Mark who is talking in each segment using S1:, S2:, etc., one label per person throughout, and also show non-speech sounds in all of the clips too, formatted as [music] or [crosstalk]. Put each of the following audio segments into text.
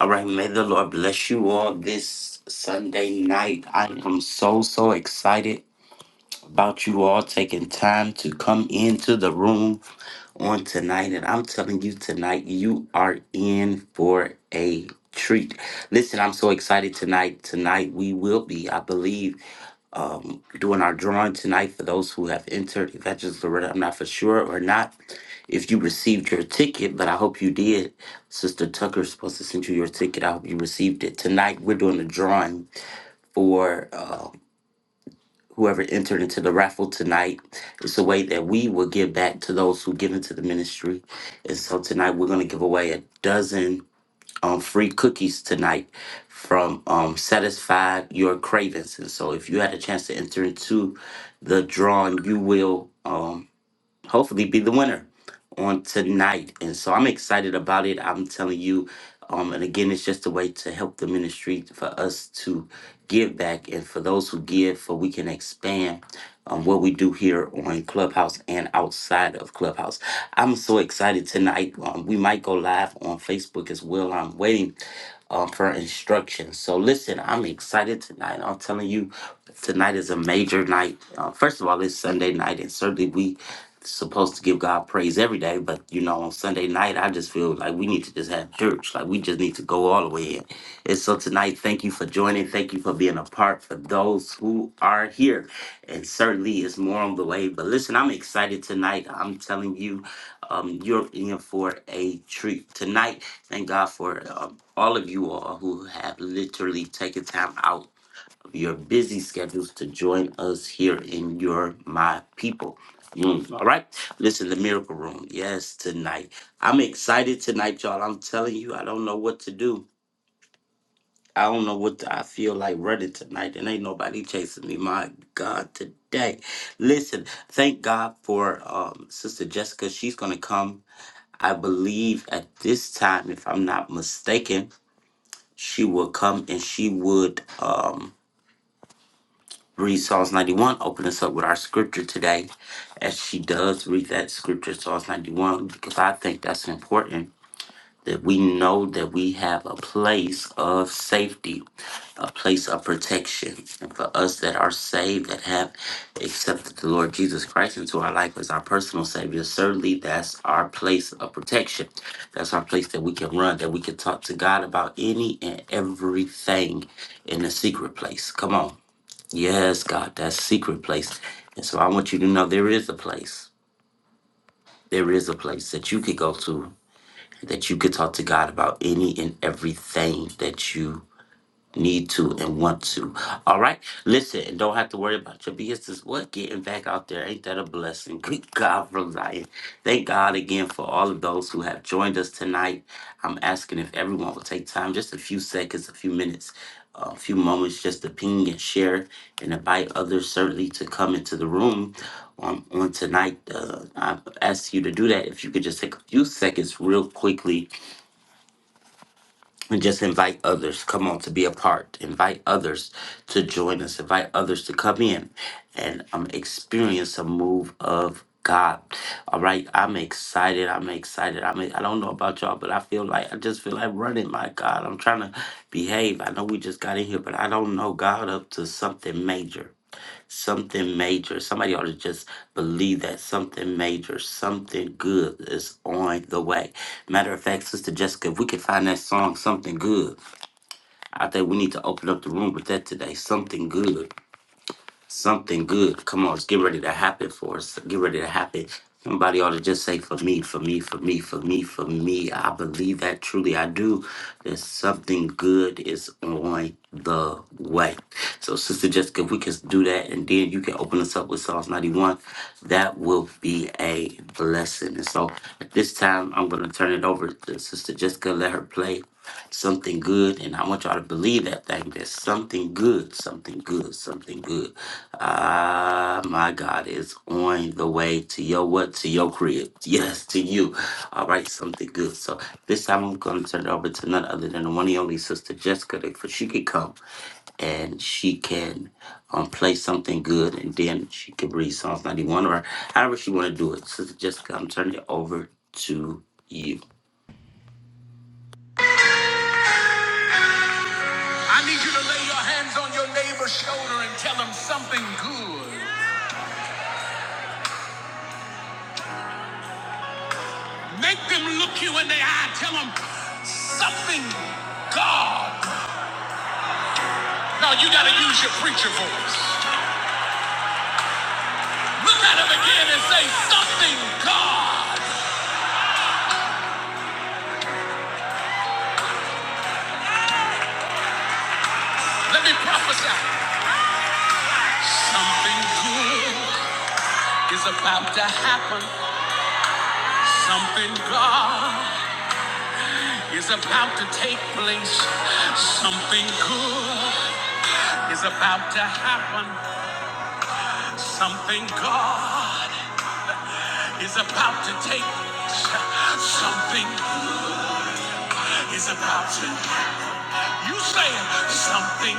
S1: All right, may the Lord bless you all this Sunday night. I am so, so excited about you all taking time to come into the room on tonight. And I'm telling you, tonight, you are in for a treat. Listen, I'm so excited tonight. Tonight, we will be, I believe um, doing our drawing tonight for those who have entered Evangelist Loretta. I'm not for sure or not if you received your ticket, but I hope you did. Sister Tucker's supposed to send you your ticket. I hope you received it. Tonight, we're doing a drawing for uh, whoever entered into the raffle tonight. It's a way that we will give back to those who give into the ministry. And so tonight, we're going to give away a dozen um, free cookies tonight from um, Satisfy Your Cravings. And so, if you had a chance to enter into the drawing, you will. um hopefully be the winner on tonight. And so I'm excited about it. I'm telling you. Um, and again, it's just a way to help the ministry for us to give back. And for those who give, for we can expand um, what we do here on Clubhouse and outside of Clubhouse. I'm so excited tonight. Um, we might go live on Facebook as well. I'm waiting um, for instructions. So listen, I'm excited tonight. I'm telling you, tonight is a major night. Uh, first of all, it's Sunday night, and certainly we supposed to give God praise every day, but you know, on Sunday night, I just feel like we need to just have church. Like we just need to go all the way in. And so tonight, thank you for joining. Thank you for being a part for those who are here. And certainly it's more on the way. But listen, I'm excited tonight. I'm telling you, um, you're in for a treat tonight. Thank God for um, all of you all who have literally taken time out your busy schedules to join us here in your My People. Mm, all right. Listen, the miracle room. Yes, tonight. I'm excited tonight, y'all. I'm telling you, I don't know what to do. I don't know what to- I feel like running tonight, and ain't nobody chasing me. My God, today. Listen, thank God for um, Sister Jessica. She's going to come, I believe, at this time, if I'm not mistaken. She will come and she would. Um, read Psalms 91, open us up with our scripture today. As she does read that scripture, Psalms 91, because I think that's important that we know that we have a place of safety, a place of protection. And for us that are saved, that have accepted the Lord Jesus Christ into our life as our personal Savior, certainly that's our place of protection. That's our place that we can run, that we can talk to God about any and everything in the secret place. Come on. Yes, God, that secret place. And so I want you to know there is a place. There is a place that you could go to that you could talk to God about any and everything that you need to and want to. All right. Listen, and don't have to worry about your business. What getting back out there? Ain't that a blessing? [laughs] Good God from Zion. Thank God again for all of those who have joined us tonight. I'm asking if everyone will take time, just a few seconds, a few minutes, a few moments, just to ping and share and invite others certainly to come into the room on, on tonight. Uh, I ask you to do that if you could just take a few seconds real quickly and just invite others come on to be a part invite others to join us invite others to come in and um, experience a move of god all right i'm excited i'm excited i mean i don't know about y'all but i feel like i just feel like running my god i'm trying to behave i know we just got in here but i don't know god up to something major something major. Somebody ought to just believe that something major, something good is on the way. Matter of fact, Sister Jessica, if we could find that song, Something Good, I think we need to open up the room with that today. Something good. Something good. Come on, it's get ready to happen for us. Get ready to happen. Somebody ought to just say, for me, for me, for me, for me, for me. I believe that truly. I do. That something good is on the way. So, Sister Jessica, if we can do that and then you can open us up with Psalms 91, that will be a blessing. And so, at this time, I'm going to turn it over to Sister Jessica. Let her play something good. And I want y'all to believe that thing. There's something good, something good, something good Ah, my God is on the way to your what? To your crib. Yes, to you. All right, something good. So this time I'm going to turn it over to none other than the one and only sister Jessica, for she can come and she can um, play something good, and then she can read Psalms 91 or however she want to do it. Sister Jessica, I'm turning it over to you.
S2: I need you to lay your hands on your neighbor's shoulder and tell them something good. Make them look you in the eye. Tell them something God. Now you got to use your preacher voice. Look at them again and say something God. Let me prophesy. Something good is about to happen. Something God is about to take place. Something good is about to happen. Something God is about to take something is about to you say it. something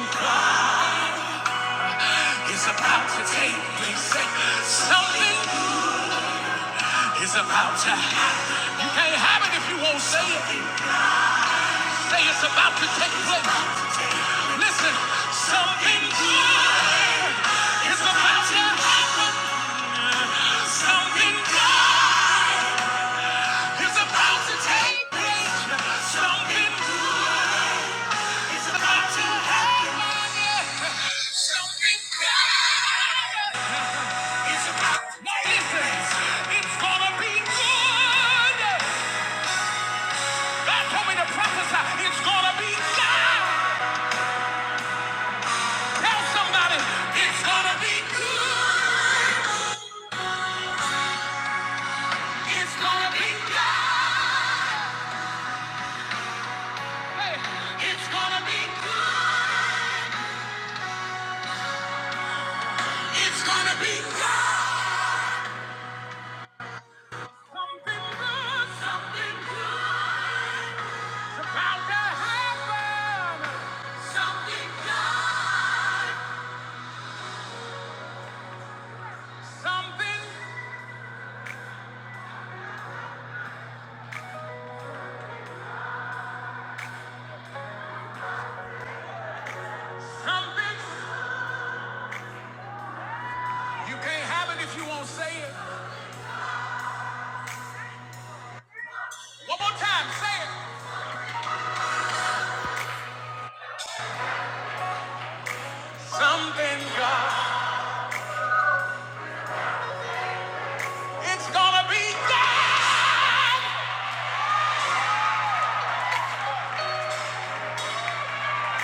S2: is about to take place say something is about to happen you can't have it if you won't say it say it's about to take place listen something is about to happen something is about to take place something is about to happen Something it's gonna be good. God told to prophesy. It's gonna be good. Tell somebody, it's gonna be good. It's gonna be good. Hey, it's gonna be good. It's gonna be good. Something good, something good. It's about to happen. Something good. Something, something. You can't have it if you won't say it. One more time, say it. Something, God. It's gonna be God.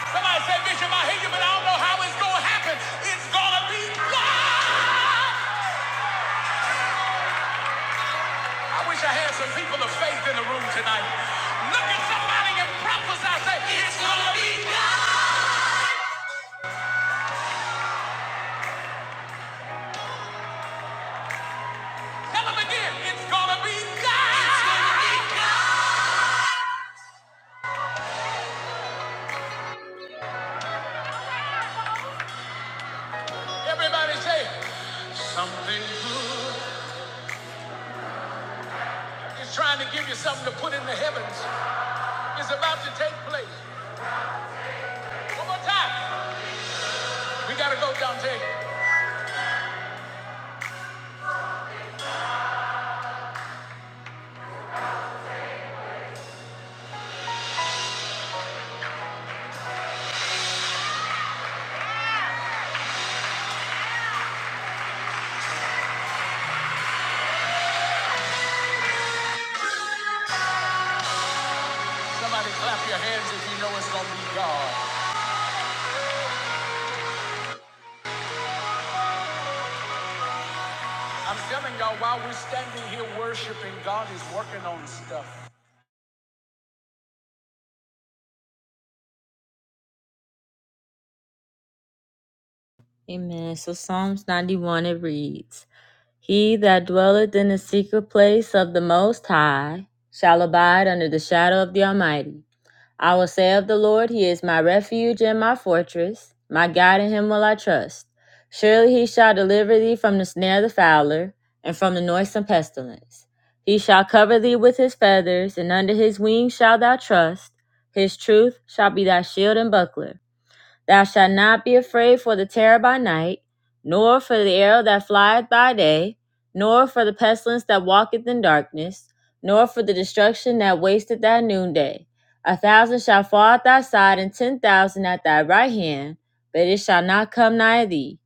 S2: Somebody say, Bishop, I hear you, but I don't know how it's gonna happen. It's gonna be God. I wish I had some people of faith in the room tonight. Look at somebody and prophesy, say, It's gonna be God. Tell them again, it's gonna be God. It's gonna be God. Everybody say, Something good. is trying to give you something to put in the heavens. It's about to take place. One more time. We gotta go, Dante. Somebody clap your hands if you know it's gonna be God. I'm telling y'all, while we're standing here worshiping, God is working on stuff. Amen. So Psalms 91 it reads, He that dwelleth in the secret place of the Most High shall abide under the shadow of the Almighty. I will say of the Lord, He is my refuge and my fortress. My God in Him will I trust. Surely He shall deliver thee from the snare of the fowler and from the noisome pestilence. He shall cover thee with His feathers, and under His wings shalt thou trust. His truth shall be thy shield and buckler. Thou shalt not be afraid for the terror by night, nor for the arrow that flieth by day, nor for the pestilence that walketh in darkness, nor for the destruction that wasteth at noonday. A thousand shall fall at thy side, and ten thousand at thy right hand, but it shall not come nigh thee.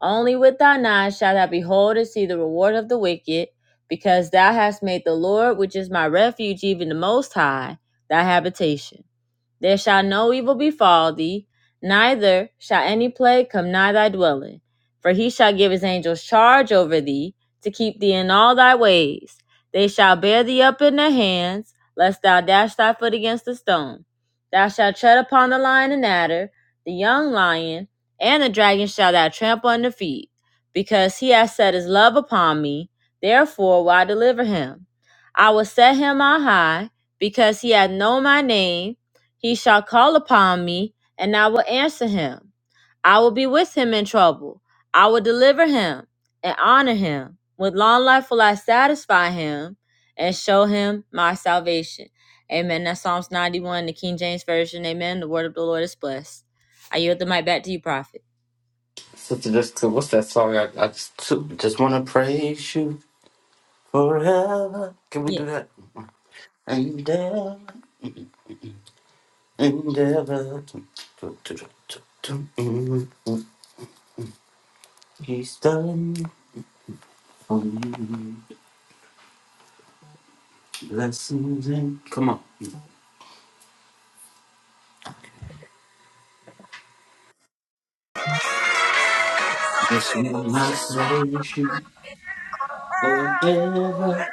S2: Only with thine eyes shalt thou behold and see the reward of the wicked, because thou hast made the Lord, which is my refuge, even the Most High, thy habitation. There shall no evil befall thee, neither shall any plague come nigh thy dwelling. For he shall give his angels charge over thee, to keep thee in all thy ways. They shall bear thee up in their hands, lest thou dash thy foot against a stone. Thou shalt tread upon the lion and adder, the young lion, and the dragon shall thou trample under feet. Because he hath set his love upon me, therefore will I deliver him. I will set him on high, because he hath known my name he shall call upon me, and I will answer him. I will be with him in trouble. I will deliver him and honor him. With long life will I satisfy him and show him my salvation. Amen. That's Psalms 91, the King James Version. Amen. The word of the Lord is blessed. I yield the mic back to you, Prophet.
S1: Sister Jessica, what's that song? I, I just took? just want to praise you forever. Can we
S2: Yes.
S1: do that? And then endeavor. He's done for me lessons and come on. This will not praise you forever,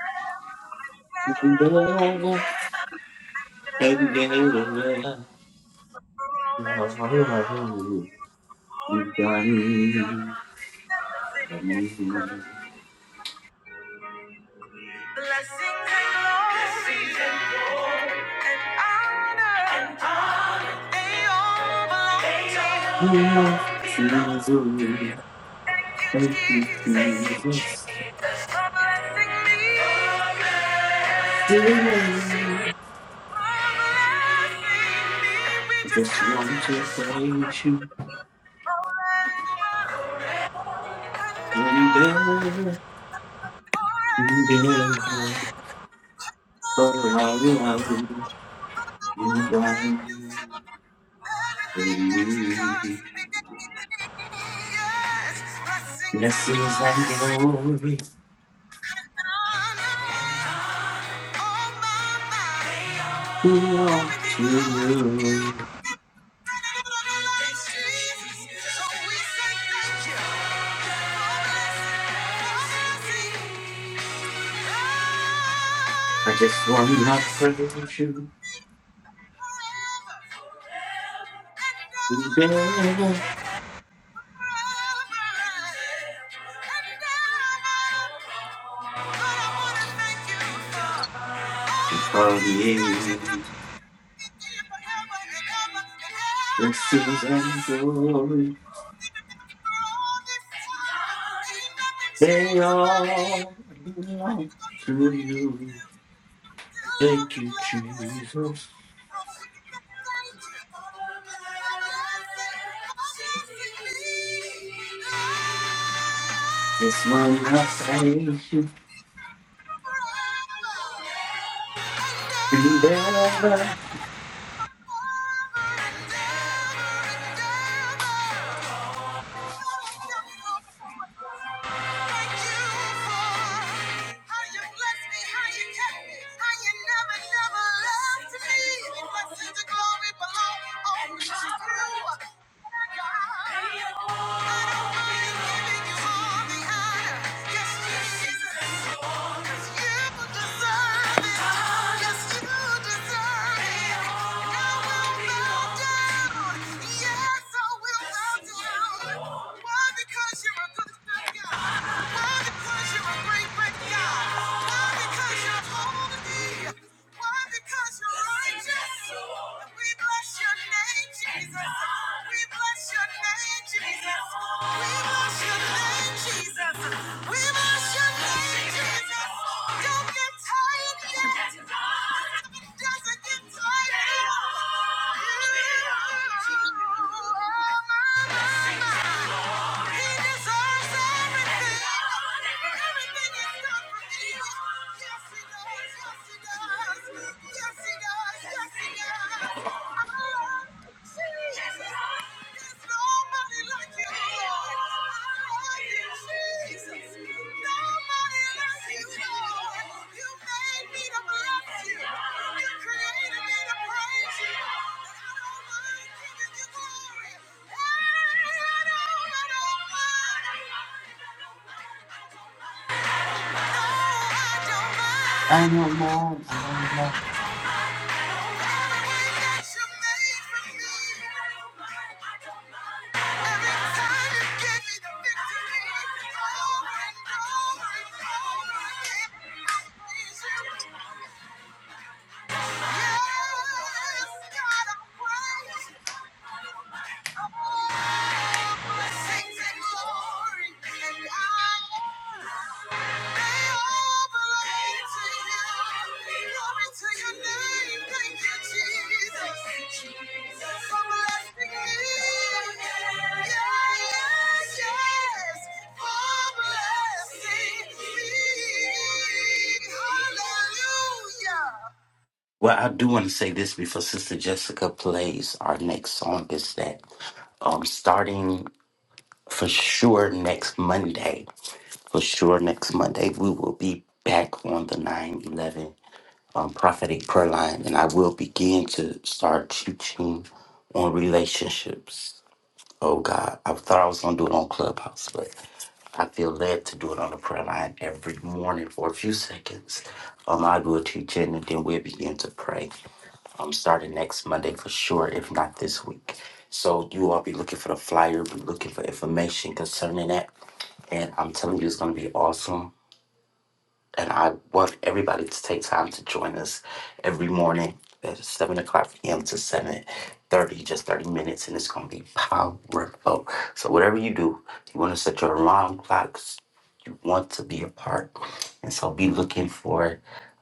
S1: endeavor, endeavor. Lord, you've done me. for me. Lord, Jesus, thank you, Jesus. See me. I just want to praise you, endeavor. Blessings and glory belong to you. I just wanna praise you forever for you. Blessings and glory, they all belong to you. Thank you, Jesus. Just wanna praise you forever I don't know. I don't know. Well, I do want to say this before Sister Jessica plays our next song is that um, starting for sure next Monday, for sure next Monday, we will be back on the 9 11 um, prophetic prayer line, and I will begin to start teaching on relationships. Oh God, I thought I was going to do it on Clubhouse, I feel led to do it on the prayer line every morning for a few seconds. Um, I do a it and then we'll begin to pray. Um, starting next Monday for sure, if not this week. So you all be looking for the flyer, be looking for information concerning that. And I'm telling you, it's gonna be awesome and I want everybody to take time to join us every morning at seven o'clock p.m. to seven thirty, just thirty minutes, and it's gonna be powerful. So whatever you do, you want to set your alarm clocks. You want to be a part, and so be looking for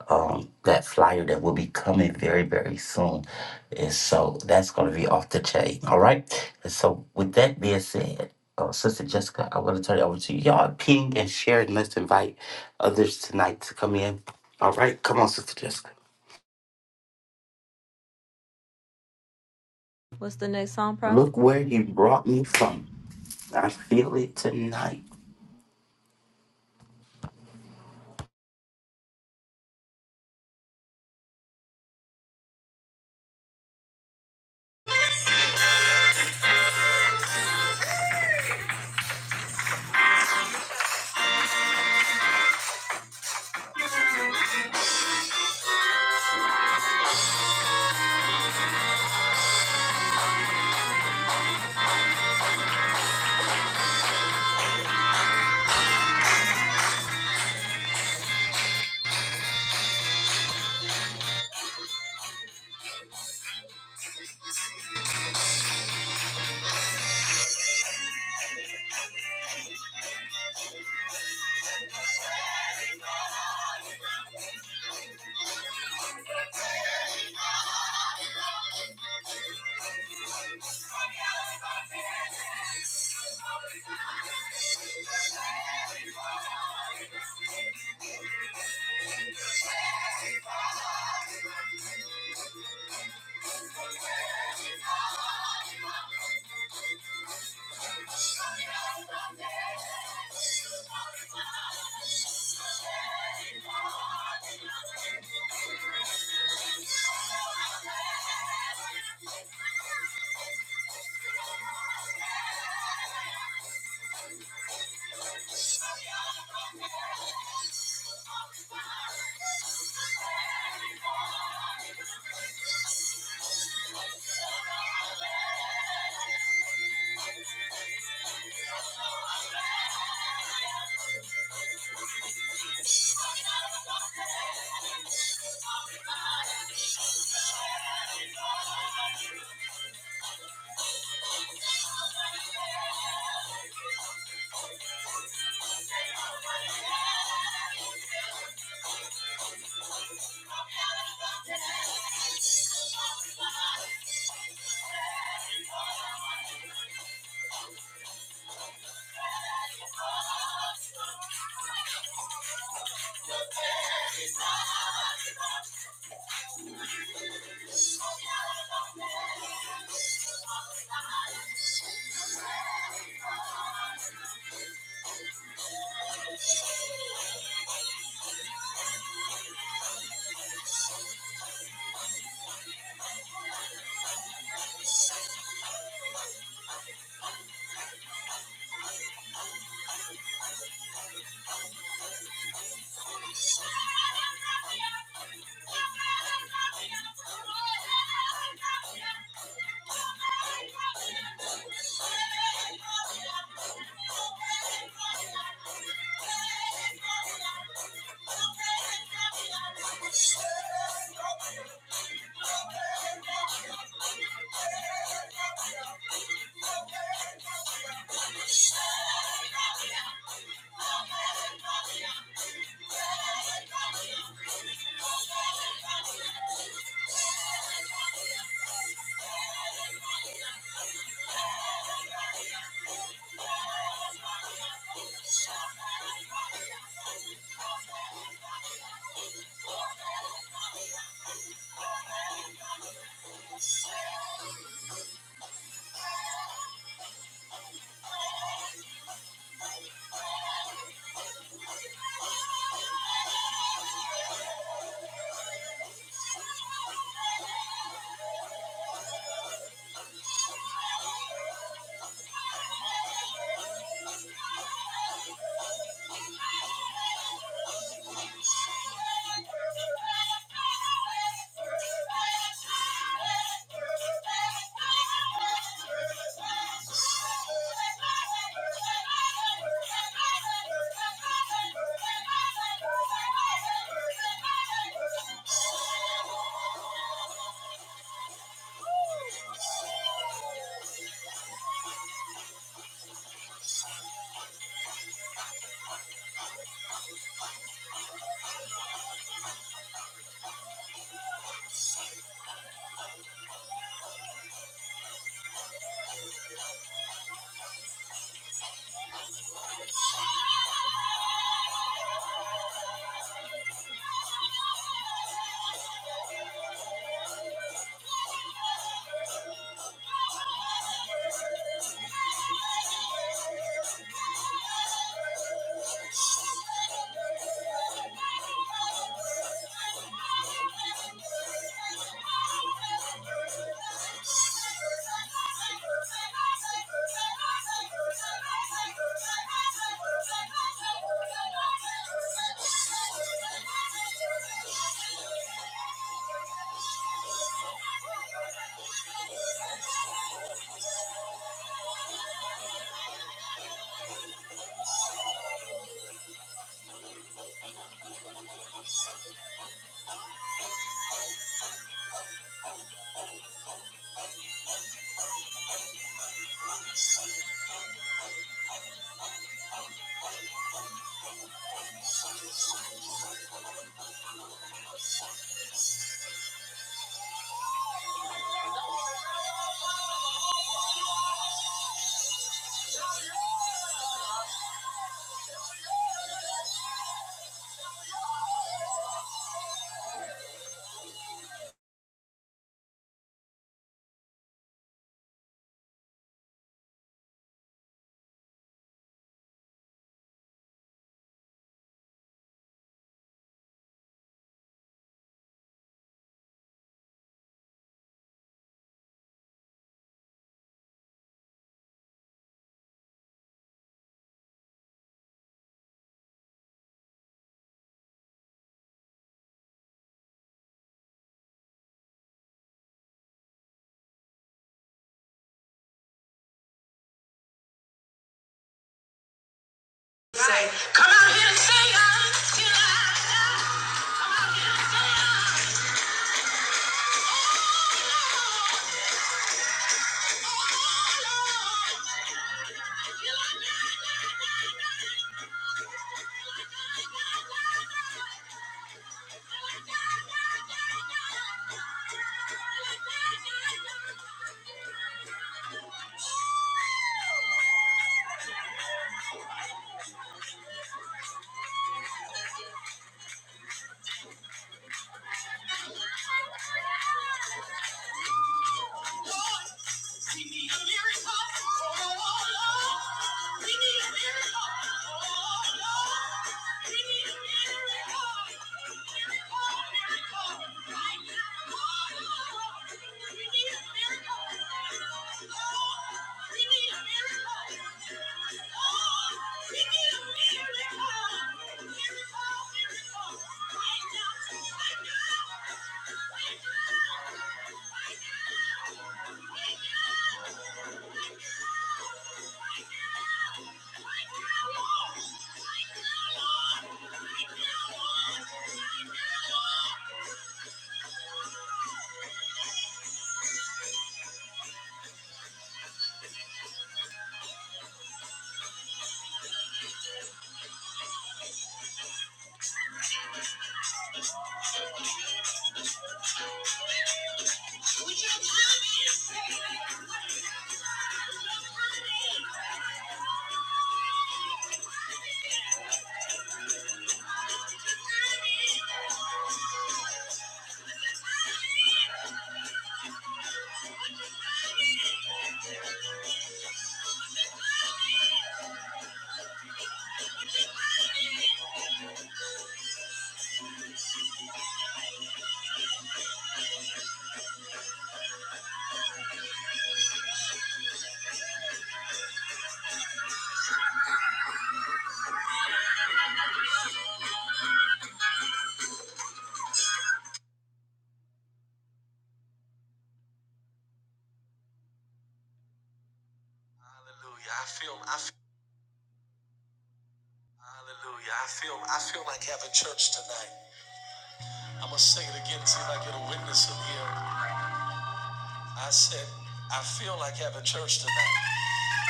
S1: um, that flyer that will be coming very very soon. And so that's gonna be off the chain. All right. And so with that being said. Uh, Sister Jessica, I want to turn it over to you. Y'all ping and share and let's invite others tonight to come in. All right, come on, Sister Jessica. Look where he brought me from. I feel it tonight.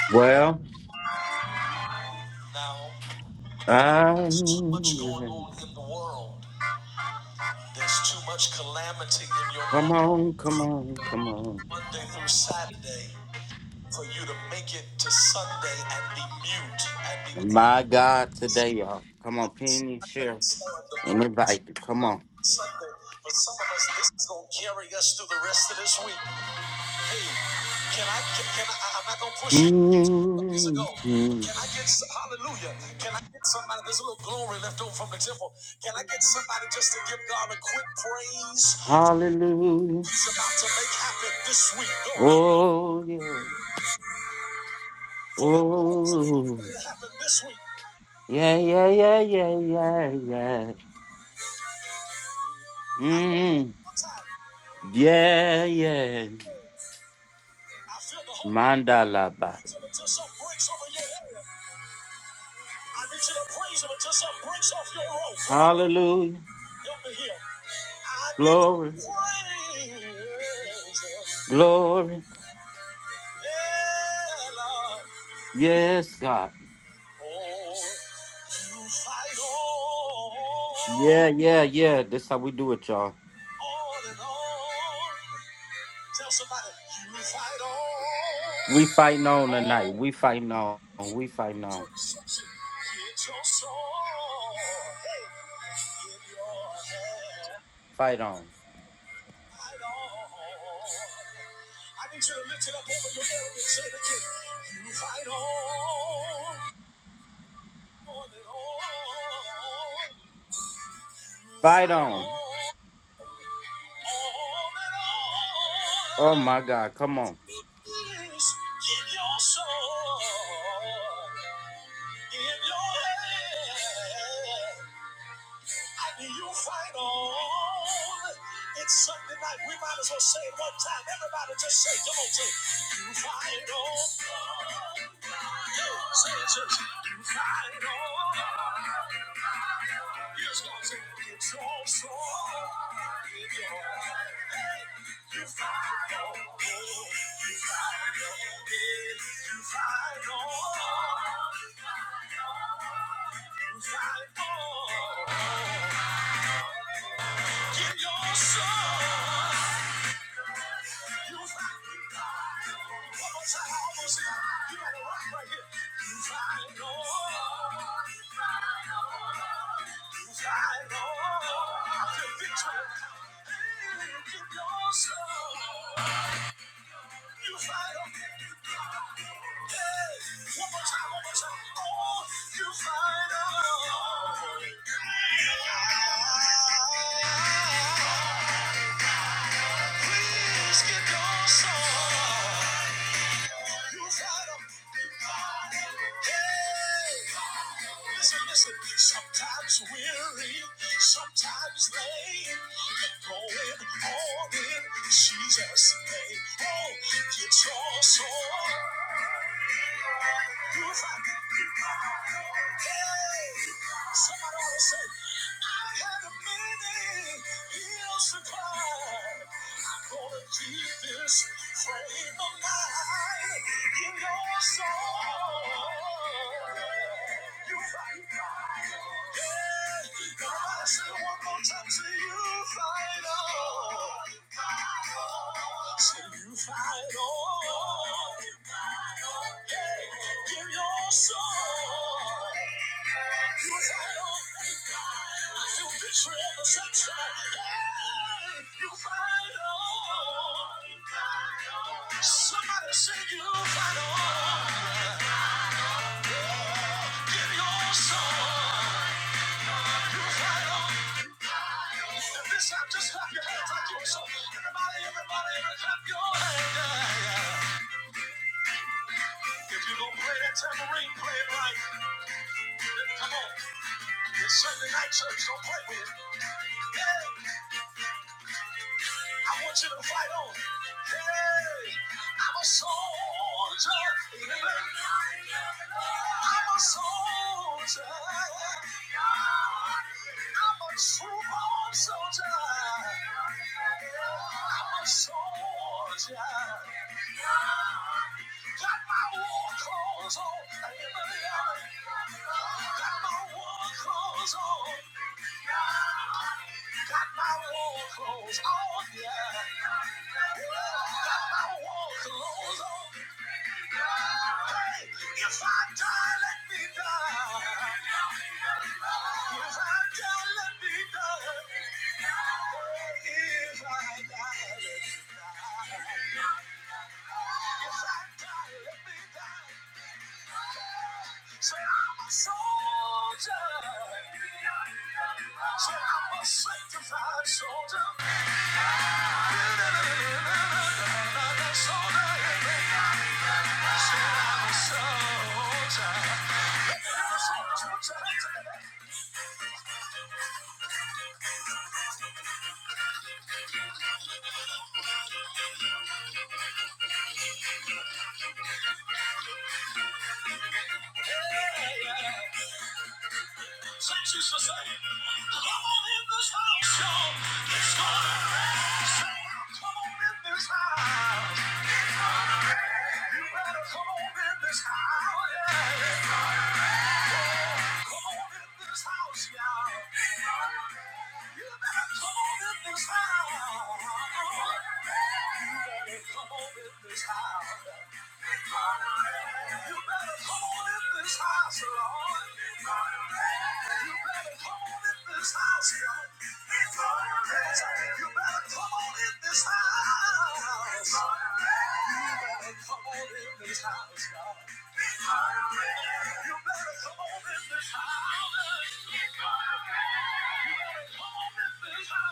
S1: Well, um, come on, come on, come on. My God, today, y'all. Come on, Penny, Cheryl, Anybody, come on. mm Hallelujah. Oh, yeah. Oh, yeah, yeah, yeah, yeah, yeah, yeah. Mm, yeah, yeah. Mandalaba. Hallelujah. Glory. Glory. Yes, God. Yeah, yeah, yeah. This how we do it, y'all. We fighting on tonight. We fighting on. We fighting on. Fight on. Fight on. Oh my God. Come on.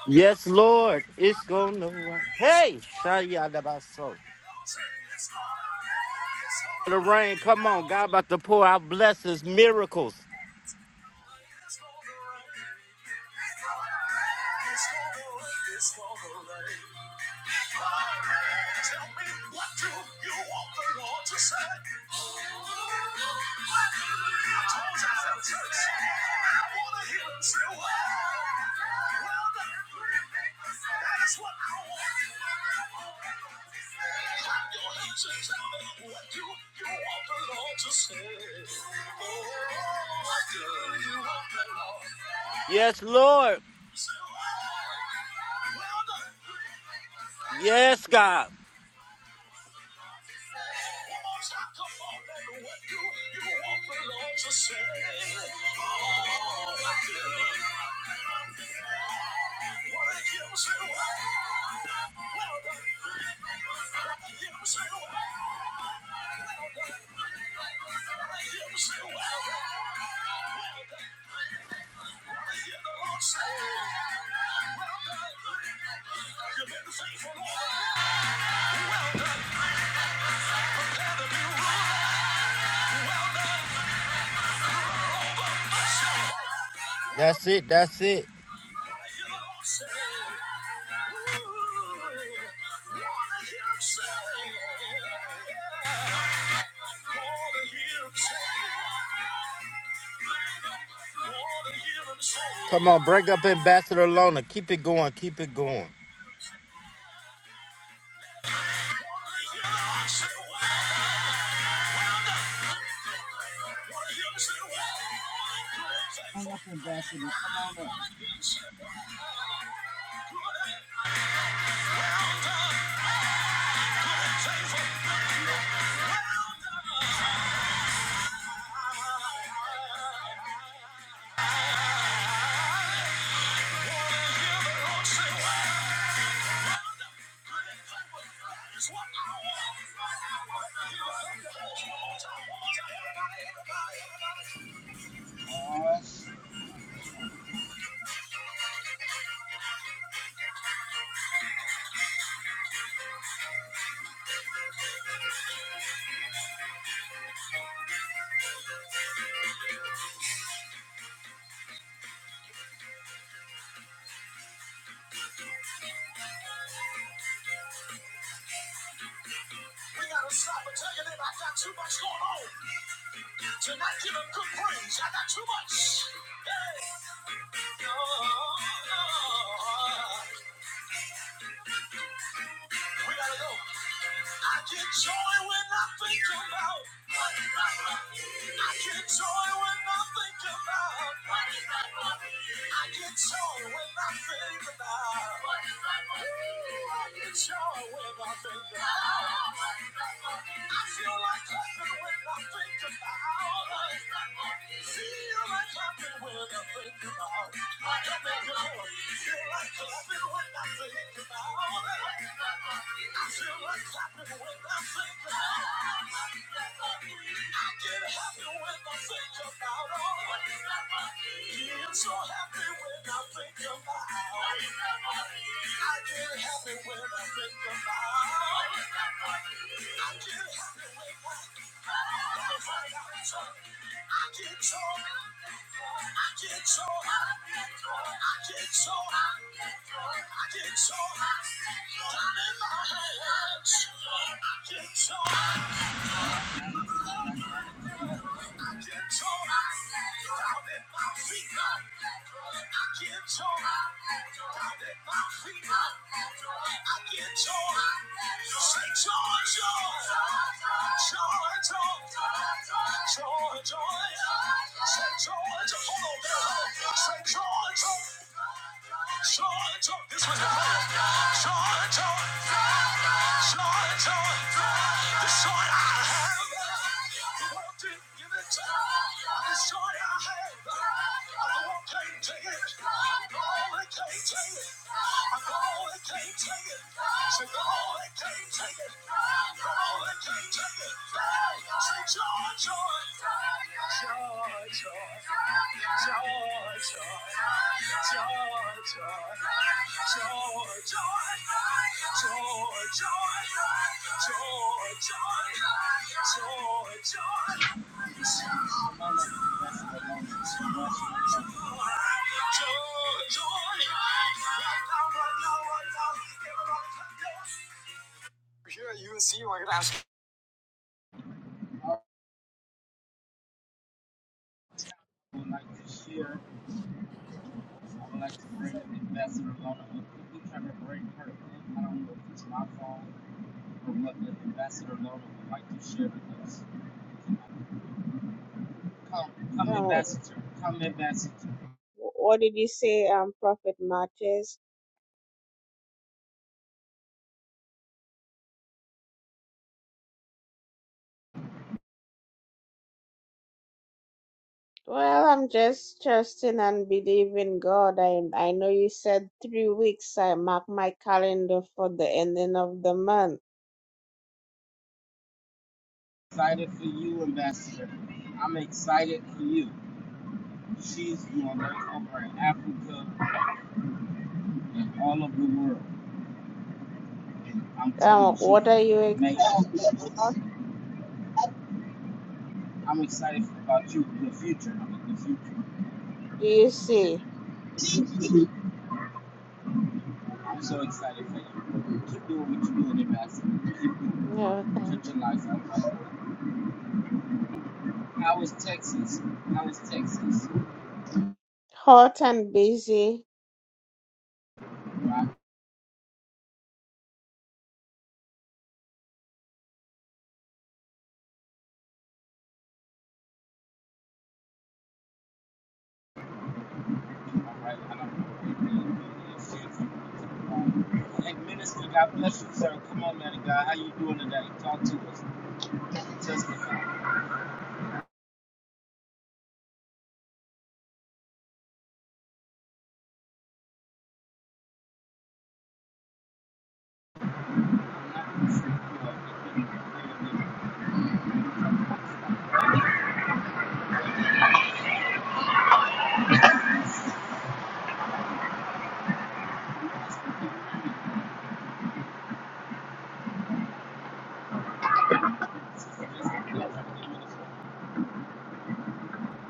S1: Yes, Lord. It's gonna rain. Hey, Shayadabaso. The rain. Come on. God about to pour out blessings, miracles. Yes, Lord. Yes, God. That's it. That's it. Come on, break up Ambassador Lona. Keep it going. Keep it going. Come on up, Ambassador Lona. Ambassador Lona. I would like to share. I would like to bring Ambassador Lona up. We're trying to bring her in. I don't know if it's my fault or what, but Ambassador Lona would like to share with us. Come, come,
S3: Oh,
S1: Ambassador. Come, Ambassador.
S3: what did you say, um, Prophet Marches? Well, I'm just trusting and believing God. I I know you said three weeks. I mark my calendar for the ending of the month.
S1: Excited for you, Ambassador. I'm excited for you. She's doing it over in Africa and all over the world. And I'm telling
S3: Um,
S1: you, she
S3: what are you
S1: makes.
S3: excited about?
S1: I'm excited about you, the future. I mean, the
S3: Do you see?
S1: future. I'm so excited for you. Keep doing what you're doing, Ambassador. Keep doing
S3: No,
S1: it.
S3: thanks.
S1: Touch your life out. right? How is Texas? How is Texas?
S3: Hot and busy.
S1: All right. I don't know. Hey, Minister, God bless you, sir. Come on, man of God. How you doing today? Talk to us. Testify.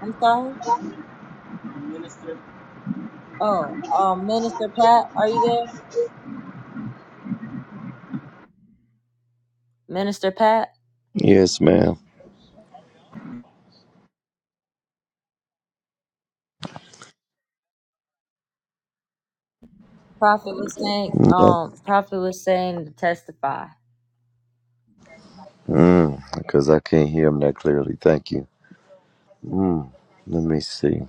S2: I'm sorry?
S1: Minister,
S2: Oh, um, Minister Pat, are you there? Minister Pat,
S4: Yes, ma'am.
S2: Prophet was saying, um, Prophet was saying to testify.
S4: Mm, because I can't hear him that clearly. Thank you. Let me see.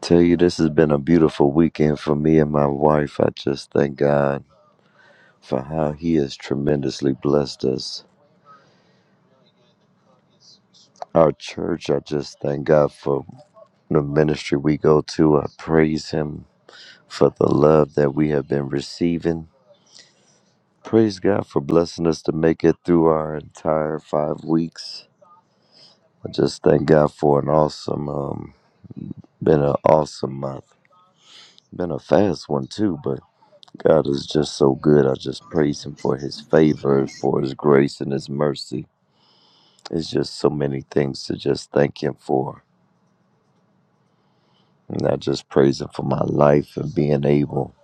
S4: Tell you, this has been a beautiful weekend for me and my wife. I just thank God for how He has tremendously blessed us. Our church, I just thank God for the ministry we go to. I praise Him for the love that we have been receiving. Praise God for blessing us to make it through our entire five weeks. I just thank God for an awesome, um, been an awesome month. Been a fast one too, but God is just so good. I just praise Him for His favor, for His grace and His mercy. It's just so many things to just thank Him for. And I just praise Him for my life and being able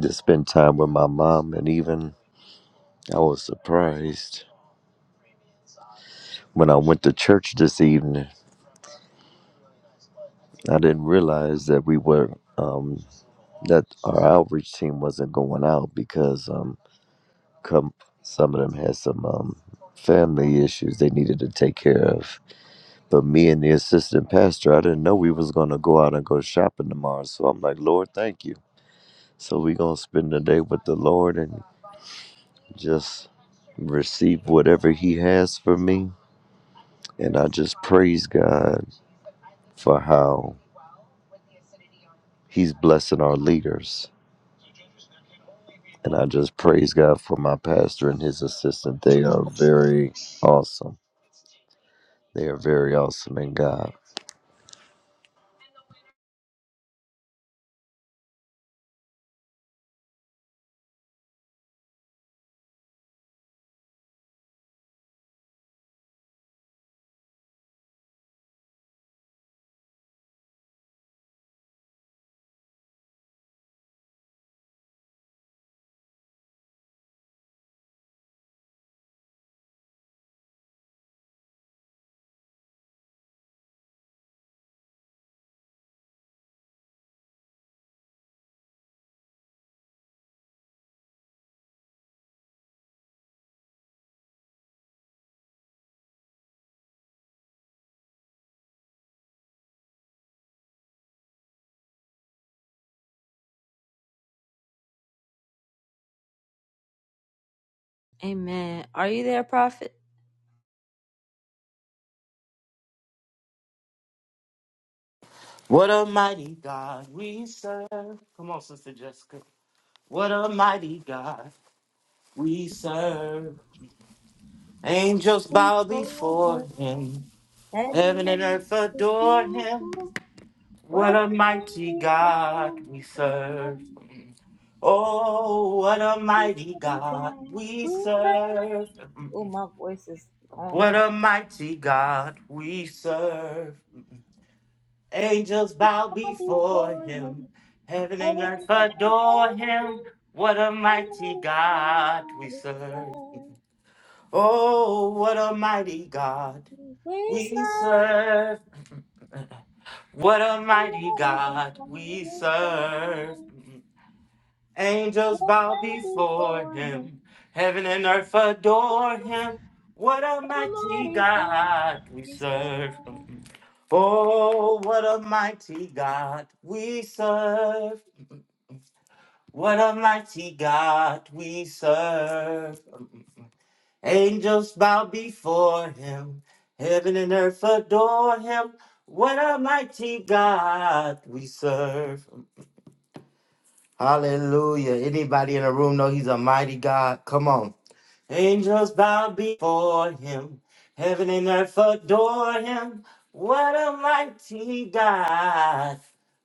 S4: to spend time with my mom. And even I was surprised when I went to church this evening. I didn't realize that we were um, that our outreach team wasn't going out because. um. Come, some of them had some um, family issues they needed to take care of. But me and the assistant pastor, I didn't know we was gonna go out and go shopping tomorrow. So I'm like, Lord, thank you. So we gonna spend the day with the Lord and just receive whatever He has for me. And I just praise God for how He's blessing our leaders. And I just praise God for my pastor and his assistant. They are very awesome. They are very awesome in God.
S2: Amen. Are you there, Prophet?
S1: What a mighty God we serve. Come on, Sister Jessica. What a mighty God we serve. Angels
S2: Oh,
S1: bow before him. Heaven and earth adore him. What a mighty God we serve. Oh, what a mighty God we serve.
S2: my voice is gone.
S1: What a mighty God we serve. Angels bow before him. Heaven and earth adore him. What a mighty God we serve. Oh, what a mighty God we serve. [laughs] What a mighty God we serve. Angels bow before him. Heaven and earth adore him. What a mighty God we serve. Oh, what a mighty God we serve. What a mighty God we serve. Angels bow before him. Heaven and earth adore him. What a mighty God we serve. Hallelujah. Anybody in the room know he's a mighty God? Come on. Angels bow before him. Heaven and earth adore him. What a mighty God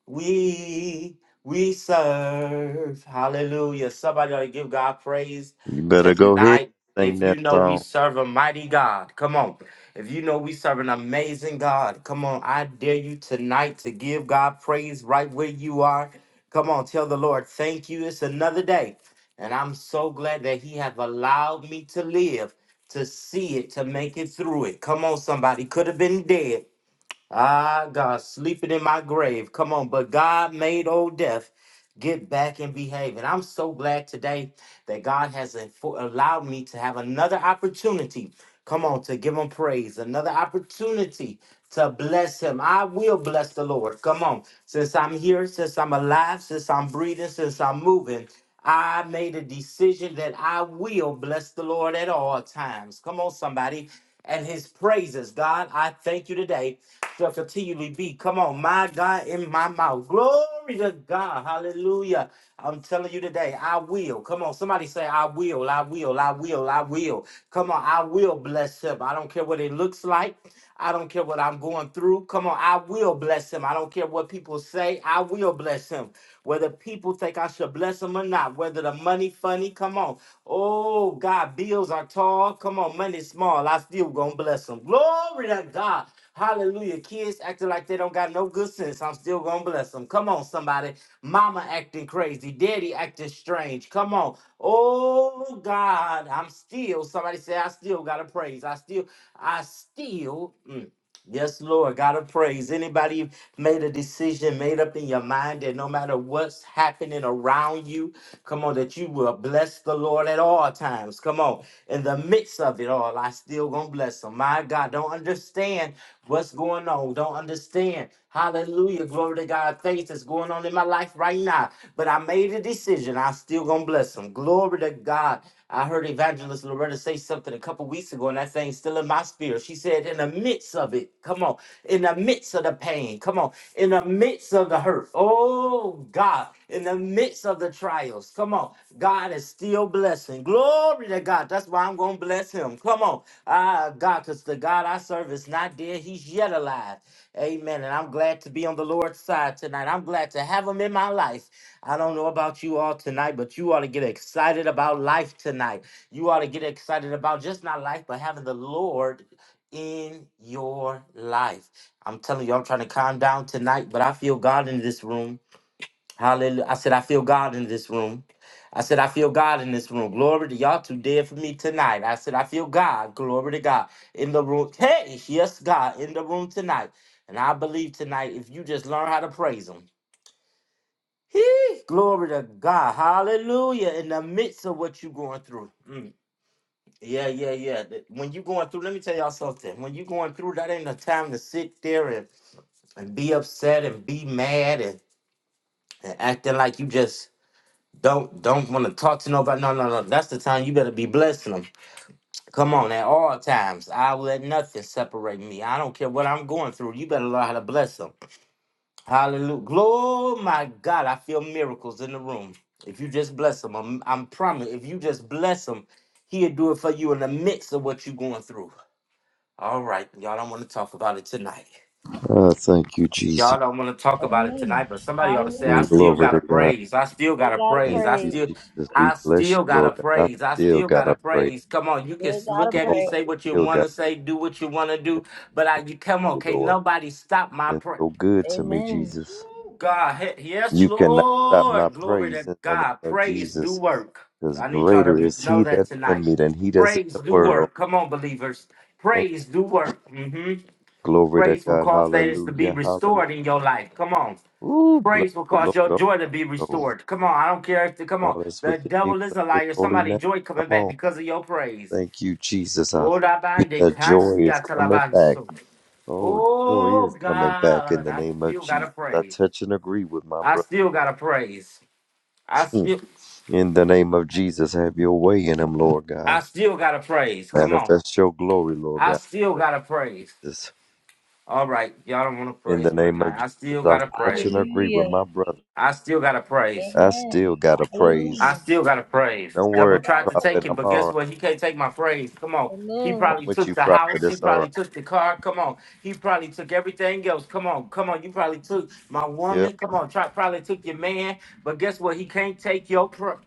S1: we we serve. Hallelujah. Somebody ought to give God praise
S4: You better go ahead
S1: tonight.
S4: and sing
S1: If
S4: that
S1: you know we
S4: song.
S1: serve a mighty God, come on. If you know we serve an amazing God, come on. I dare you tonight to give God praise right where you are. Come on, tell the Lord, thank you. It's another day. And I'm so glad that he have allowed me to live, to see it, to make it through it. Come on, somebody. Could have been dead. Ah, God, sleeping in my grave. Come on. But God made old death get back and behave. And I'm so glad today that God has info- allowed me to have another opportunity. Come on, to give him praise, another opportunity to bless him. I will bless the Lord. Come on. Since I'm here, since I'm alive, since I'm breathing, since I'm moving. I made a decision that I will bless the Lord at all times. Come on, somebody. And his praises, God, I thank you today. Shall continually be. Come on, my God, in my mouth. Glory to God. Hallelujah. I'm telling you today, I will. Come on, somebody say, I will, I will, I will, I will. Come on, I will bless him. I don't care what it looks like. I don't care what I'm going through. Come on, I will bless him. I don't care what people say say, I will bless him. Whether people think I should bless him or not, whether the money funny, come on. Oh, God, bills are tall. Come on, money small. I still gonna bless him. Glory to God. Hallelujah. Kids acting like they don't got no good sense. I'm still gonna bless them. Come on, somebody. Mama acting crazy. Daddy acting strange. Come on. Oh God, I'm still. Somebody say I still gotta praise. I still, I still. mm, Yes, Lord, gotta praise. Anybody made a decision, made up in your mind that no matter what's happening around you, come on, that you will bless the Lord at all times. Come on, in the midst of it all, I still gonna bless him. My God, don't understand what's going on. Don't understand. Hallelujah, glory to God. Things that's going on in my life right now, but I made a decision. I still gonna bless him. Glory to God. I heard Evangelist Loretta say something a couple weeks ago, and that thing's still in my spirit. She said, in the midst of it, come on, in the midst of the pain, come on, in the midst of the hurt, oh God, in the midst of the trials, come on, God is still blessing. Glory to God. That's why I'm going to bless. Bless him. Come on. Ah, God, because the God I serve is not dead. He's yet alive. Amen. And I'm glad to be on the Lord's side tonight. I'm glad to have him in my life. I don't know about you all tonight, but you ought to get excited about life tonight. You ought to get excited about just not life, but having the Lord in your life. I'm telling you, I'm trying to calm down tonight, but I feel God in this room. Hallelujah. I said, I feel God in this room. I said, I feel God in this room. Glory to y'all two dead for me tonight. I said, I feel God. Glory to God in the room. Hey, yes, God in the room tonight. And I believe tonight, if you just learn how to praise Him, He, glory to God. Hallelujah. In the midst of what you're going through. Mm, Yeah, yeah, yeah. Th- When you're going through, let me tell y'all something. When you're going through, that ain't a time to sit there and, and be upset and be mad and, and acting like you just Don't don't want to talk to nobody. No, no, no. That's the time you better be blessing them. Come on, at all times. I will let nothing separate me. I don't care what I'm going through. You better learn how to bless them. Hallelujah. Glory, my God. I feel miracles in the room. If you just bless them, I'm, I'm promise. If you just bless them, he'll do it for you in the midst of what you're going through. All right, y'all don't want to talk about it tonight.
S4: Oh, thank you, Jesus.
S1: Y'all don't want to talk about it tonight, but somebody ought to say, I
S4: And
S1: still
S4: glory
S1: got to
S4: to God.
S1: praise. I still got to
S4: Thank
S1: praise. I
S4: you,
S1: still.
S4: Jesus. We
S1: I
S4: bless you,
S1: still got to
S4: Lord God. I
S1: praise. I
S4: still
S1: still
S4: got
S1: got
S4: to
S1: to
S4: praise.
S1: praise. Come on, you can s- look
S4: Come
S1: at
S4: on,
S1: me,
S4: I
S1: say what you
S4: still
S1: want
S4: got
S1: to say, do what you want to
S4: to
S1: do, but I,
S4: thank
S1: you come on,
S4: you,
S1: can't
S4: Lord.
S1: nobody stop my
S4: It's
S1: praise.
S4: so good to me, Jesus.
S1: God, he- yes,
S4: You cannot stop my
S1: Lord, glory
S4: praise
S1: to
S4: in the name
S1: God.
S4: of
S1: Praise do
S4: Jesus,
S1: work.
S4: because
S1: I need y'all to
S4: greater
S1: be-
S4: is
S1: know
S4: He that
S1: that
S4: is in
S1: tonight.
S4: me than He that's in
S1: Praise
S4: the
S1: do
S4: world.
S1: work. Come on, believers.
S4: Thank
S1: Praise do work. hmm
S4: you. Glory to
S1: Praise will
S4: God.
S1: cause things to be
S4: Hallelujah.
S1: restored
S4: Hallelujah.
S1: in your life. Come on.
S4: Ooh, bless
S1: Praise will
S4: the
S1: cause
S4: Lord,
S1: your
S4: oh
S1: joy to
S4: my
S1: be
S4: soul.
S1: restored. Come on, I don't care if the come on.
S4: All that's
S1: The
S4: within me,
S1: devil is
S4: bless
S1: a
S4: His
S1: liar.
S4: holy
S1: Somebody
S4: name.
S1: joy
S4: Come
S1: coming
S4: on.
S1: back because of your praise.
S4: Thank you, Jesus. I thank
S1: Oh, da bande,
S4: that
S1: can
S4: joy is
S1: ya till
S4: coming back.
S1: so.
S4: Oh, joy
S1: Oh,
S4: is coming back in
S1: God,
S4: the
S1: I
S4: name of
S1: still gotta
S4: Jesus. I
S1: praise.
S4: touch and agree with my
S1: I
S4: brother.
S1: still gotta praise. I
S4: Mm.
S1: still
S4: In the name of Jesus, have your way in him, Lord God.
S1: I still gotta praise. Come on.
S4: Manifest your glory, Lord
S1: I
S4: God.
S1: still gotta praise.
S4: Jesus.
S1: All right. Y'all don't wanna
S4: In the
S1: praise me
S4: name of
S1: tonight. I
S4: Jesus,
S1: still
S4: I
S1: gotta
S4: touch
S1: praise.
S4: and agree with
S2: Hallelujah.
S4: my brother.
S1: I still gotta praise.
S4: I
S2: Amen.
S4: still got to
S1: I
S4: praise.
S2: Hallelujah.
S1: still got a praise.
S4: Don't
S1: Double
S4: worry,
S1: tried to take
S4: prophet.
S1: it,
S4: I'm
S1: but
S4: all
S1: guess
S4: right.
S1: what? He can't take my praise. Come on. He
S4: I'm
S2: Amen.
S1: probably
S4: with
S1: took
S4: you,
S1: the
S4: prophet.
S1: house. He
S4: It's all right.
S1: probably took the car. Come on. He probably took everything else. Come on. Come on. You probably took my
S4: Yep.
S1: woman. Come on. Try, probably took your man. But guess what? He can't take your praise.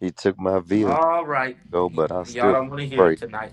S4: He took my vehicle,
S1: All right. Y-
S4: but I
S1: y'all
S4: still got
S1: don't want to
S4: to
S1: hear it
S4: praise.
S1: tonight.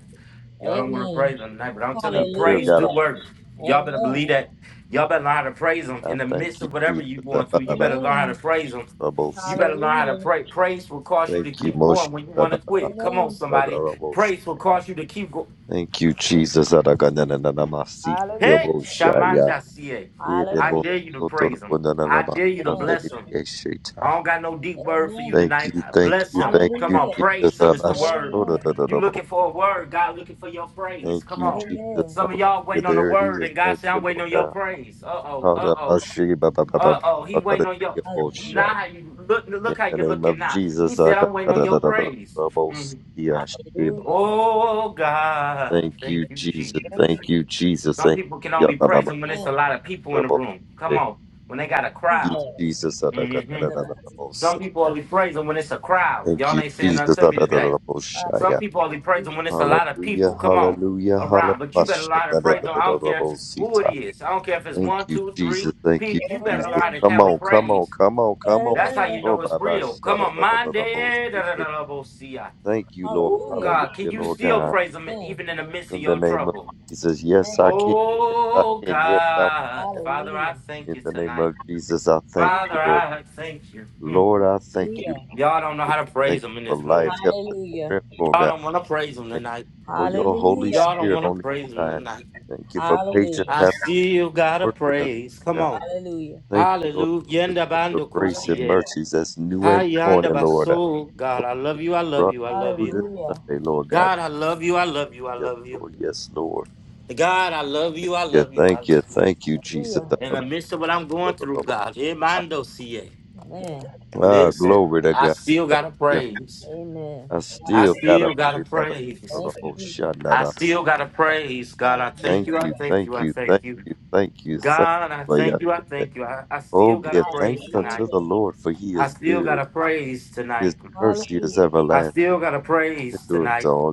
S1: Y'all don't want to praise him tonight, but I'm telling
S4: I
S1: you,
S4: still
S1: praise
S4: got
S1: do
S4: to praise.
S1: work. Y'all better believe that. Y'all better learn how to praise him
S4: I
S1: in the
S4: thank
S1: midst
S4: you,
S1: of whatever you
S4: Jesus. Uh,
S1: going
S4: ba-
S1: through.
S4: ba-
S1: You
S4: ba-
S1: better learn how to praise him.
S4: ba- bo-
S1: You
S4: si.
S1: better learn how to pray. Praise will cause you to
S4: Thank you,
S1: keep
S4: Moshe.
S1: going when you
S4: Ba-
S1: want
S4: ba-
S1: to
S4: ba- ba-
S1: quit.
S4: ba-
S1: Come on,
S4: ba- ba-
S1: somebody.
S4: ba- bo- si.
S1: Praise will cause you to keep going.
S4: Thank you, Jesus. Uh, da- ga- na- na- na- na- ma- see. Yeah,
S1: Hey,
S4: bo- sha- ya.
S1: Shamanda Sie.
S4: Yeah, de-
S1: I
S4: bo-
S1: dare you to
S4: so- to- do-
S1: praise
S4: bo-
S1: him.
S4: na- na- na-
S1: I
S4: ma-
S1: dare you to
S4: san- de- de-
S1: bless him.
S4: de- she- ta.
S1: I don't got no deep word for you
S4: Thank
S1: tonight.
S4: you, thank
S1: Bless
S4: you,
S1: him.
S4: thank
S1: Come
S4: you,
S1: on,
S4: Jesus.
S1: praise him
S4: Uh,
S1: is
S4: ba-
S1: the
S4: sh-
S1: word.
S4: do- do- do- do-
S1: You looking
S4: bo.
S1: for a word, God looking for your praise.
S4: Thank
S1: Come
S4: you,
S1: on.
S4: Jesus.
S1: Some of
S4: Hallelujah.
S1: y'all waiting on the
S4: There it
S1: word,
S4: is.
S1: and God
S4: Thank
S1: said, I'm
S4: you,
S1: waiting
S4: Lord
S1: on your
S4: God.
S1: praise. Uh-oh, uh-oh.
S4: Hallelujah. Ba- ba- ba- ba- ba- ba-
S1: Uh oh, he
S4: ba- ba-
S1: waiting
S4: ba-
S1: on your.
S4: ba- bo- sha.
S1: Now how you look? Look
S4: In
S1: how
S4: the
S1: you're
S4: name
S1: looking
S4: of
S1: now. He
S4: Jesus. I
S1: said,
S4: got-
S1: "I'm waiting
S4: da-
S1: on
S4: da-
S1: your
S4: da- da- da- da-
S1: praise."
S4: da- bo- see,
S1: Mhm.
S4: yeah, she- bo-
S1: Oh God,
S4: Thank you,
S1: thank you,
S4: Jesus.
S1: Jesus.
S4: Thank you, Jesus.
S1: Some
S4: Thank
S1: people can
S4: you. Yeah,
S1: only
S4: da- da-
S1: praise
S4: da-
S1: him when it's a lot of people
S4: da-
S1: in the
S4: bo-
S1: room. Come
S4: Thank
S1: on, when they got a
S4: you,
S1: crowd.
S4: Jesus. Da- da- da- da-
S1: hmm
S4: da- da- da- bo-
S1: Some
S4: see,
S1: people
S4: yeah.
S1: only praise him when it's a crowd.
S4: Thank
S1: Y'all
S4: you,
S1: ain't saying
S4: Jesus.
S1: nothing to
S4: Da-
S1: me
S4: da- da- da-
S1: today.
S4: da- bo- shy,
S1: Some
S4: yeah.
S1: people only praise him when it's a lot of
S4: Hallelujah,
S1: people. Come on,
S4: hallelujah,
S1: around. But you
S4: hallelujah.
S1: better
S4: Sha-
S1: learn to
S4: Da- da-
S1: praise
S4: da-
S1: him.
S4: da-
S1: I
S4: da-
S1: don't
S4: da-
S1: care
S4: bo- see,
S1: who it
S4: yeah.
S1: is. I don't care if it's
S4: Thank
S1: one,
S4: you,
S1: two,
S4: Jesus.
S1: three.
S4: Thank you,
S1: Pe- You better
S4: Jesus.
S1: learn to
S4: Come
S1: have a
S4: on, come on,
S1: praise
S4: come on, come on.
S1: that's how you
S4: Oh,
S1: know it's
S4: Baba,
S1: real.
S4: shut
S1: Come on, Monday.
S4: up.
S1: eh, da, da, da, da, bo- see ya.
S4: Thank you, Lord.
S1: Ooh,
S4: Hallelujah,
S1: God, can you
S4: Lord
S1: still
S4: God.
S1: praise Him even in the midst of
S4: In the
S1: your
S4: name of
S1: trouble?
S4: Jesus, yes, I can. Yes, I
S1: Oh,
S4: can. Yes, I
S1: God.
S4: can.
S1: Father, I thank
S4: In
S1: you
S4: the name
S1: tonight.
S4: of Jesus, I thank you,
S1: Father,
S4: Lord.
S1: I thank you. Mm.
S4: Lord, I thank you.
S1: Y'all don't know
S4: Lord.
S1: how to
S4: Thank
S1: praise Him
S4: you
S1: in
S4: for
S1: this room.
S4: life, health, and strength, Lord
S1: Y'all
S4: God.
S1: don't want to praise Him
S4: Thank
S1: tonight.
S4: you for your Holy
S1: Y'all don't
S4: Spirit
S1: want
S4: on
S1: to
S4: the
S1: praise Him
S4: inside.
S1: tonight.
S4: Thank you for patience
S1: I
S4: having
S1: still got to
S4: work in us,
S1: praise. Come
S4: Lord God.
S1: on.
S4: Thank you, Lord
S1: Hallelujah.
S4: Jesus,
S1: Yenda
S4: for your
S1: bando
S4: grace and
S1: kusiye.
S4: mercies that's new
S1: Hi,
S4: every
S1: yanda
S4: morning, Lord.
S1: baso. God,
S4: Oh,
S1: I love
S4: yes,
S1: you. I love
S4: brother,
S1: you. I love
S4: through
S1: you.
S4: this Sunday, Lord God.
S1: God, I love you. I love you. I
S4: Yes,
S1: love you.
S4: Lord. Yes, Lord.
S1: God, I love you. I
S4: Yeah,
S1: love you. I
S4: thank
S1: love
S4: you.
S1: you.
S4: Thank you, Jesus.
S1: In the midst of what I'm going through, God, eh, mando CA.
S4: Ah,
S1: Listen,
S4: glory to
S1: I
S4: God.
S1: still gotta
S4: Hallelujah.
S1: praise.
S4: I
S1: I
S4: still gotta
S1: still gotta
S4: praise out of
S1: praise.
S4: the whole
S1: I
S4: shanda.
S1: still gotta praise. God, I thank
S4: Thank
S1: you. I
S4: you,
S1: thank you.
S4: thank
S1: I
S4: you,
S1: thank
S4: thank
S1: you.
S4: you, thank you, thank
S1: God, I
S4: you for your
S1: thank you. I
S4: day.
S1: thank you. I, I
S4: Oh,
S1: still gotta
S4: give thanks
S1: praise
S4: unto
S1: tonight.
S4: the Lord, for he
S1: I
S4: is
S1: still
S4: good.
S1: gotta praise
S4: His
S1: tonight.
S4: mercy is
S1: I
S4: everlasting.
S1: still gotta
S4: It
S1: praise
S4: endures to
S1: tonight.
S4: all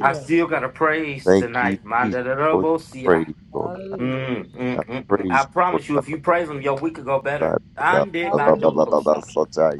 S1: I still gotta praise
S4: Thank you,
S1: tonight.
S4: Jesus,
S1: Manda
S4: for your praise, Lord God.
S1: Mm,
S4: I
S1: mm, mm, mm.
S4: praise
S1: I
S4: you, Lord
S1: promise you,
S4: God,
S1: if
S4: for
S1: you
S4: the
S1: praise him, your week could go
S4: side
S1: better.
S4: of me.
S1: Ande
S4: Ah, ba, ba,
S1: bando
S4: ba, ba, ba,
S1: kosa.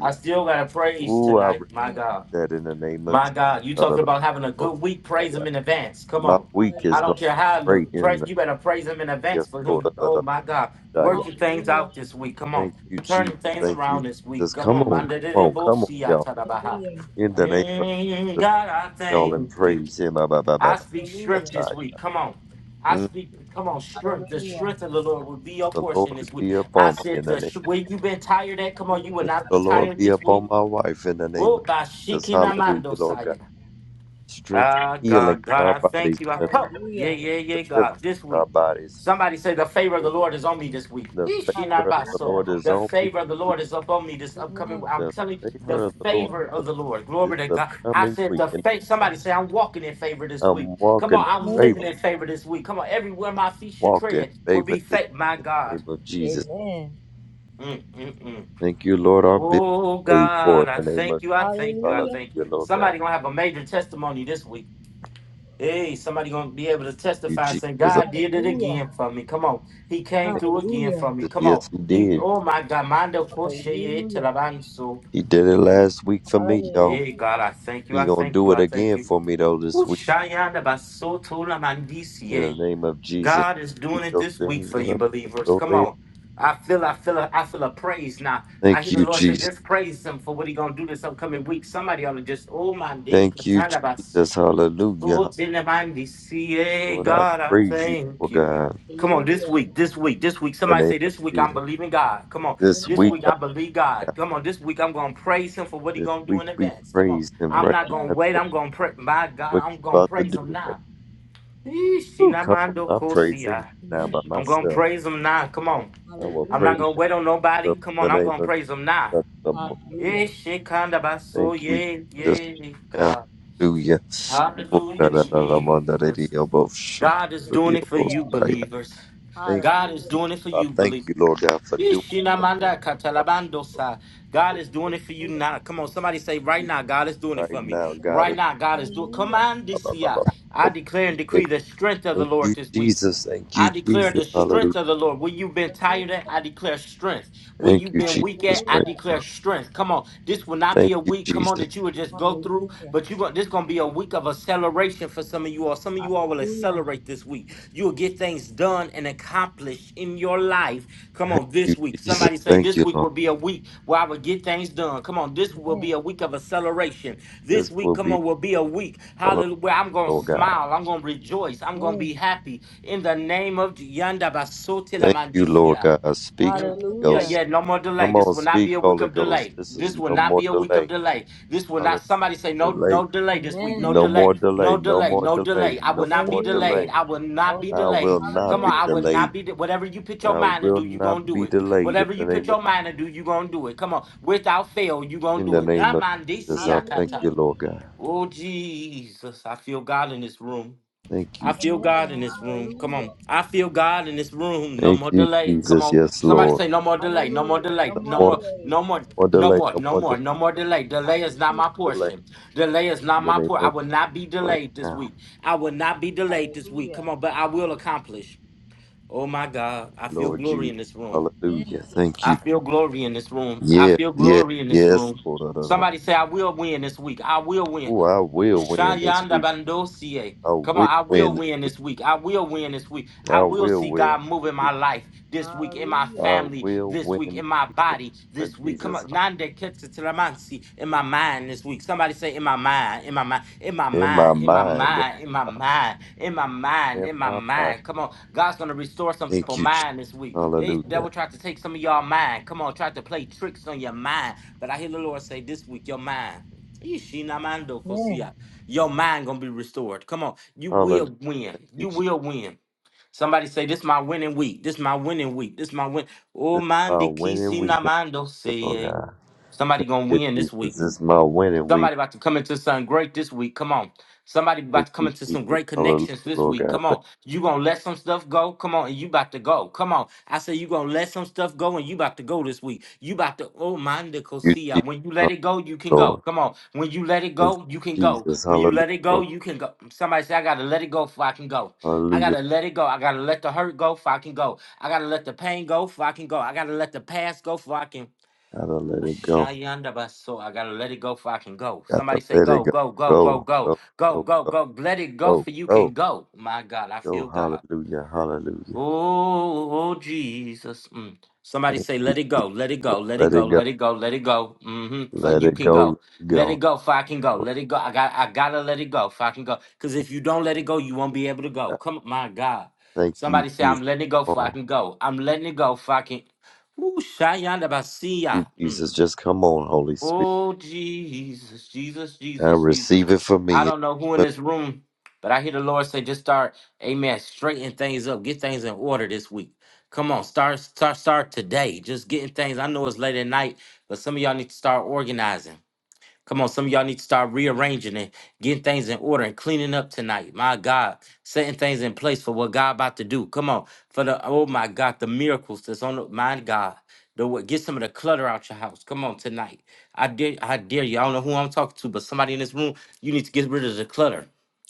S1: I still got to praise
S4: Ooh, I
S1: tonight,
S4: read
S1: my God.
S4: that in the name of
S1: My
S4: Jesus.
S1: God, you
S4: Da, da,
S1: talking
S4: da,
S1: about having a
S4: da, da,
S1: good week,
S4: da. da,
S1: praise
S4: da.
S1: him in advance. Come
S4: My
S1: on.
S4: week is
S1: I
S4: going
S1: don't
S4: to be
S1: care how it
S4: great
S1: look.
S4: in
S1: Praise,
S4: the
S1: you better praise him in
S4: yes,
S1: advance for
S4: Lord. da,
S1: him.
S4: da, da,
S1: Oh, my God.
S4: da, yeah.
S1: Working things out this week. Come on.
S4: Thank you, Jesus.
S1: Turning things
S4: Thank you,
S1: around this week.
S4: Jesus.
S1: Come
S4: Come
S1: on.
S4: on, come
S1: Mande de de
S4: on,
S1: bo
S4: come on,
S1: si ya
S4: y'all.
S1: ta da ba ha.
S4: In the name of
S1: Mm,
S4: Jesus,
S1: God, I
S4: y'all, and
S1: thank you.
S4: praise Him. Ba, ba, ba, ba,
S1: I
S4: ba,
S1: speak
S4: da,
S1: strength
S4: da,
S1: this
S4: yeah.
S1: week. Come on. I
S4: Mm.
S1: speak, come on, strength. The strength of the Lord will be your
S4: The
S1: portion
S4: Lord
S1: this week.
S4: be
S1: I
S4: upon me
S1: said,
S4: in the
S1: the
S4: name.
S1: sh- where you been tired at, come on, you
S4: of
S1: will
S4: Jesus.
S1: not be
S4: The Lord
S1: tired
S4: be
S1: this week.
S4: upon my wife in the name
S1: Oh,
S4: of
S1: by
S4: Jesus. Hallelujah,
S1: Shikinamando
S4: Lord God.
S1: Saya.
S4: Strength and
S1: Ah,
S4: healing
S1: God,
S4: in
S1: God,
S4: our
S1: I
S4: bodies,
S1: thank you. I
S4: in
S1: hope. Yeah, yeah,
S4: the
S1: yeah, God.
S4: deliverance
S1: This
S4: in our
S1: week.
S4: bodies.
S1: Somebody say the favor of the Lord is on me this week.
S4: The
S1: Eesh, She not
S4: favor of
S1: about
S4: the
S1: so
S4: Lord is
S1: the
S4: on
S1: favor of the
S4: me
S1: Lord is up on me this upcoming. I'm
S4: The
S1: telling you, the
S4: favor of the Lord
S1: favor
S4: is upon
S1: of
S4: me
S1: the Lord.
S4: this
S1: Glory to God. I
S4: upcoming
S1: said the
S4: weekend.
S1: faith. Somebody say I'm walking in favor this week.
S4: I'm
S1: Come on,
S4: walking
S1: I'm
S4: in
S1: living
S4: favor,
S1: in favor this week. Come on, everywhere my feet should
S4: walking in
S1: tread will
S4: favor
S1: be
S4: this
S1: faith. My
S4: week in the
S1: God.
S4: name of Jesus.
S1: Mm, mm, mm.
S4: Thank you, Lord. Our bills
S1: Oh
S4: are paid for
S1: God, I
S4: in the name
S1: thank
S4: of
S1: you. I thank you. I
S4: Hallelujah,
S1: thank you.
S4: Lord God.
S1: Somebody gonna have a major testimony this week. Hey, somebody gonna be able to
S4: You,
S1: testify
S4: Jesus.
S1: saying
S4: I
S1: God did it again for me. Come on, He came
S4: thank
S1: through again for me.
S4: you.
S1: Come on,
S4: Yes, He
S1: He.
S4: did.
S1: Oh my God, mando koshe telabanso.
S4: He did it last week for me, y'all.
S1: Hey God, I thank you.
S4: He
S1: I
S4: gonna
S1: thank
S4: do
S1: you.
S4: it
S1: I thank
S4: again
S1: you.
S4: for me though this
S1: Woo,
S4: week
S1: shayanda basoto
S4: in the
S1: lamandisiye.
S4: name of Jesus.
S1: God is doing
S4: Speak
S1: it
S4: those
S1: this week
S4: things
S1: for
S4: that are
S1: you,
S4: not as
S1: believers.
S4: though
S1: Come
S4: they are.
S1: on. I feel, I feel, a, I feel a praise now. I hear
S4: Thank
S1: the
S4: you,
S1: Lord say,
S4: Jesus.
S1: just praise Him for what He gonna do this upcoming week. Somebody ought to just, oh my, day,
S4: Thank you, Jesus. Hallelujah.
S1: Lord, in the mighty CA,
S4: Lord, I
S1: God, I
S4: praise you, oh
S1: thank you.
S4: God.
S1: Come on, this week, this week, this week.
S4: the
S1: Somebody
S4: name
S1: say,
S4: of
S1: This week I'm
S4: Jesus.
S1: believing God. Come on,
S4: This
S1: this
S4: week,
S1: week
S4: oh
S1: I believe God.
S4: God,
S1: Come on, this week I'm going to praise Him for what He
S4: this
S1: going to do
S4: week
S1: in
S4: we
S1: advance. Come on,
S4: praise Him
S1: I'm
S4: right
S1: not
S4: now.
S1: going
S4: In
S1: to wait.
S4: the name
S1: I'm going to pray. My
S4: of
S1: God,
S4: what
S1: I'm
S4: you
S1: going to
S4: about to
S1: praise
S4: do
S1: Him
S4: with Him?
S1: now. Eesh,
S4: Ooh, come on!
S1: sinamando
S4: I praise Him
S1: kosia.
S4: right now by
S1: I'm going to
S4: myself.
S1: praise Him now. Come on,
S4: I will
S1: I'm not
S4: praise
S1: going to
S4: Him
S1: wait on
S4: in
S1: nobody. Come
S4: the
S1: on, I'm
S4: name
S1: going to
S4: of
S1: praise Him now.
S4: the Lord.
S1: Eesh, shekanda baso,
S4: Thank you,
S1: Yeah,
S4: Jesus.
S1: yeah, God.
S4: Hallelujah. Oh, da,
S1: Hallelujah,
S4: da, da, da, ma, da, da, dee,
S1: Jesus.
S4: oh, bo, sh-
S1: God is
S4: da, dee,
S1: doing it
S4: oh,
S1: for
S4: bo, si.
S1: you, believers.
S4: Thank
S1: God is
S4: you, Jesus.
S1: doing it for
S4: I
S1: you,
S4: thank
S1: believers.
S4: you, Lord God, for doing
S1: God
S4: it
S1: is doing it for you now. Come on, somebody say right now, God is doing it
S4: right
S1: for me.
S4: now,
S1: Right
S4: God.
S1: now, God is doing. Come on, DCI. I I declare and decree the strength of the
S4: Thank you,
S1: Lord this week.
S4: Jesus. Thank
S1: I
S4: you,
S1: declare
S4: Jesus.
S1: the
S4: Hallelujah.
S1: strength of the Lord. Where you've been tired at, I declare strength. Where
S4: Thank
S1: you've
S4: you,
S1: been weak
S4: Jesus,
S1: at, I
S4: right
S1: declare
S4: now.
S1: strength. Come on, this will not
S4: Thank
S1: be a
S4: you,
S1: week. Come on,
S4: Jesus.
S1: that you will just go through, but you going this gonna be a week of acceleration for some of you all. Some of you all will accelerate this week. You will get things done and accomplished accomplish in your life. Come on,
S4: Thank you,
S1: this week.
S4: Jesus.
S1: Somebody say
S4: Thank
S1: this
S4: you,
S1: week
S4: Lord.
S1: will be a week where I will get things done. Come on, this will be a week of acceleration.
S4: This
S1: This week,
S4: will
S1: come
S4: be a
S1: on, will be a week.
S4: celebration,
S1: Hallelujah. Where I'm gonna
S4: Lord God.
S1: smile. I'm gonna rejoice. I'm gonna be happy in the name of Yanda Basotela
S4: Thank you, Lord
S1: Mandisia.
S4: God. Speak,
S1: Mm,
S4: Holy
S1: yeah,
S2: Hallelujah.
S4: Ghost.
S1: yeah, no more delay.
S4: Come
S1: This
S4: on,
S1: will not
S4: speak,
S1: be a week
S4: Holy
S1: of
S4: Ghost.
S1: delay.
S4: This is
S1: This will
S4: no
S1: not
S4: more
S1: be a week of
S4: delay.
S1: delay. This will
S4: Hallelujah.
S1: not somebody say no
S4: Delay.
S1: no delay this week.
S2: Amen.
S1: No
S4: No more
S1: delay.
S4: delay.
S1: No
S4: No
S1: delay.
S4: more
S1: No
S4: delay.
S1: delay. I will
S4: No
S1: not be
S4: more
S1: delayed.
S4: delay.
S1: I will not be
S4: I will
S1: delayed. Come
S4: not be
S1: on, I will not
S4: delayed.
S1: be de- whatever you put your
S4: I
S1: mind to
S4: will
S1: do, you going to
S4: not
S1: do
S4: be
S1: it.
S4: delayed in
S1: Whatever
S4: the
S1: you put
S4: name of
S1: your mind to do, you going to do it. Come on. Without fail, you going to
S4: in
S1: do
S4: the
S1: it.
S4: name
S1: I'm
S4: of
S1: on DC
S4: Jesus. I thank
S1: Akata.
S4: you, Lord God.
S1: Oh Jesus, I feel God in this room.
S4: Thank
S1: I
S4: you,
S1: feel God in this room. Come on. I feel God in this room. No
S4: Thank
S1: more
S4: you,
S1: delay. Come
S4: Jesus.
S1: on.
S4: Yes,
S1: Somebody
S4: Lord.
S1: say no more delay. No more delay.
S4: No
S1: No
S4: more,
S1: more.
S4: no
S1: No more.
S4: more
S1: No
S4: delay,
S1: more.
S4: no
S1: No
S4: more
S1: more.
S4: delay,
S1: No more delay. Delay is not my
S4: delay.
S1: portion. Delay is
S4: In
S1: not
S4: the
S1: my
S4: name
S1: portion. I
S4: of
S1: will not be
S4: right
S1: delayed this
S4: now,
S1: week. I will not be delayed this week. Come on, but I will accomplish. Oh my God. I feel
S4: Lord
S1: glory
S4: Jesus.
S1: in this room.
S4: Hallelujah. Thank
S1: I
S4: you.
S1: feel glory in this room. I
S4: Yes,
S1: feel
S4: yes,
S1: glory in this
S4: yes,
S1: room.
S4: Lord.
S1: Somebody say I will win this week. I will win.
S4: Oh, I
S1: Ooh,
S4: will win this
S1: Shayanda
S4: week.
S1: Bandosie.
S4: I
S1: Come
S4: will
S1: on, I will
S4: win this
S1: win
S4: week.
S1: this week. I will win this week.
S4: I
S1: I will
S4: will
S1: see
S4: win this
S1: God move in
S4: week.
S1: my life this week, in my
S4: I
S1: family
S4: will
S1: this
S4: win
S1: week,
S4: this
S1: in my
S4: week. In the
S1: body
S4: name
S1: this
S4: of
S1: week. Come
S4: Jesus.
S1: on, Nande Ketsa Telamansi, in my mind this week. Somebody say, in my mind, in my mind, in my
S4: In my
S1: mind, in my
S4: mind.
S1: mind, in my mind, in my mind,
S4: In
S1: in my
S4: my mind.
S1: mind. Come on, God's gonna restore some
S4: Thank
S1: people's
S4: you, Jesus.
S1: mind this week. Hey,
S4: Hallelujah.
S1: devil tried to take some of y'all mind. Come on, tried to play tricks on your mind. But I hear the Lord say this week, your mind. Ishinamando
S2: Amen.
S1: your mind gonna be restored. Come on, you
S4: Hallelujah.
S1: will win.
S4: Thank you,
S1: You
S4: Jesus.
S1: will win. Somebody say, "This my winning week. This my winning week. This my win." Oh,
S4: This is
S1: mind
S4: my winning
S1: kisi namando see,
S4: week. Thank you, Lord
S1: say. eh.
S4: God.
S1: Somebody
S4: Thank
S1: gonna
S4: you,
S1: win this
S4: Jesus.
S1: week.
S4: This is my winning week.
S1: Somebody about to come into something great this week. Come on. Somebody about
S4: Thank
S1: to come
S4: you,
S1: into some
S4: Jesus.
S1: great
S4: Hallelujah,
S1: connections this
S4: Lord
S1: week.
S4: God.
S1: Come
S4: Thank
S1: on. You gonna let some stuff go? Come on, and you about to go. Come on. I say you gonna let some stuff go and you about to go this week. You about to oh mind the
S4: you,
S1: Kosia.
S4: Jesus.
S1: When you let it
S4: Hallelujah,
S1: go, you can go.
S4: Lord.
S1: Come on. When you let it
S4: Thank
S1: go, you can
S4: you,
S1: go.
S4: Jesus.
S1: When you
S4: Hallelujah,
S1: let it go,
S4: Lord God.
S1: you can go. Somebody say I gotta let it go before I can go. I
S4: Hallelujah.
S1: gotta let it go. I gotta let the hurt go before I can go. I gotta let the pain go before I can go. I gotta let the past go before I can
S4: Gotta let
S1: Ooh,
S4: it go.
S1: Shayanda Baso. I gotta let it go for I can go.
S4: Gotta
S1: Somebody say
S4: let it
S1: go,
S4: go.
S1: go, go, go,
S4: Go,
S1: go,
S4: go,
S1: go,
S4: go,
S1: go,
S4: go,
S1: go. Let it go
S4: go,
S1: for you can
S4: go.
S1: go. My God, I
S4: Go,
S1: feel God.
S4: hallelujah, hallelujah.
S1: Oh, oh Jesus. Mm. Somebody
S4: Thank
S1: say,
S4: you,
S1: let it go,
S4: Jesus.
S1: let it go,
S4: Just
S1: let it
S4: let
S1: go,
S4: it go.
S1: let it go, let it go. Mm-hmm. For
S4: Let
S1: you
S4: it
S1: can
S4: go, let
S1: go.
S4: it
S1: Let it
S4: go.
S1: go, for I can go.
S4: Lord
S1: Let it go. I got I gotta let it go, for I can go. Because if you don't let it go, you won't be able to go.
S4: God.
S1: Come my God.
S4: Thank you,
S1: Somebody say,
S4: Jesus.
S1: I'm letting it go,
S4: Come
S1: for I
S4: on.
S1: can go. I'm letting it go, for I can. Ooh, Shayanda
S4: You,
S1: Basia. Mm.
S4: Jesus. Just come on, Holy Spirit.
S1: Oh, Jesus, Jesus,
S4: I
S1: Jesus, Jesus.
S4: receive it for
S1: I
S4: me.
S1: don't know who in this room, but I hear the Lord say, just start, amen, straighten things up, get things in order this week. Come on, start, start, start today. Just getting things. I know it's late at night, but some of y'all need to start organizing. Come on, some of y'all need to start rearranging and getting things in order and cleaning up tonight. My God, setting things in place for what God about to do. Come on, for the oh my God, the miracles that's on the my God. The what get some of the clutter out your house. Come on tonight. I dare I dare you. I don't know who I'm talking to, but somebody in this room, you need to get rid of the clutter.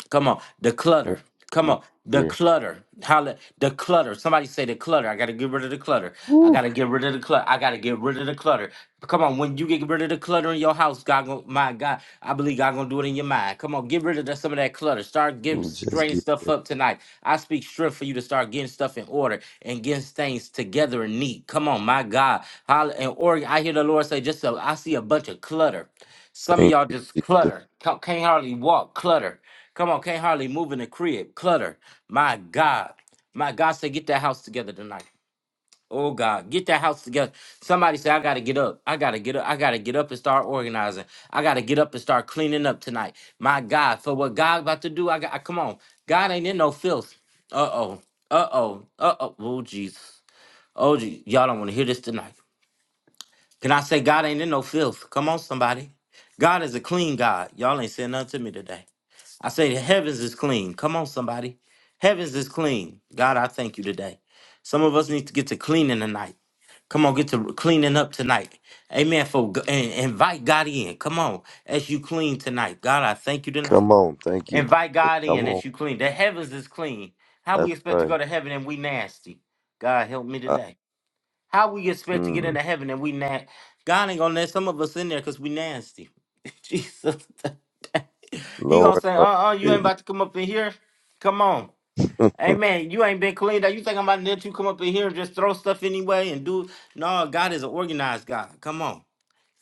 S1: Come on, the
S4: Thank
S1: clutter.
S4: you,
S1: Come
S4: Jesus.
S1: on, the
S4: Yeah.
S1: clutter. Holla, the clutter. Somebody say the clutter. I gotta get rid of the clutter. I
S4: Woo.
S1: gotta get rid of the clutter. I gotta get rid of the clutter. Come on, when you get rid of the clutter in your house, God, gon- my God, I believe God gonna do it in your mind. Come on, get rid of that, some of that clutter. Start getting
S4: Just
S1: straightening
S4: give
S1: stuff
S4: it.
S1: up tonight. I speak strength for you to start getting stuff in order and getting things together and neat. Come on, my God, holla, and or I hear the Lord say, just a, I see a bunch of clutter. Some of
S4: Thank
S1: y'all just
S4: you, Jesus.
S1: clutter. Ca- Can't hardly walk. Clutter. Come on, can't hardly move in the crib. Clutter. My God. My God said, get that house together tonight. Oh God, get that house together. Somebody say, I gotta get up. I gotta get up. I gotta get up and start organizing. I gotta get up and start cleaning up tonight. My God, for what God about to do, I got I, come on. God ain't in no filth. Uh-oh. Uh-oh. Uh-oh. Oh Jesus. Oh Jesus. Y'all don't want to hear this tonight. Can I say God ain't in no filth? Come on, somebody. God is a clean God. Y'all ain't saying nothing to me today. I say the heavens is clean. Come on, somebody. Heavens is clean. God, I thank you today. Some of us need to get to cleaning tonight. Come on, get to cleaning up tonight. Amen. For and invite God in. Come on, as you clean tonight. God, I thank you
S4: Come
S1: tonight.
S4: on. Thank you,
S1: Invite
S4: Jesus.
S1: God
S4: Come
S1: in
S4: on.
S1: as you clean. The heavens is clean. How we
S4: That's
S1: expect to
S4: right.
S1: go to heaven and we nasty? God help me
S4: Uh,
S1: today. How we expect to get
S4: mm,
S1: into heaven and we not? God ain't gonna let some of us in there because we nasty. [laughs] Jesus. he gonna
S4: Lord,
S1: say,
S4: help
S1: uh-uh, you ain't
S4: you.
S1: about to come up in here. Come on.
S4: [laughs]
S1: Amen. You ain't been cleaned up. You think I'm about to let you come up in here and just throw stuff anyway and do no, God is an organized God. Come on.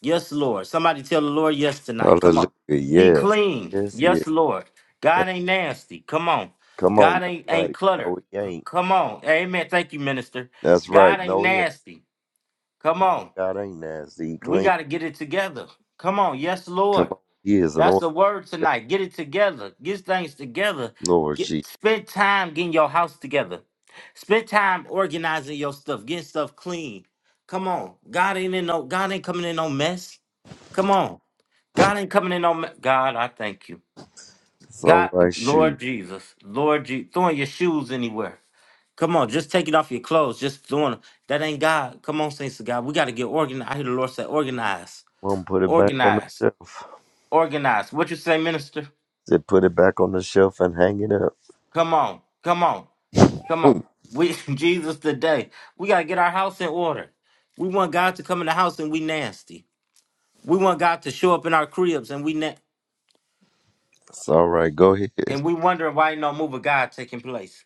S1: Yes, Lord. Somebody tell the Lord yes tonight. Come
S4: Hallelujah.
S1: on. He
S4: Yes.
S1: clean.
S4: Yes, yes.
S1: Yes, Lord. God
S4: Thank
S1: ain't nasty. Come on.
S4: Come on.
S1: God
S4: That's
S1: ain't ain't
S4: right.
S1: cluttered.
S4: No, he
S1: C-
S4: ain't.
S1: Come on. Amen. Thank you, minister.
S4: That's right.
S1: God ain't
S4: No, he ain't.
S1: nasty. Come
S4: No,
S1: on.
S4: God ain't nasty. He
S1: We
S4: clean.
S1: got to get it together. Come on. Yes,
S4: Come
S1: Lord.
S4: on. He is an
S1: That's
S4: organ.
S1: the word
S4: God.
S1: tonight. Get it together. Get things together.
S4: Lord
S1: Get
S4: Jesus.
S1: spend time getting your house together. Spend time organizing your stuff, getting stuff clean. Come on. God ain't in no God ain't coming in no mess. Come on. God ain't coming in no me- God, I thank you.
S4: It's all
S1: God,
S4: right. Shoot.
S1: Lord Jesus, Lord Jesus, throwing your shoes anywhere. Come on, just take it off your clothes. Just doing that ain't God. Come on, saints of God. We got to get organized. I hear the Lord say, organize,
S4: Come on. Put it back on the
S1: organize,
S4: shelf.
S1: organize. What you say, minister?
S4: Said put it back on the shelf and hang it up.
S1: Come on, come on, come on.
S4: [laughs]
S1: We [laughs] Jesus today. We got to get our house in order. We want God to come in the house and we nasty. We want God to show up in our cribs and we na-
S4: it's all right. Go ahead.
S1: and we wondering why ain't no move of God taking place.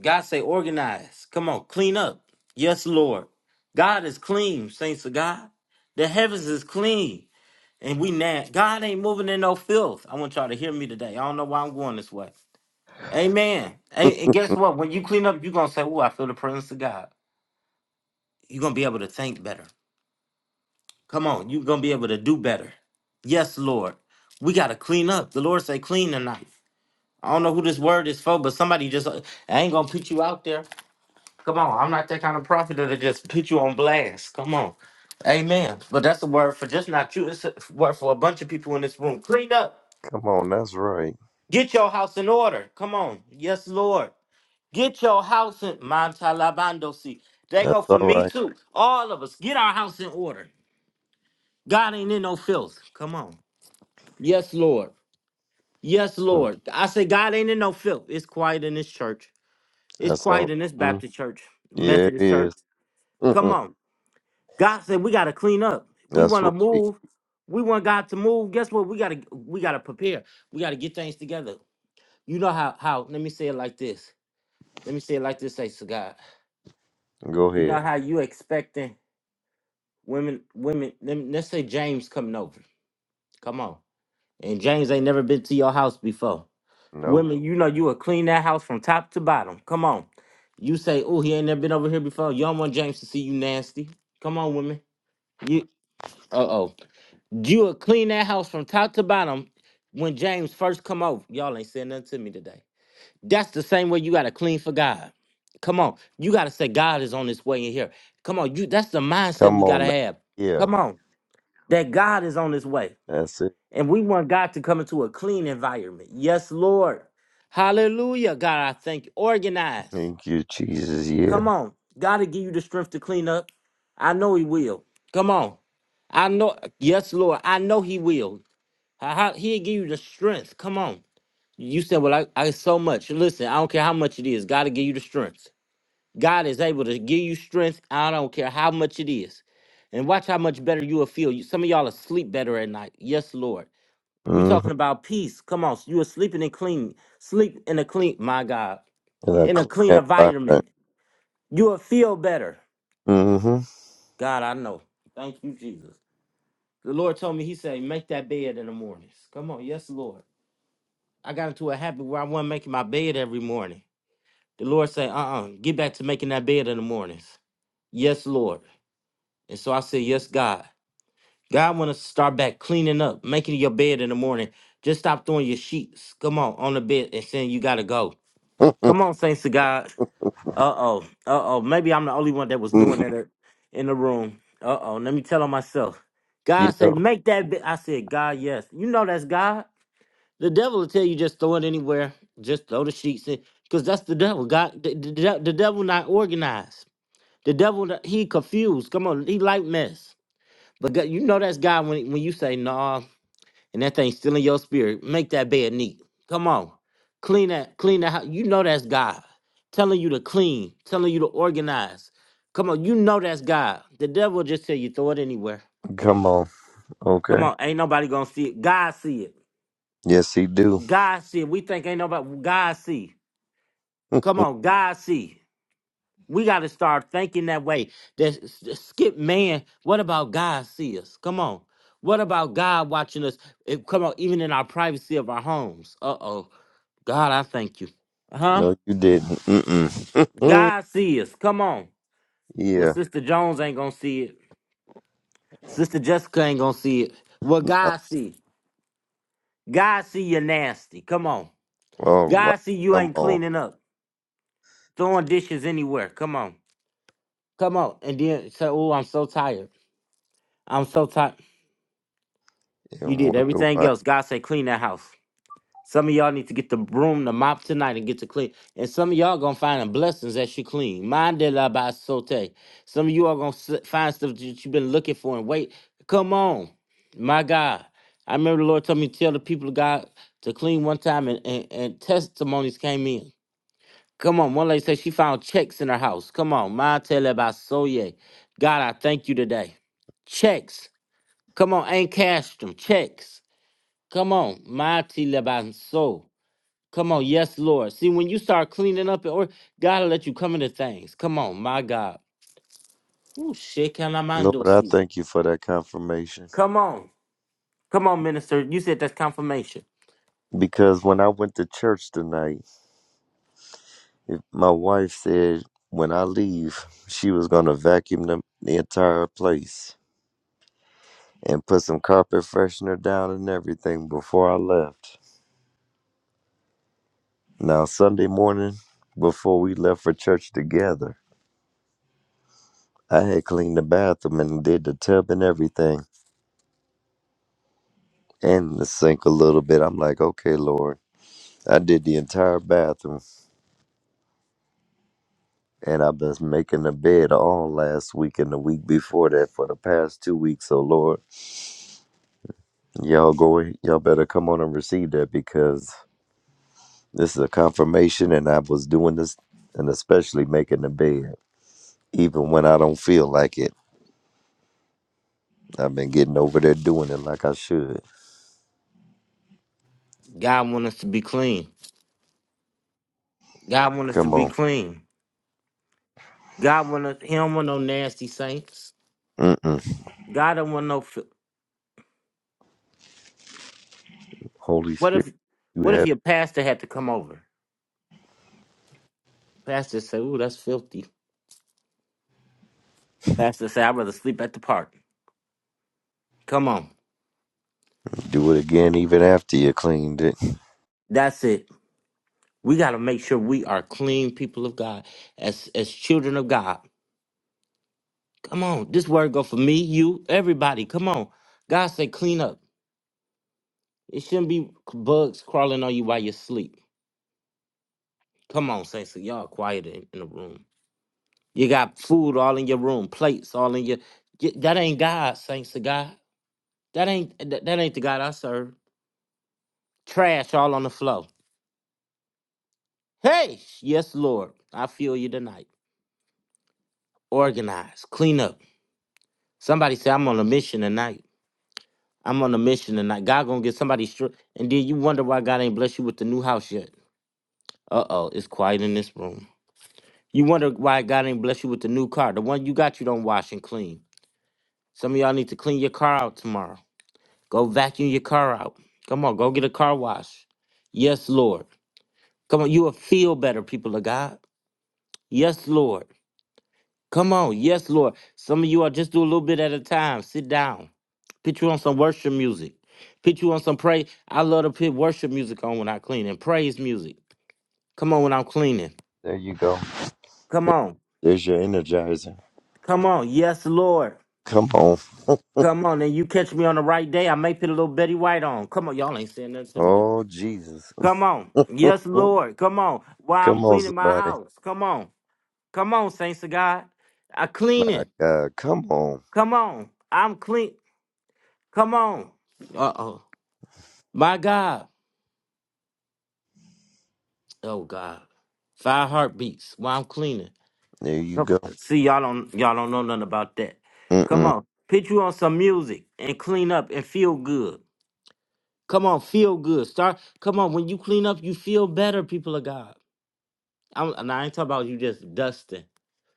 S1: God say, organize. Come on, clean up. Yes, Lord. God is clean, saints of God. The heavens is clean. And we now God ain't moving in no filth. I want y'all to hear me today. I don't know why I'm going this way. Amen. And, and guess what? When you clean up, you're gonna say, Oh, I feel the presence of God. You're gonna be able to think better. Come on, you're gonna be able to do better. Yes, Lord. We gotta clean up. The Lord say clean tonight. I don't know who this word is for, but somebody just uh, I ain't gonna put you out there. Come on, I'm not that kind of prophet that'll just put you on blast. Come on. Amen. But that's a word for just not you, it's a word for a bunch of people in this room. Clean up.
S4: Come on. That's right.
S1: Get your house in order. Come on. Yes, Lord. Get your house in Montalabando see. They
S4: That's
S1: go
S4: all
S1: for me
S4: right.
S1: too. All of us. Get our house in order. God ain't in no filth. Come on. Yes, Lord. Yes,
S4: Mm.
S1: Lord. I say God ain't in no filth. It's quiet in this church. It's
S4: That's
S1: quiet
S4: all.
S1: in this
S4: Mm,
S1: Baptist church,
S4: yeah, it
S1: Methodist church.
S4: is.
S1: Come
S4: Mm-mm.
S1: on. God said we gotta clean up. We
S4: that's
S1: wanna
S4: right.
S1: move. We want God to move. Guess what? We gotta we gotta prepare. We gotta get things together. You know how how let me say it like this. let me say it like this, say to God.
S4: Go
S1: You
S4: ahead.
S1: know how you expecting women, women, let- let's say James coming over. Come on. And James ain't never been to your house before.
S4: Nope.
S1: Women, you know you will clean that house from top to bottom. Come on. You say, oh, he ain't never been over here before. You don't want James to see you nasty. Come on, women. You uh oh. You will clean that house from top to bottom when James first come over. Y'all ain't saying nothing to me today. That's the same way you gotta clean for God. Come on. You gotta say God is on his way in here. Come on, you that's the mindset
S4: Come
S1: we
S4: on
S1: gotta
S4: now.
S1: have.
S4: Yeah,
S1: Come on. That God is on his way.
S4: that's it.
S1: And we want God to come into a clean environment. Yes, Lord. Hallelujah. God, I thank you. Organize.
S4: Thank you, Jesus. Yeah.
S1: Come on. God to give you the strength to clean up. I know he will. Come on. I know yes, Lord. I know he will. Ha- He'll give you the strength. Come on. You said, Well, I, I so much. Listen, I don't care how much it is. God to give you the strength. God is able to give you strength. I don't care how much it is. And watch how much better you will feel. You- Some of y'all will sleep better at night. Yes, Lord. you
S4: Mm-hmm.
S1: talking about peace. Come on. You are sleeping and clean. Sleep in a clean, my God,
S4: In a
S1: in a
S4: clean
S1: clean
S4: environment.
S1: environment. You will feel better.
S4: Mm-hmm.
S1: God, I know. Thank you, Jesus. The Lord told me, He said, make that bed in the mornings. Come on. Yes, Lord. I got into a habit where I wasn't making my bed every morning. The Lord said, uh uh get back to making that bed in the mornings. Yes, Lord. And so I said, Yes, God. God want to start back cleaning up, making your bed in the morning. Just stop throwing your sheets. Come on, on the bed and saying you gotta go. Come
S4: [laughs]
S1: on, saints to God. Uh oh, uh oh. Maybe I'm the only one that was doing
S4: Mm
S1: that uh, in the room. Uh oh. Let me tell on myself. God
S4: you
S1: say
S4: know,
S1: make that. Bed. I said God yes. You know that's God. The devil will tell you just throw it anywhere. Just throw the sheets in, cause that's the devil. God, the, the, de- the devil not organized. The devil not- he confused. Come on, he like mess. But God, you know that's God when when you say no and that thing's still in your spirit, make that bed neat. Come on, clean that, clean that house. You know that's God telling you to clean, telling you to organize. Come on, you know that's God. The devil will just tell you throw it anywhere.
S4: come on. Okay.
S1: Come on, ain't nobody gonna see it. God see it.
S4: Yes, he do.
S1: God see it. We think ain't nobody. God see.
S4: [laughs]
S1: Come on, God see. We got to start thinking that way. That s- skip man. What about God see us? Come on. What about God watching us? Eh, come on, even in our privacy of our homes. Uh oh. God, I thank you. Huh?
S4: no, you didn't. Mm-mm.
S1: God see us. Come on.
S4: [laughs]
S1: Well,
S4: yeah.
S1: Sister Jones ain't gonna see it. Sister Jessica ain't gonna see it. Well,
S4: Uh,
S1: God see. God see you nasty. Come on.
S4: All right.
S1: God see you
S4: Come
S1: ain't
S4: on.
S1: cleaning up, throwing dishes anywhere. Come on. Come on. And then say, oh, I'm so tired. I'm so tired. You
S4: And
S1: did
S4: wonder
S1: everything
S4: why.
S1: else. God said, clean that house. Some of y'all need to get the broom, the mop tonight and get to clean. And some of y'all gonna find the blessings that you clean. Mind de la basote. Some of you are gonna s- find stuff that you've been looking for and wait. Come on. My God. I remember the Lord told me to tell the people of God to clean one time and, and, and testimonies came in. Come on. One lady said she found checks in her house. Come on. Mind de la basoye. God, I thank you today. Checks. Come on. Ain't cashed them. Checks. Come on, mighty Lebanso. Come on, yes, Lord. See, when you start cleaning up or God will let you come into things. Come on, my God. Ooh, shit, can I mind
S4: Lord,
S1: those
S4: I
S1: see?
S4: thank you for that confirmation.
S1: Come on. Come on, minister. You said that's confirmation.
S4: Because when I went to church tonight, If My wife said when I leave, she was going to vacuum the, the entire place and put some carpet freshener down and everything before I left. Now, Sunday morning, before we left for church together, I had cleaned the bathroom and did the tub and everything and the sink a little bit. I'm like, okay, Lord. I did the entire bathroom and I've been making the bed all last week and the week before that for the past two weeks. So, Lord, Y'all go ahe- y'all better come on and receive that because this is a confirmation and I was doing this and especially making the bed. Even when I don't feel like it. I've been getting over there doing it like I should.
S1: God want us to be clean. God want us to
S4: Come
S1: be
S4: on.
S1: clean. God want us, he don't want no nasty saints.
S4: Mm-mm.
S1: God don't want no, fil-
S4: Holy
S1: what
S4: Spirit.
S1: if,
S4: You
S1: what if
S4: have
S1: your pastor had to come over? Pastor say, ooh, that's filthy. Pastor say, I'd rather sleep at the park. Come on.
S4: to do it again even after you cleaned it.
S1: That's it. We got to make sure we are clean people of God as as children of God. Come on, this word go for me, you, everybody. Come on, God say clean up. It shouldn't be bugs crawling on you while you sleep. Come on, saints, of y'all quiet in, in the room. You got food all in your room, plates all in your. y- That ain't God, saints of God. That ain't that, that ain't the God I serve. Trash all on the floor. Hey, yes, Lord, I feel you tonight. Organize, clean up. Somebody say I'm on a mission tonight. I'm on a mission tonight. God gonna get somebody straight. And then you wonder why God ain't blessed you with the new house yet. Uh oh, it's quiet in this room. You wonder why God ain't blessed you with the new car. The one you got, you don't wash and clean. Some of y'all need to clean your car out tomorrow. Go vacuum your car out. Come on, go get a car wash. Yes, Lord. Come on, you will feel better, people of God. Yes, Lord. Come on. Yes, Lord. Some of you are just do a little bit at a time. Sit down. Put you on some worship music. Put you on some praise. I love to put worship music on when I clean and praise music. Come on when I'm cleaning.
S4: There you go.
S1: Come
S4: There-
S1: on.
S4: There's your energizer.
S1: Come on. Yes, Lord.
S4: Come on. [laughs]
S1: Come on. And you catch me on the right day. I may put a little Betty White on. Come on. Y'all ain't saying nothing to me today.
S4: Oh Jesus.
S1: Come on.
S4: [laughs]
S1: Yes,
S4: Come
S1: Lord. Come on. While I'm
S4: on
S1: cleaning my
S4: somebody.
S1: house. Come on. Come on, saints of God. I clean
S4: My
S1: it.
S4: God. Come on.
S1: Come on. I'm clean. Come on. Uh oh. My God. Oh God. Five heartbeats while I'm cleaning.
S4: There you
S1: Come
S4: go.
S1: on. See, y'all don't y'all don't know nothing about that. Come
S4: Mm-mm.
S1: on. Put you on some music and clean up and feel good. Come on, feel good. Start come on. When you clean up, you feel better, people of God. I'm and I ain't talking about you just dusting.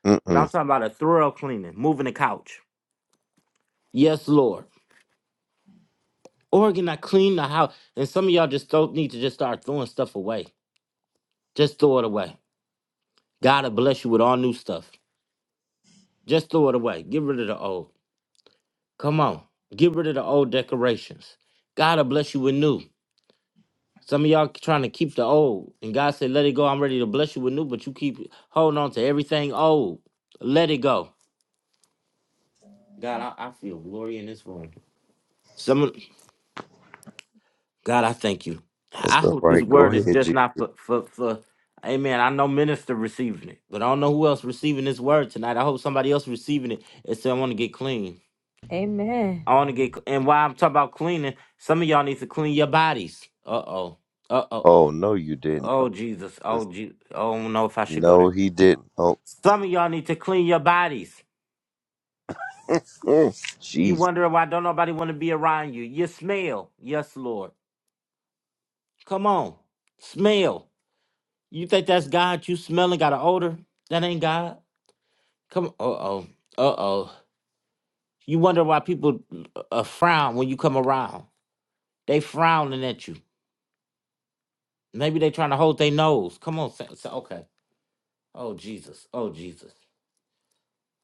S4: Mm-mm.
S1: But I'm talking about a thorough cleaning, moving the couch. Yes, Lord. Oregon, I clean the house. And some of y'all just don't need to just start throwing stuff away. Just throw it away. God will bless you with all new stuff. Just throw it away. Get rid of the old. Come on. Get rid of the old decorations. God will bless you with new. Some of y'all trying to keep the old. And God said, let it go. I'm ready to bless you with new, but you keep holding on to everything old. Let it go. God, I, I feel glory in this room. Some of- God, I thank you.
S4: It's
S1: I
S4: all
S1: hope this
S4: right. Go
S1: word is
S4: ahead,
S1: just
S4: G.
S1: not for, for, for Amen. I know minister receiving it, but I don't know who else receiving this word tonight. I hope somebody else receiving it and say, I want to get clean.
S2: Amen.
S1: I want to get and while I'm talking about cleaning, some of y'all need to clean your bodies. Uh oh. Uh oh.
S4: Oh no, you didn't. Oh,
S1: Oh Jesus.
S4: this-
S1: Oh Jesus. Oh I don't know if I should go
S4: No,
S1: there.
S4: he didn't. Oh,
S1: Some of y'all need to clean your bodies.
S4: mm,
S1: You
S4: jeez.
S1: wondering why don't nobody want to be around you? You smell. Yes, Lord. Come on. Smell. You think that's God? You smelling got an odor? That ain't God. Come. Uh oh. Uh oh. You wonder why people uh, frown when you come around. They frowning at you. Maybe they trying to hold their nose. Come on. Sa- Sa- okay. Oh Jesus. Oh Jesus.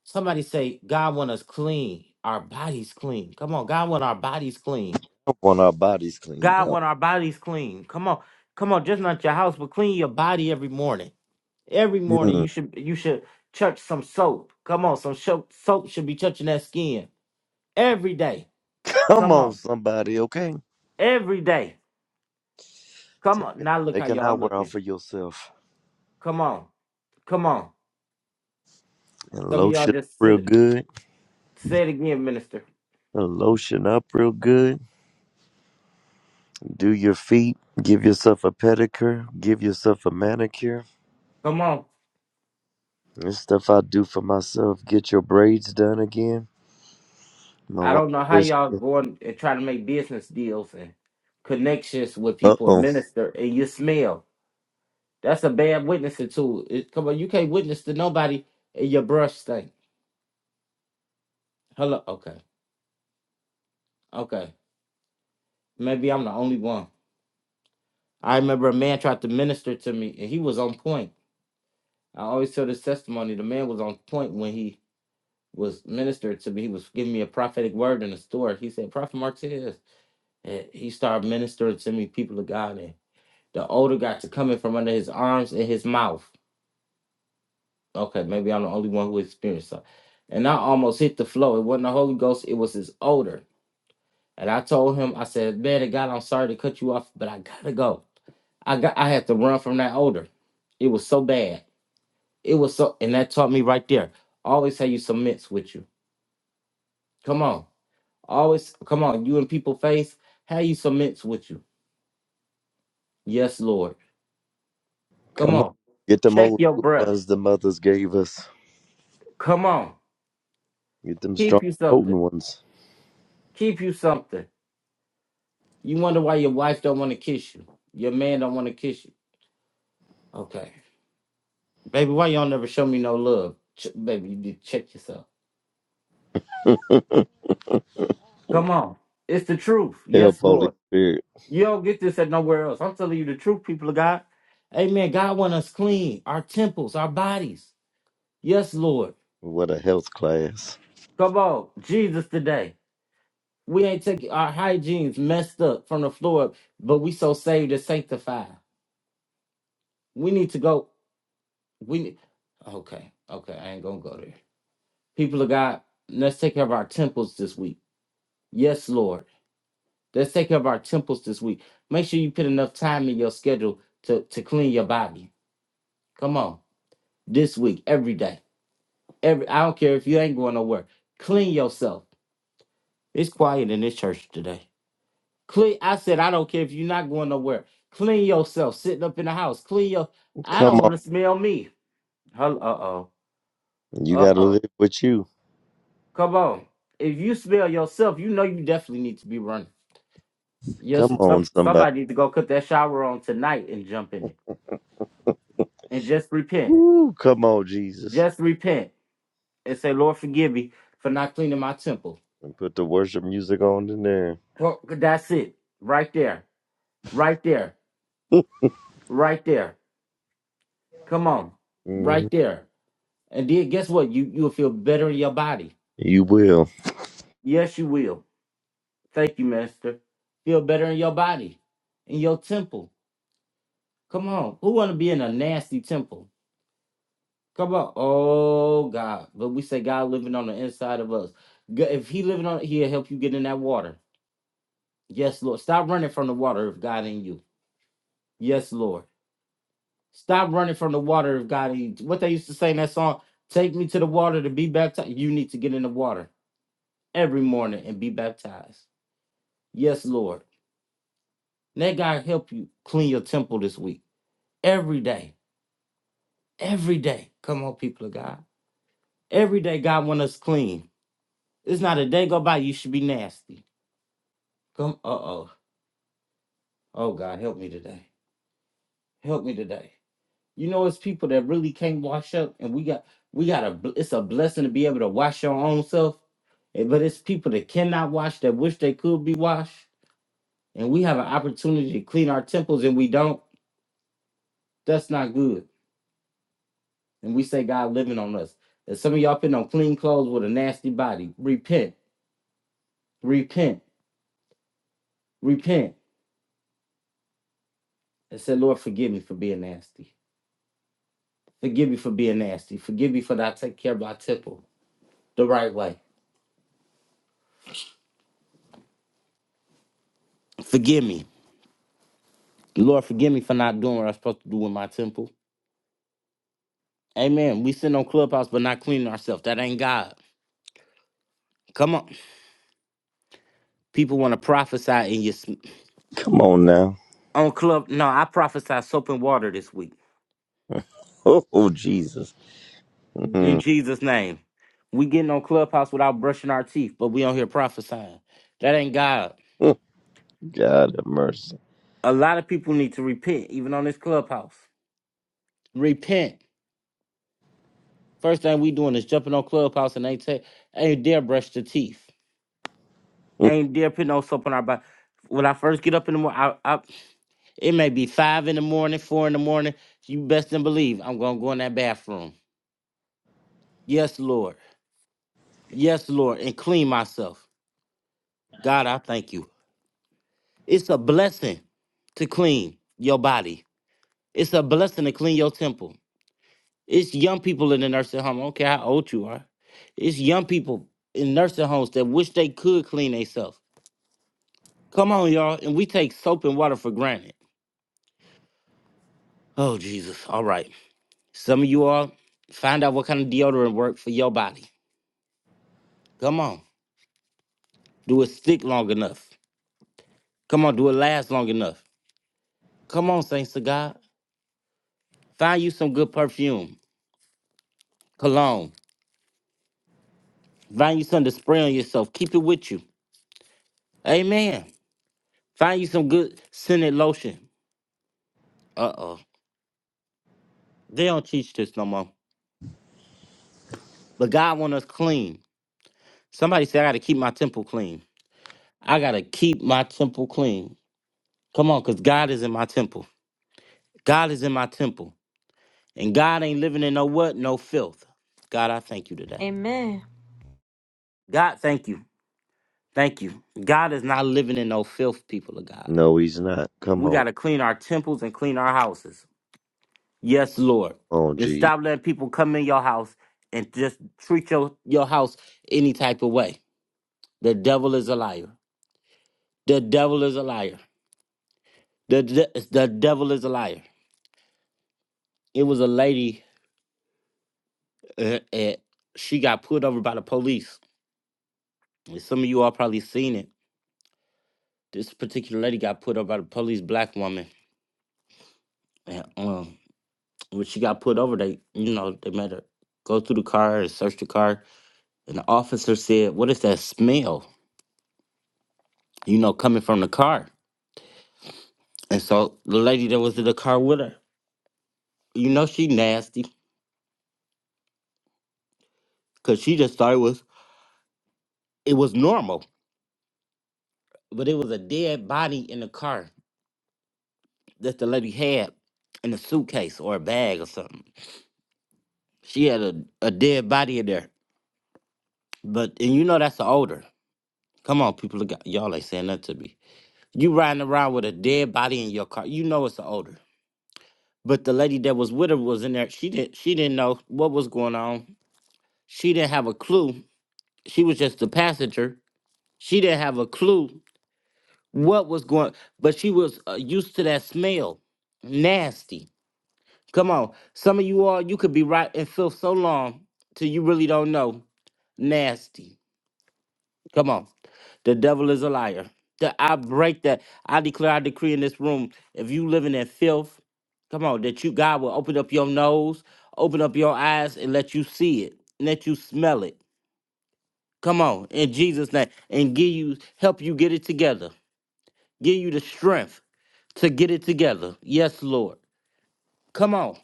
S1: Somebody say God want us clean. Our bodies clean. Come on. God want our bodies clean.
S4: I want our bodies clean.
S1: God
S4: Yo.
S1: want our bodies clean. Come on. Come on, just not your house, but clean your body every morning. Every morning you
S4: Mm.
S1: should you should touch some soap. Come on, some soap soap should be touching that skin every day.
S4: Come
S1: Come
S4: on,
S1: on.
S4: somebody. Okay,
S1: Every day. Come
S4: take
S1: on.
S4: it.
S1: Now look how
S4: Take an
S1: y'all
S4: hour out
S1: looking.
S4: for yourself
S1: Come on. Come on.
S4: and
S1: Some of y'all
S4: lotion up
S1: just
S4: real
S1: sit,
S4: good.
S1: say it again, minister.
S4: And lotion up real good. Do your feet. Give yourself a pedicure. Give yourself a manicure.
S1: Come on.
S4: This stuff I do for myself. Get your braids done again. My
S1: I
S4: wife
S1: don't know how
S4: says,
S1: y'all going and trying to make business deals and connections with
S4: "Uh
S1: people and
S4: oh,
S1: minister and you smell. That's a bad witnessing tool. It, come on, you can't witness to nobody and your brush stink. Hello, okay, okay. Maybe I'm the only one. I remember a man tried to minister to me and he was on point. I always tell this testimony. The man was on point when he was ministered to me. He was giving me a prophetic word in the store. He said, "Prophet Martez," and he started ministering to me, people of God, The odor got to coming from under his arms and his mouth. Okay, maybe I'm the only one who experienced that. And I almost hit the floor. It wasn't the Holy Ghost, it was his odor. And I told him, I said, Man, of God, I'm sorry to cut you off, but I gotta go. I got I had to run from that odor. It was so bad. It was so and that taught me right there. Always have you some mints with you. Come on. Always come on. You in people face, have you some mints with you. Yes, Lord. Come
S4: come on,
S1: on.
S4: get them
S1: Check
S4: old
S1: your
S4: school
S3: Okay,
S1: breath.
S4: ones the mothers gave us."
S1: Come on.
S4: Get them
S1: Keep
S4: strong,
S1: you
S4: potent
S1: something.
S4: ones.
S1: Keep you something. You wonder why your wife don't want to kiss you. Your man don't want to kiss you. Okay. Baby, why y'all never show me no love? Ch- baby, you need to check yourself.
S4: [laughs]
S1: Come on. It's the truth.
S4: Help,
S1: Yes,
S4: Holy
S1: Lord.
S4: Spirit.
S1: You don't get this at nowhere else. I'm telling you the truth, people of God. Amen. God want us clean, our temples, our bodies. Yes, Lord.
S4: What a health class.
S1: Come on. Jesus today. We ain't taking our hygiene's messed up from the floor up, but we so saved and sanctified. We need to go. We need, okay, okay, I ain't gonna go there. People of God, let's take care of our temples this week. Yes, Lord. Let's take care of our temples this week. Make sure you put enough time in your schedule to, to clean your body. Come on. This week, every day. Every I don't care if you ain't going nowhere. Clean yourself. It's quiet in this church today. Clean I said I don't care if you're not going nowhere. Clean yourself. Sitting up in the house. Clean your I
S4: Come
S1: don't want
S4: on.
S1: to smell me. Uh oh.
S4: You
S1: Uh
S4: got to
S1: oh.
S4: live with you.
S1: Come on. If you smell yourself, you know you definitely need to be running. Yes,
S4: Come on,
S1: some,
S4: somebody.
S1: somebody needs to go cut that shower on tonight and jump in it. And just repent.
S4: Woo, come on, Jesus.
S1: Just repent and say, Lord, forgive me for not cleaning my temple.
S4: And put the worship music on in there.
S1: Well, that's it. Right there. Right there.
S4: [laughs]
S1: Right there. Come on.
S4: Mhm.
S1: Right there. And then guess what? You you'll feel better in your body.
S4: You will.
S1: Yes, you will. Thank you, Master. Feel better in your body. In your temple. Come on. Who wanna be in a nasty temple? Come on. Oh God. But we say God living on the inside of us. G- If he living on he'll help you get in that water. Yes, Lord. Stop running from the water if God in you. Yes, Lord. Stop running from the water if God in you. What they used to say in that song, take me to the water to be baptized. You need to get in the water every morning and be baptized. Yes, Lord. Let God help you clean your temple this week. Every day. Every day. Come on, people of God. Every day God want us clean. It's not a day go by you should be nasty. Come, uh oh. Oh God, help me today. Help me today. You know, it's people that really can't wash up, and we got we got a it's a blessing to be able to wash your own self. eh, But it's people that cannot wash that wish they could be washed, and we have an opportunity to clean our temples, and we don't. That's not good. And we say God living on us. And some of y'all putting on clean clothes with a nasty body. Repent, repent, repent, and say, Lord, forgive me for being nasty. Forgive me for being nasty. Forgive me for not taking care of my temple. the right way. Forgive me. Lord, forgive me for not doing what I'm supposed to do with my temple. Amen. We sit on Clubhouse but not cleaning ourselves. That ain't God. Come on. People want to prophesy in your sm-
S4: Come on now.
S1: on club. No, I prophesy soap and water this week.
S4: [laughs] Oh, Jesus.
S1: In
S4: Mhm.
S1: Jesus' name. We getting on Clubhouse without brushing our teeth, but we on here prophesying. That ain't God.
S4: [laughs] God have mercy.
S1: A lot of people need to repent, even on this Clubhouse. Repent. First thing we doing is jumping on Clubhouse and they say, ain't dare brush the teeth.
S4: [laughs]
S1: ain't dare put no soap on our body. When I first get up in the morning, I, I, it may be five in the morning, four in the morning. You best than believe I'm gonna go in that bathroom. Yes, Lord. Yes, Lord, and clean myself. God, I thank you. It's a blessing to clean your body. It's a blessing to clean your temple. It's young people in the nursing home. I don't care how old you are. It's young people in nursing homes that wish they could clean themselves. Come on, y'all. And we take soap and water for granted. Oh, Jesus. All right. Some of you all find out what kind of deodorant work for your body. Come on, do it stick long enough. Come on, do it last long enough. Come on, saints of God, find you some good perfume, cologne. Find you something to spray on yourself. Keep it with you. Amen. Find you some good scented lotion. Uh oh, they don't teach this no more. But God want us clean. Somebody said I got to keep my temple clean. I got to keep my temple clean. Come on, cause God is in my temple. God is in my temple. And God ain't living in no what? No filth. God, I thank you today.
S2: Amen.
S1: God, thank you. Thank you. God is not living in no filth, people of God.
S4: No, he's not. Come
S1: We
S4: on.
S1: got to clean our temples and clean our houses. Yes, Lord.
S4: Come on,
S1: And
S4: Jesus.
S1: stop letting people come in your house and just treat your, your house any type of way. The devil is a liar. The devil is a liar. The, de- the devil is a liar. It was a lady, uh, uh, she got pulled over by the police. And some of you all probably seen it This particular lady got put over by the police, black woman. And um, when she got put over, they, you know, they made her go through the car and search the car. And the officer said, What is that smell, you know, coming from the car? And so the lady that was in the car with her, you know, she nasty because she just thought it was, it was normal, but it was a dead body in the car that the lady had in a suitcase or a bag or something. She had a, a dead body in there. But and you know that's the odor. Come on, people of God. Y'all ain't saying nothing to me. You riding around with a dead body in your car. You know it's an odor. But the lady that was with her was in there. She didn't she didn't know what was going on. She didn't have a clue. She was just a passenger. She didn't have a clue what was going but she was uh, used to that smell. Nasty. Come on. Some of you all you could be right and feel so long till you really don't know. Nasty. Come on. The devil is a liar. That I break that. I declare, I decree in this room, if you living in filth, come on, that you God will open up your nose, open up your eyes, and let you see it, and let you smell it. Come on, in Jesus' name, and give you help you get it together. Give you the strength to get it together. Yes, Lord. Come on.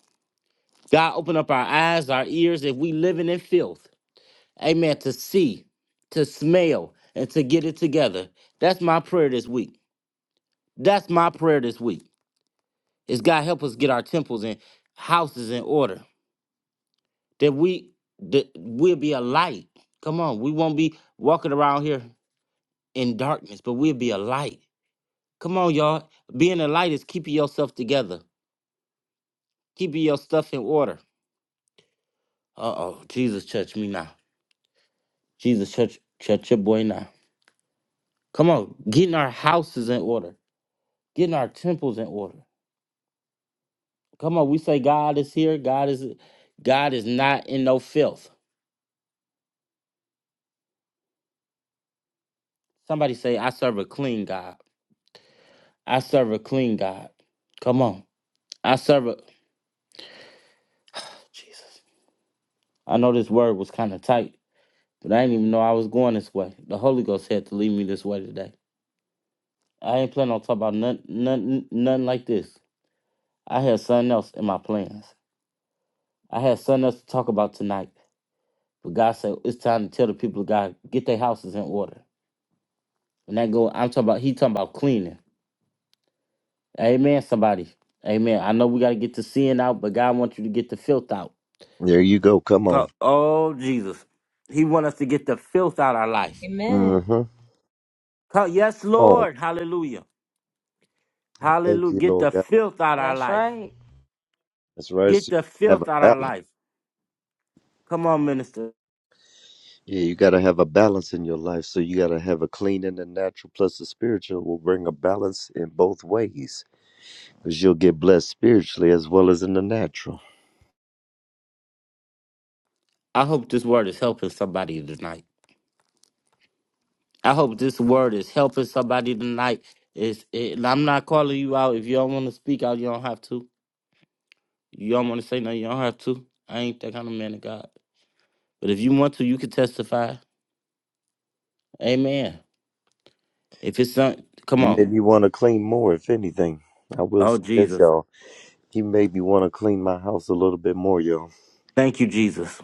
S1: God open up our eyes, our ears, if we living in filth. Amen. To see, to smell, and to get it together. That's my prayer this week That's my prayer this week. Is God help us get our temples and houses in order. That we that we'll be a light. Come on, we won't be walking around here in darkness, but we'll be a light. Come on, y'all. Being a light is keeping yourself together, keeping your stuff in order. Uh oh, Jesus, touch me now. Jesus, touch touch your boy now. Come on, getting our houses in order, getting our temples in order. Come on, we say God is here. God is God is not in no filth. Somebody say, I serve a clean God. I serve a clean God. Come on. I serve a Jesus. I know this word was kind of tight, but I didn't even know I was going this way. The Holy Ghost had to lead me this way today. I ain't planning on talking about nothing, nothing, nothing like this. I had something else in my plans. I had something else to talk about tonight. But God said it's time to tell the people of God get their houses in order. And that go, I'm talking about. He talking about cleaning. Amen. Somebody. Amen. I know we got to get the sin out, but God wants you to get the filth out.
S4: There you go. Come on.
S1: Go, oh Jesus, He want us to get the filth out our life.
S2: Amen.
S4: Mm-hmm. Come
S1: Come, yes,
S4: on.
S1: Lord, Hallelujah,
S4: I thank
S1: Hallelujah.
S4: you,
S1: Get
S4: Lord
S1: the
S4: God.
S1: filth out our
S2: That's
S1: life.
S2: right.
S4: That's right.
S1: Get
S4: So you
S1: the
S4: have a
S1: filth out our
S4: balance.
S1: life. Come on, minister.
S4: Yeah, you got to have a balance in your life. So you got to have a clean and a natural plus the spiritual will bring a balance in both ways because you'll get blessed spiritually as well as in the natural.
S1: I hope this word is helping somebody tonight. I hope this word is helping somebody tonight. It's, it, and I'm not calling you out. If you don't want to speak out, you don't have to. You don't want to say nothing, you don't have to. I ain't that kind of man of God. But if you want to, you can testify. Amen. If it's not, come
S4: You
S1: on.
S4: made me want to clean more, if anything. I will
S1: Oh,
S4: say this,
S1: Jesus.
S4: y'all. He made me want to clean my house a little bit more, y'all.
S1: Thank you, Jesus.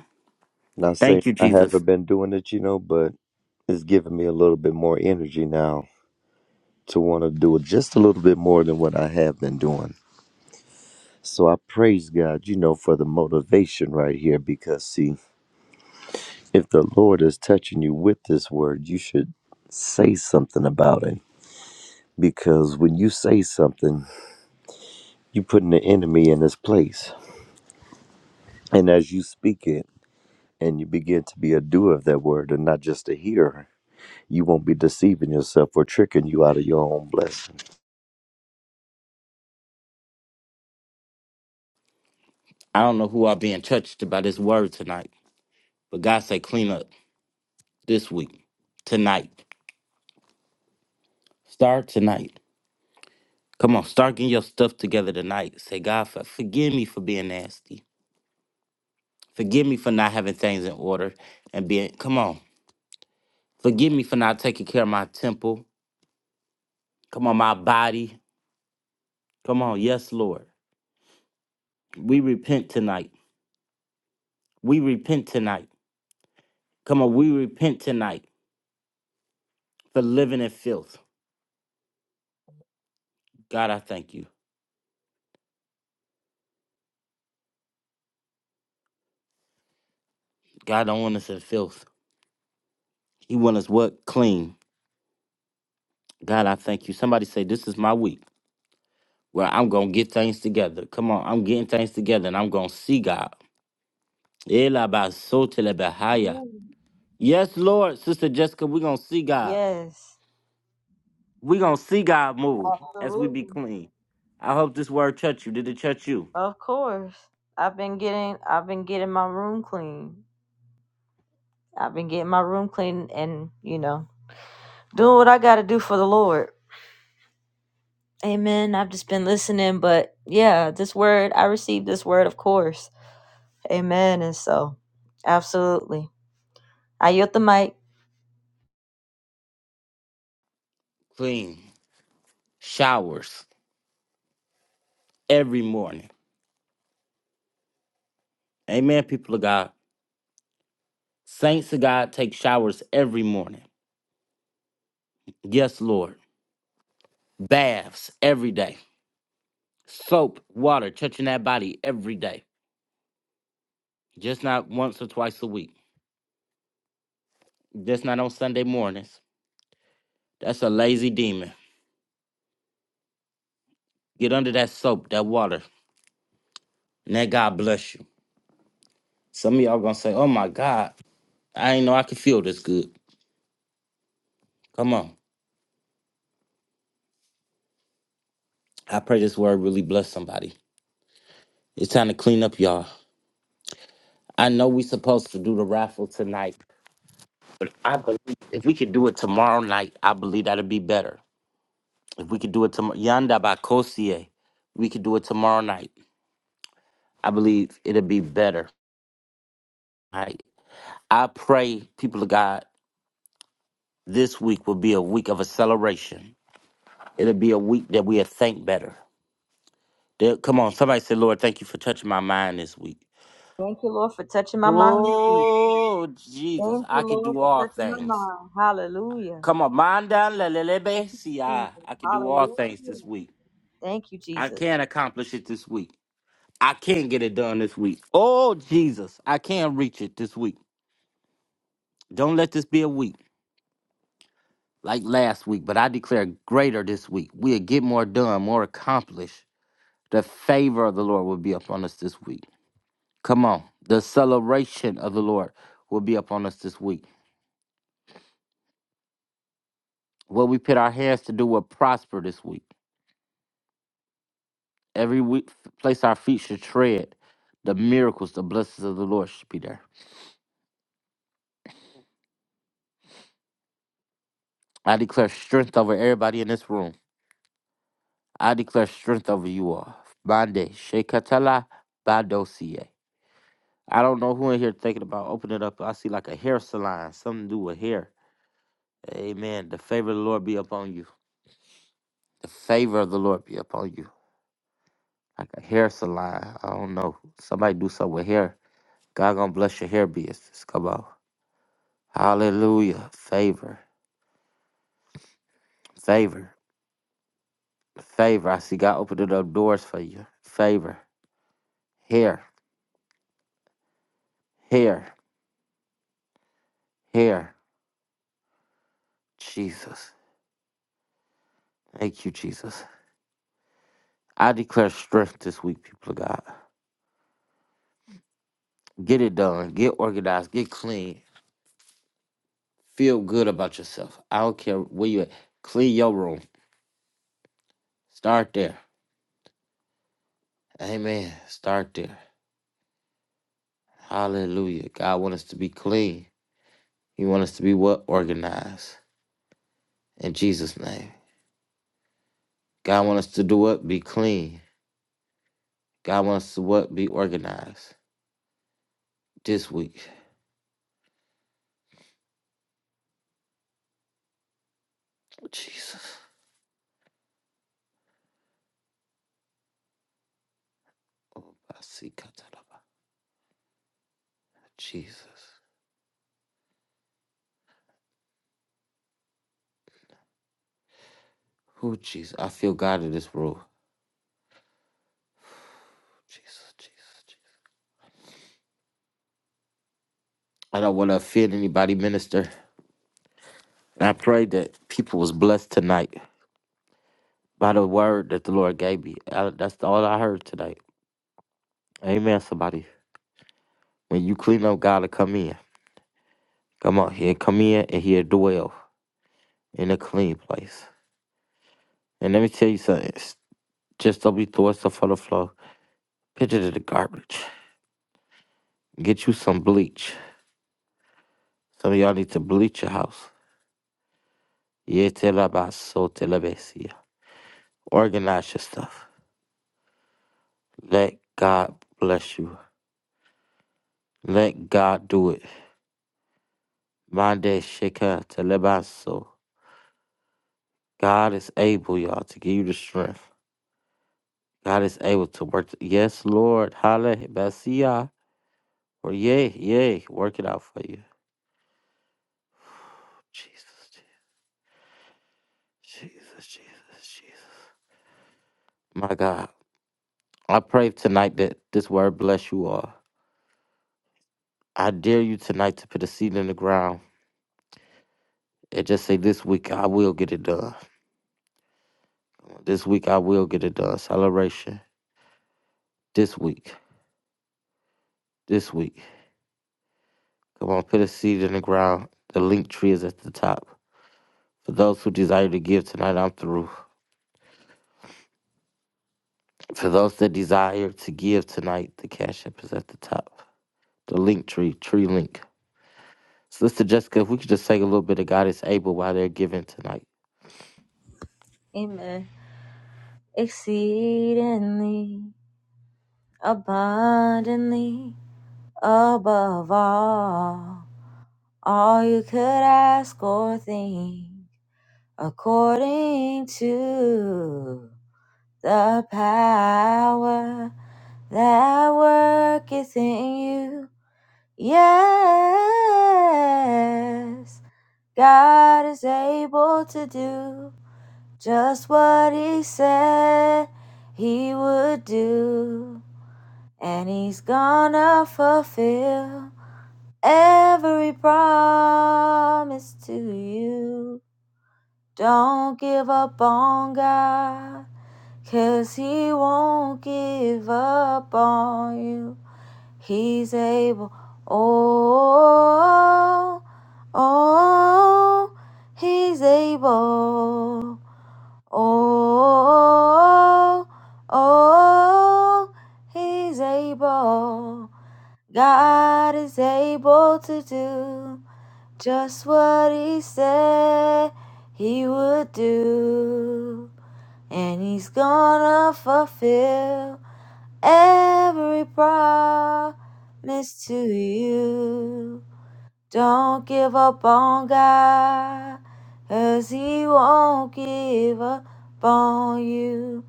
S4: Not saying
S1: Thank you,
S4: I
S1: Jesus.
S4: haven't been doing it, you know, but it's giving me a little bit more energy now to want to do it just a little bit more than what I have been doing. So I praise God, you know, for the motivation right here because, see, if the Lord is touching you with this word, you should say something about it. Because when you say something, you're putting the enemy in his place. And as you speak it and you begin to be a doer of that word and not just a hearer, you won't be deceiving yourself or tricking you out of your own blessing.
S1: I don't know who are being touched by this word tonight, but God say clean up this week, tonight. Start tonight. Come on, start getting your stuff together tonight. Say, God, for, forgive me for being nasty. Forgive me for not having things in order and being, come on. Forgive me for not taking care of my temple. Come on, my body. Come on, yes, Lord. We repent tonight. We repent tonight. Come on, we repent tonight for living in filth. God, I thank you. God don't want us in filth. He want us what? Clean. God, I thank you. Somebody say, this is my week where I'm going to get things together. Come on, I'm getting things together and I'm going to see God. Elabasotelebahaya. Yes, Lord, Sister Jessica, we're going to see God.
S2: Yes.
S1: We're going to see God move as we be
S2: Absolutely.
S1: clean. I hope this word touch you. Did it touch you?
S2: Of course. I've been getting I've been getting my room clean. I've been getting my room clean and, you know, doing what I gotta do for the Lord. Amen. I've just been listening, but yeah, this word I received this word, of course. Amen. And so absolutely. I yield the mic.
S1: Clean. Showers every morning. Amen, people of God. Saints of God take showers every morning. Yes, Lord. Baths every day. Soap, water, touching that body every day. Just not once or twice a week. Just not on Sunday mornings. That's a lazy demon. Get under that soap, that water, and that God bless you. Some of y'all gonna say, oh my God, I ain't know I could feel this good. Come on. I pray this word really bless somebody. It's time to clean up, y'all. I know we supposed to do the raffle tonight, but I believe if we could do it tomorrow night, I believe that'd be better. If we could do it tomorrow, Yanda Bakosie, we could do it tomorrow night. I believe it'll be better. Right? I pray, people of God, this week will be a week of acceleration. It'll be a week that we'll think better. There- Come on, somebody say, Lord, thank you for touching my mind this week.
S2: Thank you, Lord, for touching my mind. this week.
S1: Oh, Jesus,
S2: Thank
S1: I
S2: you,
S1: can
S2: Lord,
S1: do
S2: for
S1: all
S2: touching my
S1: things.
S2: mind. Hallelujah.
S1: Come on, manda lelelebe,
S2: Thank you,
S1: see, I,
S2: Jesus.
S1: I can do all
S2: Hallelujah.
S1: things this week.
S2: Thank you,
S1: I
S2: Jesus.
S1: can accomplish it this week. I can get it done this week. Oh, Jesus, I can reach it this week. Don't let this be a week. like last week, but I declare greater this week. We'll get more done, more accomplished. The favor of the Lord will be upon us this week. Come on. The celebration of the Lord will be upon us this week. What we put our hands to do will prosper this week. Every week, place our feet should tread. The miracles, the blessings of the Lord should be there. I declare strength over everybody in this room. I declare strength over you all. Bande, Shekatala, Badosie. I don't know who in here thinking about opening it up. I see like a hair salon, something to do with hair. Amen. The favor of the Lord be upon you. The favor of the Lord be upon you. Like a hair salon. I don't know. Somebody do something with hair. God gonna bless your hair business. Come on. Hallelujah. Favor. Favor. Favor. I see God opening up doors for you. Favor. Hair. Hair. Hair. Jesus. Thank you, Jesus. I declare strength this week, people of God. Get it done. Get organized. Get clean. Feel good about yourself. I don't care where you at. Clean your room. Start there. Amen. Start there. Hallelujah. God wants us to be clean. He wants us to be what? Organized. In Jesus' name. God wants us to do what? Be clean. God wants us to what? Be organized. This week. Jesus. Oh, I see. Kataraba. Jesus. Who Jesus? I feel God in this room. Jesus, Jesus, Jesus. I don't want to offend anybody, minister. And I pray that people was blessed tonight. by the word that the Lord gave me. I, that's all I heard today. Amen, somebody. When you clean up, God will come in. Come on, he'll come in and he'll dwell in a clean place. And let me tell you something. s- Just don't be throwing stuff on the floor. Pitch it in the garbage. Get you some bleach. Some of y'all need to bleach your house. Yeah, tell about so tell about see. Organize your stuff. Let God bless you. Let God do it. Mind that shake so. God is able, y'all, to give you the strength. God is able to work. yes, Lord. Hallelujah. Basia. Or yay, yay. Work it out for you. Jesus, Je- Jesus, Jesus, Jesus. My God. I pray tonight that this word bless you all. I dare you tonight to put a seed in the ground and just say, This week I will get it done. This week I will get it done. Celebration. This week. This week. Come on, put a seed in the ground. The link tree is at the top. For those who desire to give tonight, I'm through. For those that desire to give tonight, the Cash App is at the top. The link tree, tree link. Sister Jessica, if we could just sing a little bit of God is Able while they're giving tonight.
S2: Amen. Exceedingly. abundantly above all, all you could ask or think, according to the power that worketh in you. Yes, God is able to do just what He said He would do. and he's gonna fulfill every promise to you. Don't give up on God, 'cause he won't give up on you. He's able, oh, oh, he's able, oh, oh, he's able. God is able to do just what He said He would do, and He's gonna fulfill every promise to you. Don't give up on God, 'cause He won't give up on you.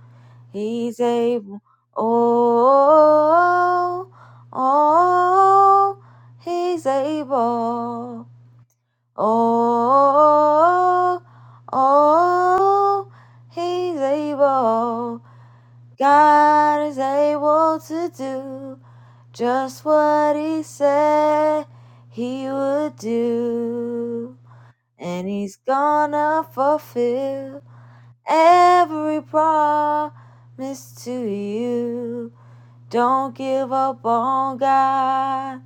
S2: He's able. Oh, oh, He's able. Oh, oh, He's able. God is able to do just what He said He would do. And He's gonna fulfill every promise to you. Don't give up on God,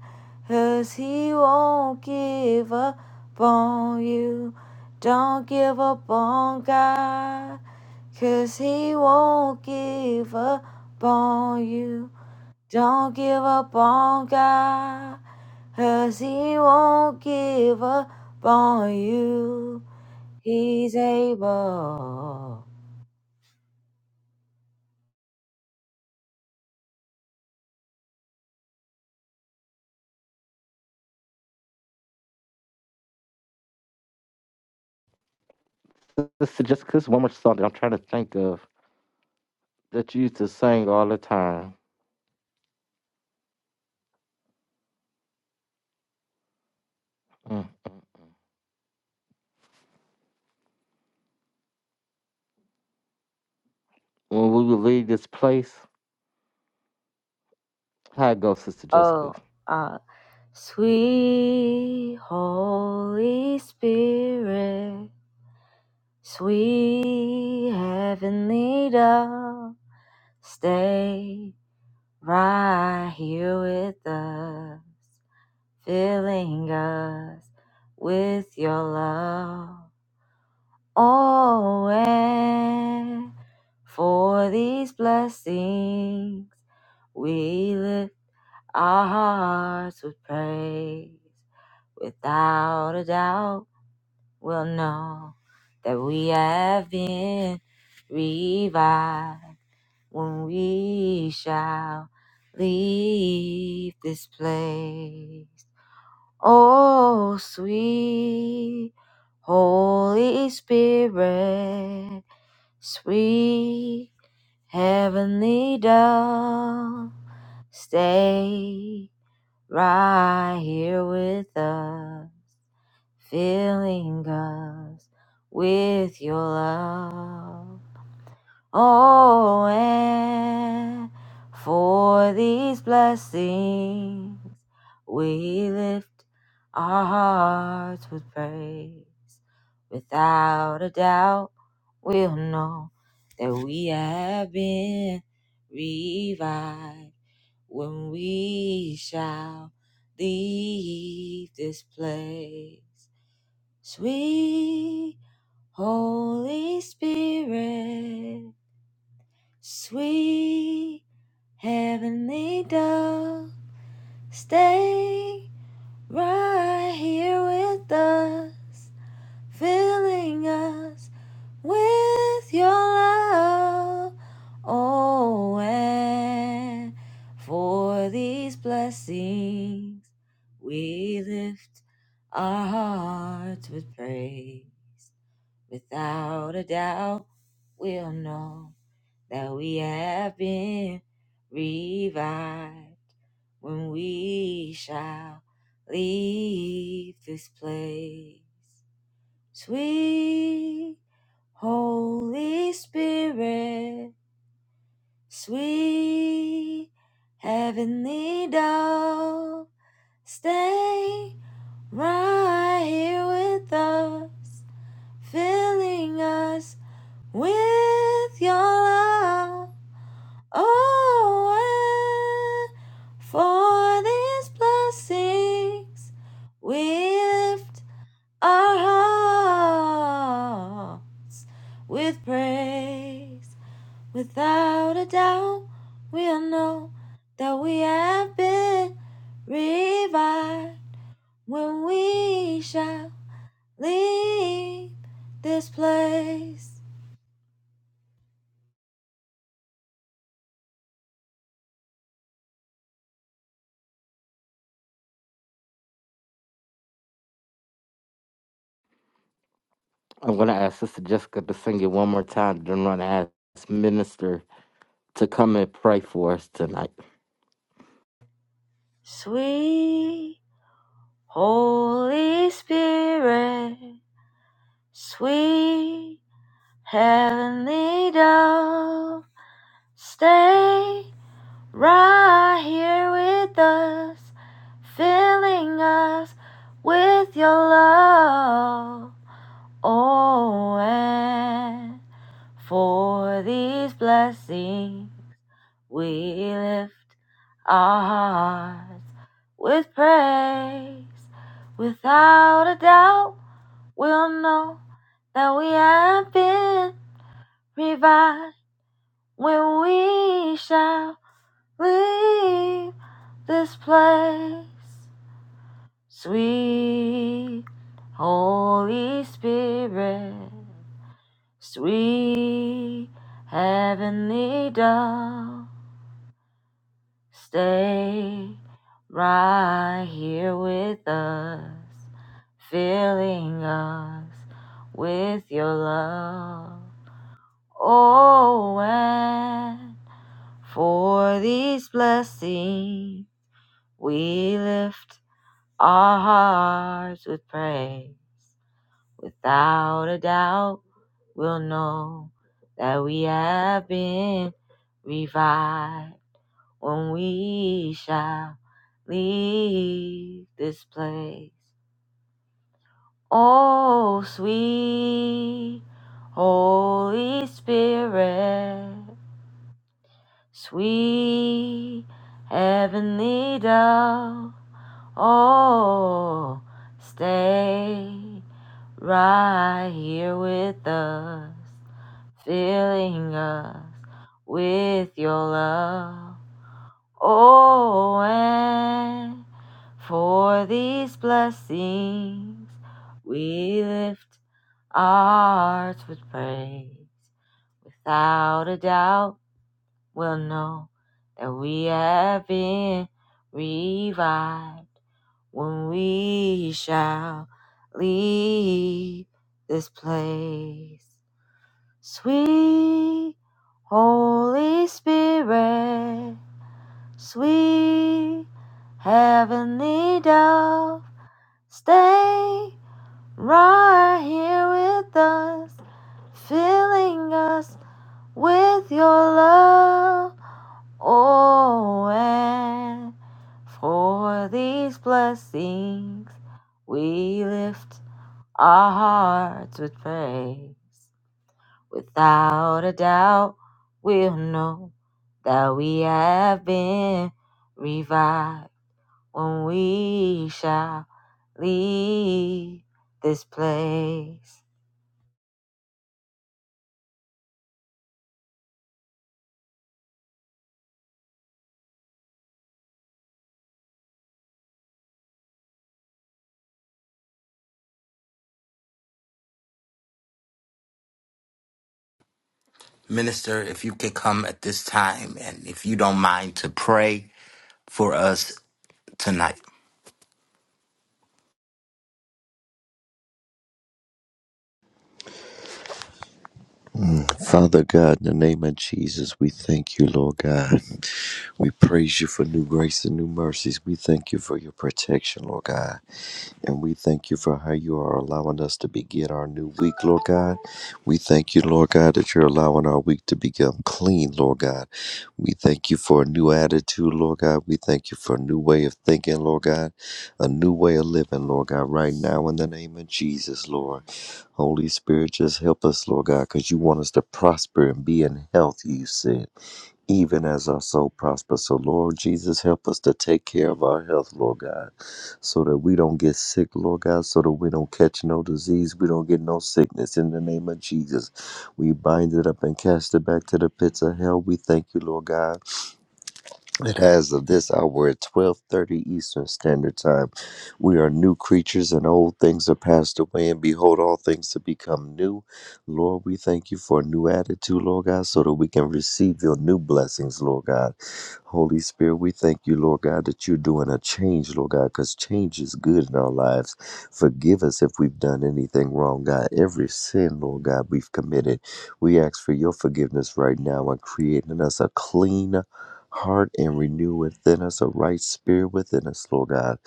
S2: 'cause He won't give up on you. Don't give up on God, 'cause He won't give up on you. Don't give up on God, 'cause He won't give up on you. He's able.
S1: Sister Jessica, there's one more song that I'm trying to think of that you used to sing all the time. Mm. When we would leave this place, how it goes, Sister Jessica?
S2: Oh, uh, sweet Holy Spirit, sweet heavenly dove, stay right here with us, filling us with your love. Oh, and for these blessings we lift our hearts with praise, without a doubt, will know that we have been revived when we shall leave this place. Oh, sweet Holy Spirit, sweet heavenly dove, stay right here with us, filling us with your love. Oh, and for these blessings, we lift our hearts with praise. Without a doubt, we'll know that we have been revived when we shall leave this place. Sweet Holy Spirit, sweet Heavenly Dove, stay right here with us. filling us with your love. Oh, and for these blessings, we lift our hearts with praise. Without a doubt, we'll know that we have been revived when we shall leave this place. Sweet Holy Spirit, sweet Heavenly Dove, stay right here with us, filling us with your love. Oh, and for these blessings we lift our hearts with praise. Without a doubt, we'll know that we have been revived when we shall leave this place.
S1: I'm going to ask Sister Jessica to sing it one more time. Then I'm going to ask Minister to come and pray for us tonight.
S2: Sweet Holy Spirit, sweet Heavenly Dove, stay Right here with us, filling us with your love. Oh, and for these blessings, we lift our hearts with praise. Without a doubt, we'll know that we have been revived when we shall Leave this place, sweet Holy Spirit, sweet Heavenly Dove. Stay right here with us, filling us with your love. Oh, and for these blessings we lift Our hearts with praise, without a doubt, we'll know that we have been revived when we shall leave this place. Oh, sweet Holy Spirit, sweet heavenly dove. Oh, stay right here with us, filling us with your love. Oh, and for these blessings we lift our hearts with praise. Without a doubt, we'll know that we have been revived when we shall leave this place. Sweet Holy Spirit, sweet heavenly dove, stay right here with us, filling us with your love. Oh, and for these blessings we lift our hearts with praise. Without a doubt, we'll know that we have been revived when we shall leave this place.
S1: Minister, if you could come at this time and if you don't mind to pray for us tonight.
S4: Father God, in the name of Jesus, we thank you, Lord God. [laughs] We praise you for new grace and new mercies. We thank you for your protection, Lord God. And we thank you for how you are allowing us to begin our new week, Lord God. We thank you, Lord God, that you're allowing our week to become clean, Lord God. We thank you for a new attitude, Lord God. We thank you for a new way of thinking, Lord God, a new way of living, Lord God, right now in the name of Jesus, Lord. Holy Spirit, just help us, Lord God, because you want us to prosper and be in health, you said even as our soul prospers. So, Lord Jesus, help us to take care of our health, Lord God, so that we don't get sick, Lord God, so that we don't catch no disease, we don't get no sickness. In the name of Jesus, we bind it up and cast it back to the pits of hell. We thank you, Lord God that as of this hour at 12:30 Eastern Standard Time, we are new creatures and old things are passed away and behold all things to become new. Lord, we thank you for a new attitude, Lord God, so that we can receive your new blessings, Lord God. Holy Spirit, we thank you, Lord God, that you're doing a change, Lord God, cuz change is good in our lives. Forgive us if we've done anything wrong, God. Every sin, Lord God, we've committed. We ask for your forgiveness right now and creating us a clean heart and renew within us a right spirit within us, Lord God.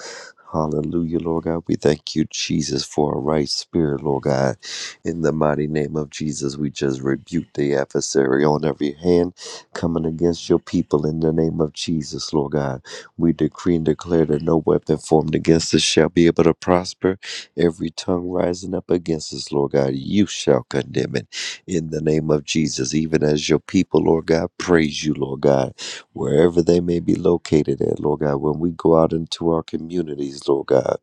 S4: Hallelujah, Lord God. We thank you, Jesus, for a right spirit, Lord God. In the mighty name of Jesus, we just rebuke the adversary on every hand coming against your people in the name of Jesus, Lord God. We decree and declare that no weapon formed against us shall be able to prosper. Every tongue rising up against us, Lord God, you shall condemn it in the name of Jesus, even as your people, Lord God, praise you, Lord God wherever they may be located at, Lord God. When we go out into our communities, Lord God,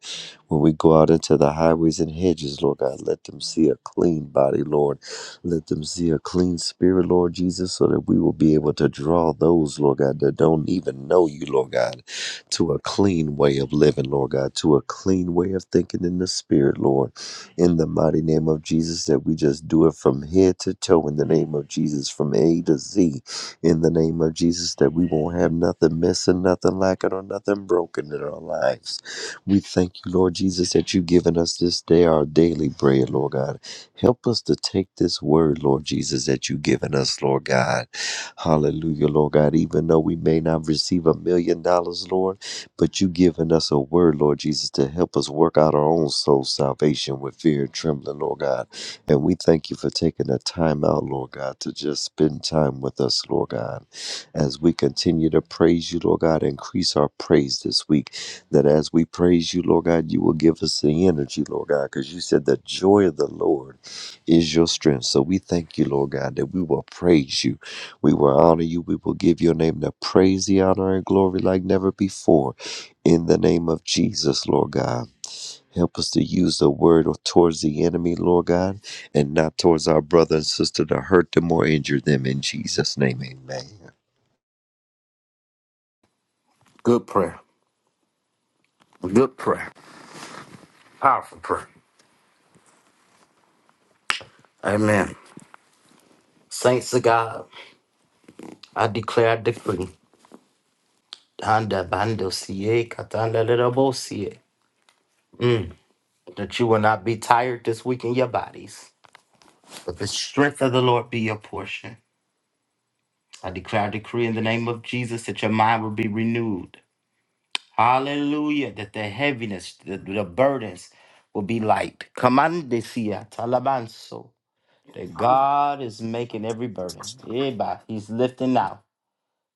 S4: when we go out into the highways and hedges, Lord God, let them see a clean body, Lord. Let them see a clean spirit, Lord Jesus, so that we will be able to draw those, Lord God, that don't even know you, Lord God, to a clean way of living, Lord God, to a clean way of thinking in the spirit, Lord. In the mighty name of Jesus, that we just do it from head to toe in the name of Jesus, from A to Z in the name of Jesus that we won't have nothing missing, nothing lacking, or nothing broken in our lives. We thank you, Lord Jesus, that you've given us this day our daily bread, Lord God. Help us to take this word, Lord Jesus, that you've given us, Lord God. Hallelujah, Lord God. Even though we may not receive a million dollars, Lord, but you've given us a word, Lord Jesus, to help us work out our own soul salvation with fear and trembling, Lord God. And we thank you for taking the time out, Lord God, to just spend time with us, Lord God. As we continue to praise you, Lord God, increase our praise this week. That as we praise you, Lord God, you will give us the energy, Lord God, because you said the joy of the Lord is your strength. So we thank you, Lord God, that we will praise you. We will honor you. We will give your name the praise, the honor, and glory like never before. In the name of Jesus, Lord God. Help us to use the word or towards the enemy, Lord God, and not towards our brother and sister to hurt them or injure them. In Jesus' name, amen.
S1: Good prayer. Good prayer. Powerful prayer. Amen. Saints of God, I declare, I decree, Tanda bando siye, katanda lera bo siye. Mm, that you will not be tired this week in your bodies, but the strength of the Lord be your portion. I declare, I decree in the name of Jesus that your mind will be renewed. Hallelujah. That the heaviness, the, the burdens will be light. Kamandesia talabanso. That
S5: I
S1: God is making every burden. Eba, He's lifting now.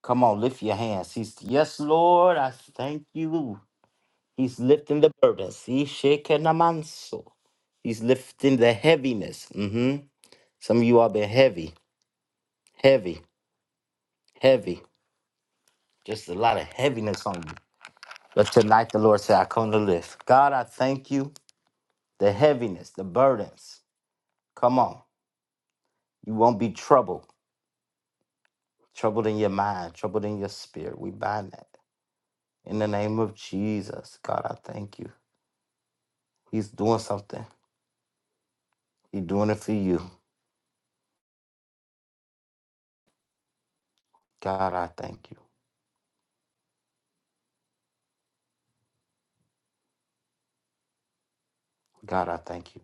S1: Come on, lift your hands. He's yes, Lord, I thank you. He's lifting the burdens. Ishekenamanso. He's lifting the heaviness. hmm Some of you all been heavy, heavy, heavy. Just a lot of heaviness on you. But tonight the Lord said, I come to lift. God, I thank you. the heaviness, the burdens. Come on. You won't be troubled, troubled in your mind, troubled in your spirit. We bind that. In the name of Jesus, God, I thank you. He's doing something. He's doing it for you. God, I thank you. God, I thank you.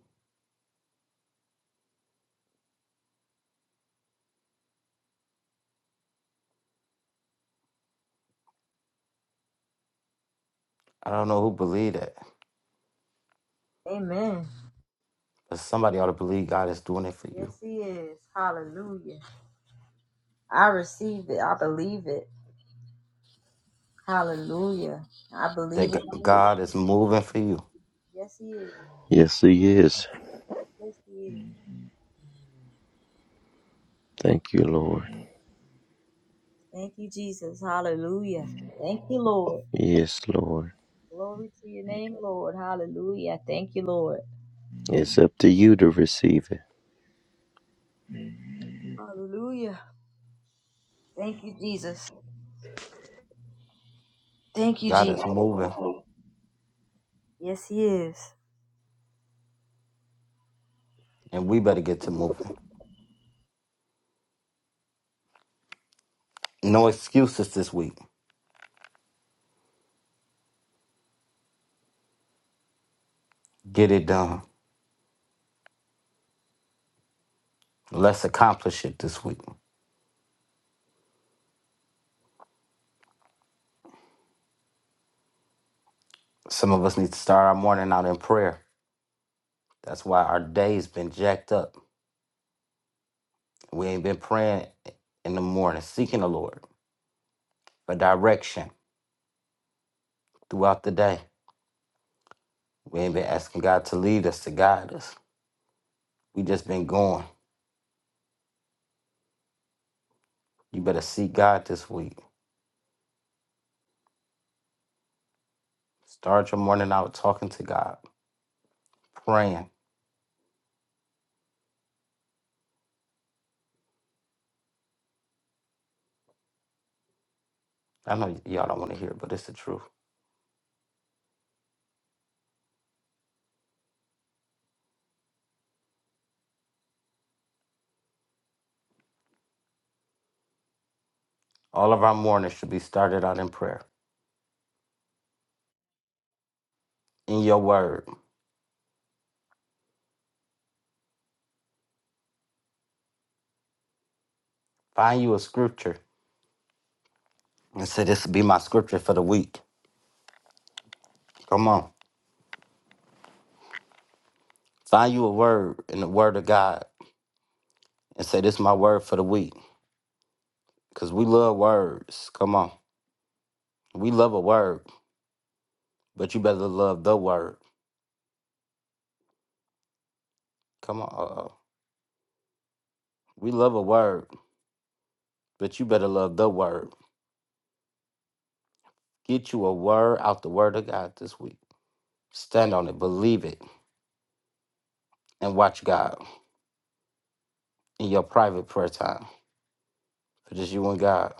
S1: I don't know who believe that,
S2: Amen.
S1: but somebody ought to believe God is doing it for you.
S2: Yes, He is. Hallelujah. I receive it. I believe it. Hallelujah. I believe
S1: That
S2: it.
S1: G- God is moving for you.
S2: Yes, He is.
S4: Yes, He is.
S2: Yes, He is.
S4: Thank you, Lord.
S2: Thank you, Jesus. Hallelujah. Thank you, Lord.
S4: Yes, Lord.
S2: Glory to your name, Lord. Hallelujah. Thank you, Lord.
S4: It's up to you to receive it.
S2: Hallelujah. Thank you, Jesus. Thank you,
S1: God is
S2: Jesus.
S1: moving,
S2: Yes, He is.
S1: and we better get to moving. No excuses this week. Get it done. Let's accomplish it this week. Some of us need to start our morning out in prayer. That's why our day's been jacked up. We ain't been praying in the morning, seeking the Lord for direction throughout the day. We ain't been asking God to lead us, to guide us. We just been going. You better seek God this week. Start your morning out talking to God, praying. I know y'all don't want to hear it, but it's the truth. All of our mornings should be started out in prayer. In your word. Find you a scripture and say, This will be my scripture for the week. Come on. Find you a word in the word of God and say, This is my word for the week. Because we love words. Come on. We love a word, but you better love the word. Come on. Uh-oh. We love a word, but you better love the word. Get you a word out the word of God this week. Stand on it, believe it, and watch God in your private prayer time for just you and God.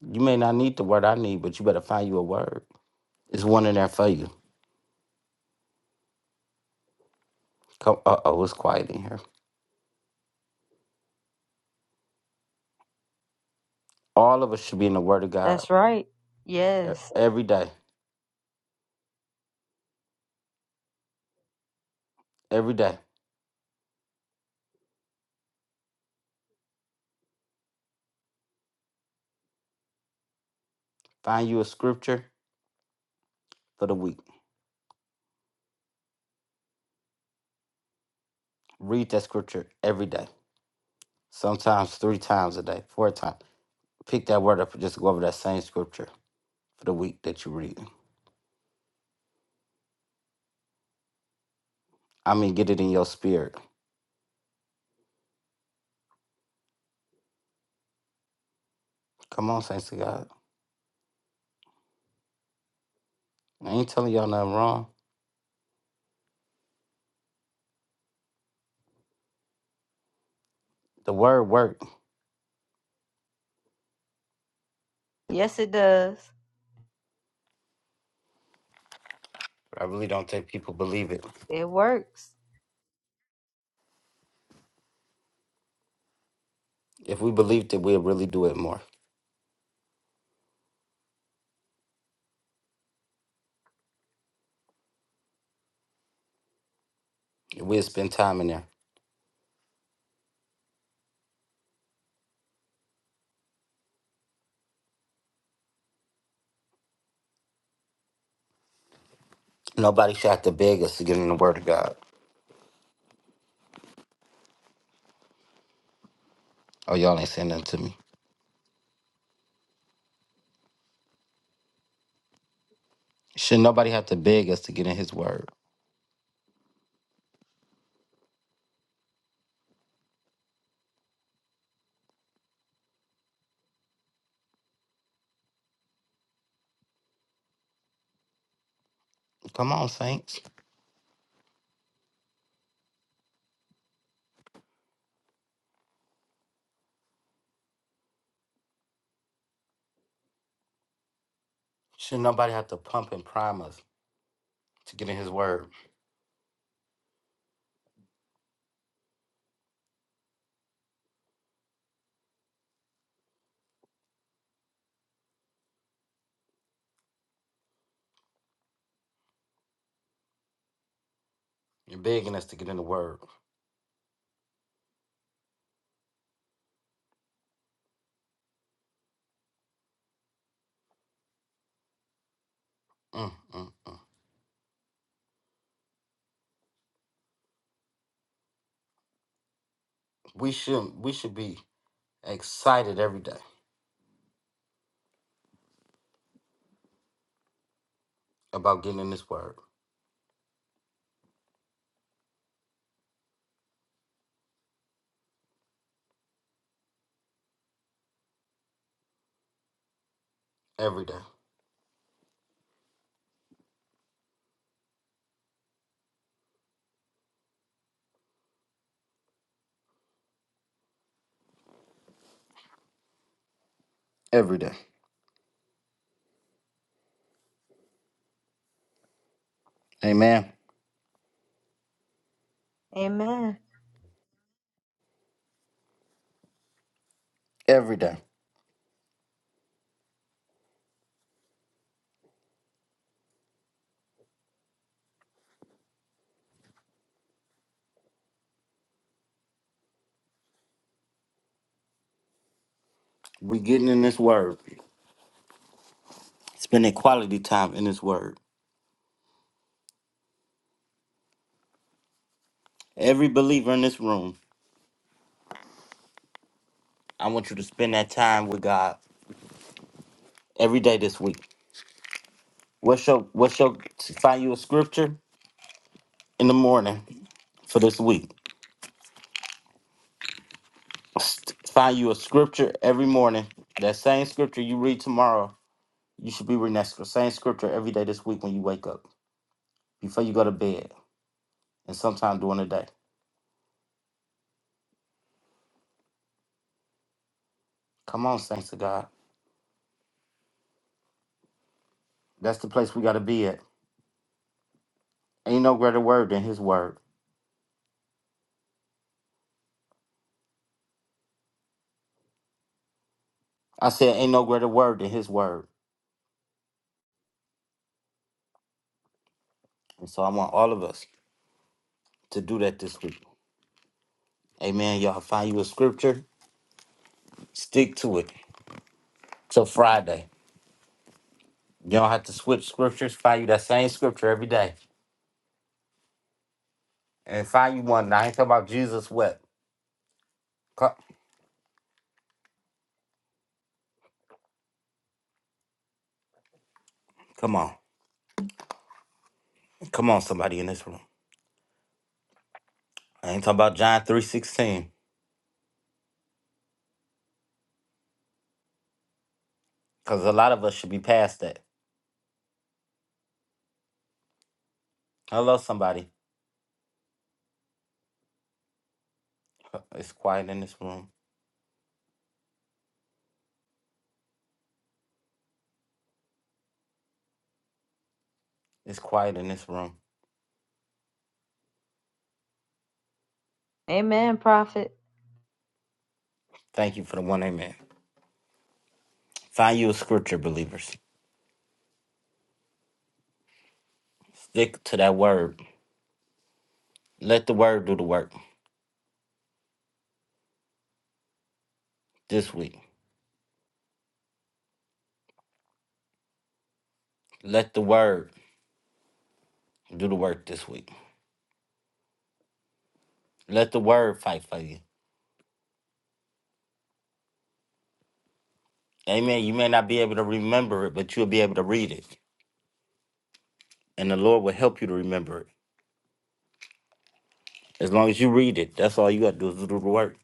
S1: You may not need the word I need, but you better find you a word. It's one in there for you. Come, uh oh, it's quiet in here. All of us should be in the Word of God
S2: That's right.
S1: e-
S2: Yes.
S1: every day. every day. Find you a scripture for the week. Read that scripture every day. Sometimes three times a day, four times. Pick that word up and just go over that same scripture for the week that you read. I mean, get it in your spirit. Come on, saints of God. I ain't telling y'all nothing wrong. The word worked.
S2: Yes, it does.
S1: I really don't think people believe it.
S2: It works.
S1: If we believed it, we'd really do it more. We'd spend time in there. Nobody should have to beg us to get in the word of God. Oh, y'all ain't saying nothing to me. Should nobody have to beg us to get in his word? Come on, saints. Should nobody have to pump and prime us to get in His Word? You're begging us to get in the Word. Mm, mm, mm. We should we should be excited every day about getting in this Word every day, every day. Amen.
S2: Amen.
S1: Every day we getting in this Word, spending quality time in this Word. Every believer in this room, I want you to spend that time with God every day this week. What's your what's your find you a scripture in the morning for this week? Find you a scripture every morning. That same scripture you read tomorrow, you should be reading that sc- same scripture every day this week when you wake up, before you go to bed, and sometime during the day. Come on, saints of God. That's the place we got to be at. Ain't no greater word than His word. I said, ain't no greater word than His word. And so I want all of us to do that this week. Amen. Y'all find you a scripture, stick to it till Friday. You don't have to switch scriptures. Find you that same scripture every day. And find you one. Now, I ain't talking about Jesus wept. Come on. Come on, somebody in this room. I ain't talking about John 3.16. Cause a lot of us should be past that. Hello, somebody. [laughs] It's quiet in this room. It's quiet in this room.
S2: Amen, prophet.
S1: Thank you for the one amen. Find you a scripture, believers. Stick to that word. Let the word do the work this week. Let the word do the work this week. Let the word fight for you. Amen. You may not be able to remember it, but you'll be able to read it. And the Lord will help you to remember it. As long as you read it, that's all you got to do is do the work.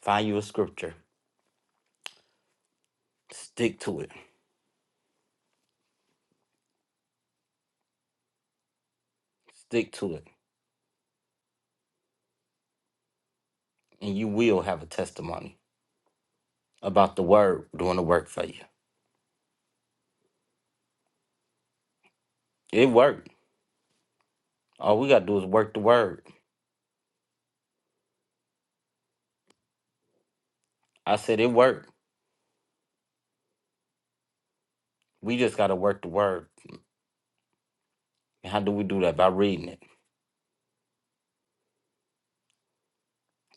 S1: Find you a scripture. Stick to it. Stick to it. And you will have a testimony about the word doing the work for you. It worked. All we got to do is work the word. I said it worked. We just got to work the word. And how do we do that? By reading it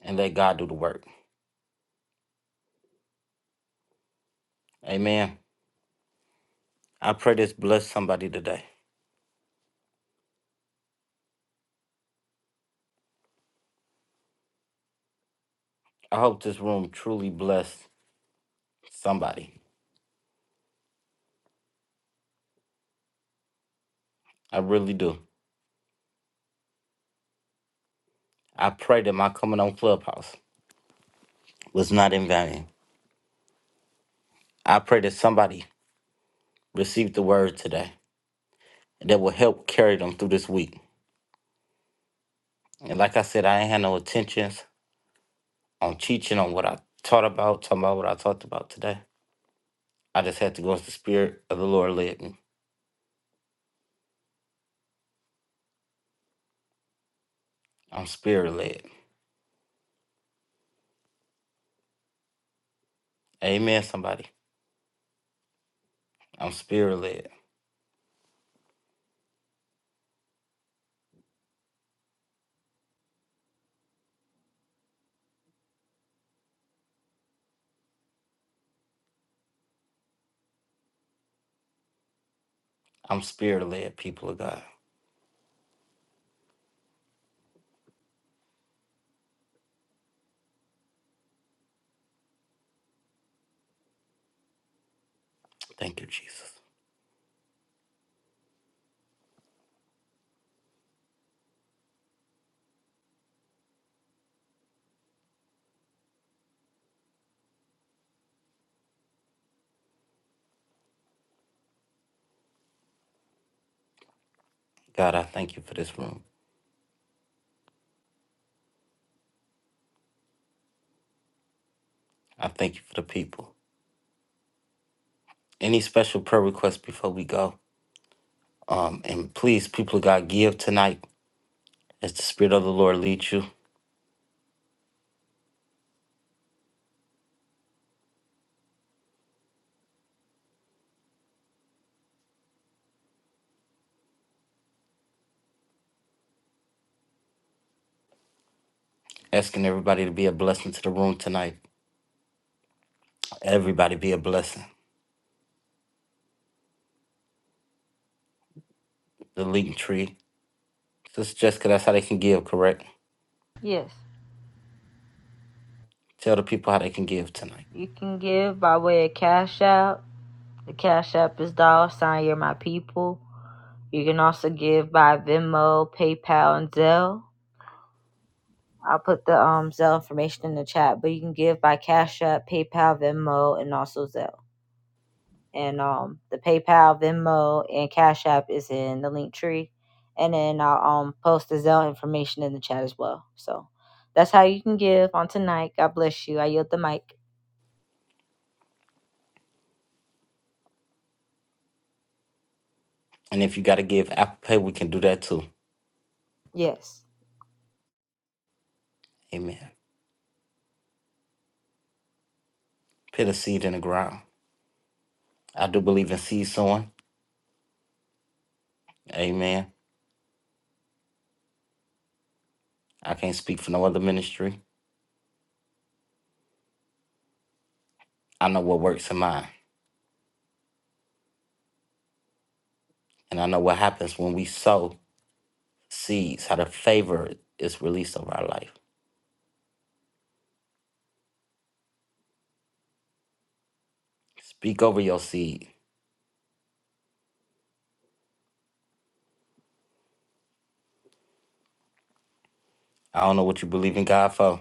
S1: and let God do the work. Amen. I pray this bless somebody today. I hope this room truly bless somebody. I really do. I pray that my coming on Clubhouse was not in vain. I pray that somebody received the word today that will help carry them through this week. And like I said, I ain't had no intentions on teaching on what I taught about, talking about what I talked about today. I just had to go as the spirit of the Lord led me. I'm spirit led. Amen, somebody. I'm spirit led. I'm spirit led, people of God. Thank you, Jesus. God, I thank you for this room. I thank you for the people. Any special prayer requests before we go? Um, and please, people of God, give tonight as the Spirit of the Lord leads you. Asking everybody to be a blessing to the room tonight. Everybody be a blessing. The leading tree. Sister Jessica, that's how they can give, correct?
S2: Yes.
S1: Tell the people how they can give tonight.
S2: You can give by way of cash out. The cash app is dollar sign. You're my people. You can also give by Venmo, PayPal, and Zelle. I'll put the um Zelle information in the chat, but you can give by Cash App, PayPal, Venmo, and also Zelle. And um the PayPal, Venmo, and Cash App is in the link tree. And then I'll um post the Zelle information in the chat as well. So that's how you can give on tonight. God bless you. I yield the mic.
S1: And if you got to give Apple Pay, we can do that too.
S2: Yes.
S1: Amen. Put a seed in the ground. I do believe in seed sowing. Amen. I can't speak for no other ministry. I know what works in mine. And I know what happens when we sow seeds, how the favor is released over our life. Speak over your seed. I don't know what you believe in God for.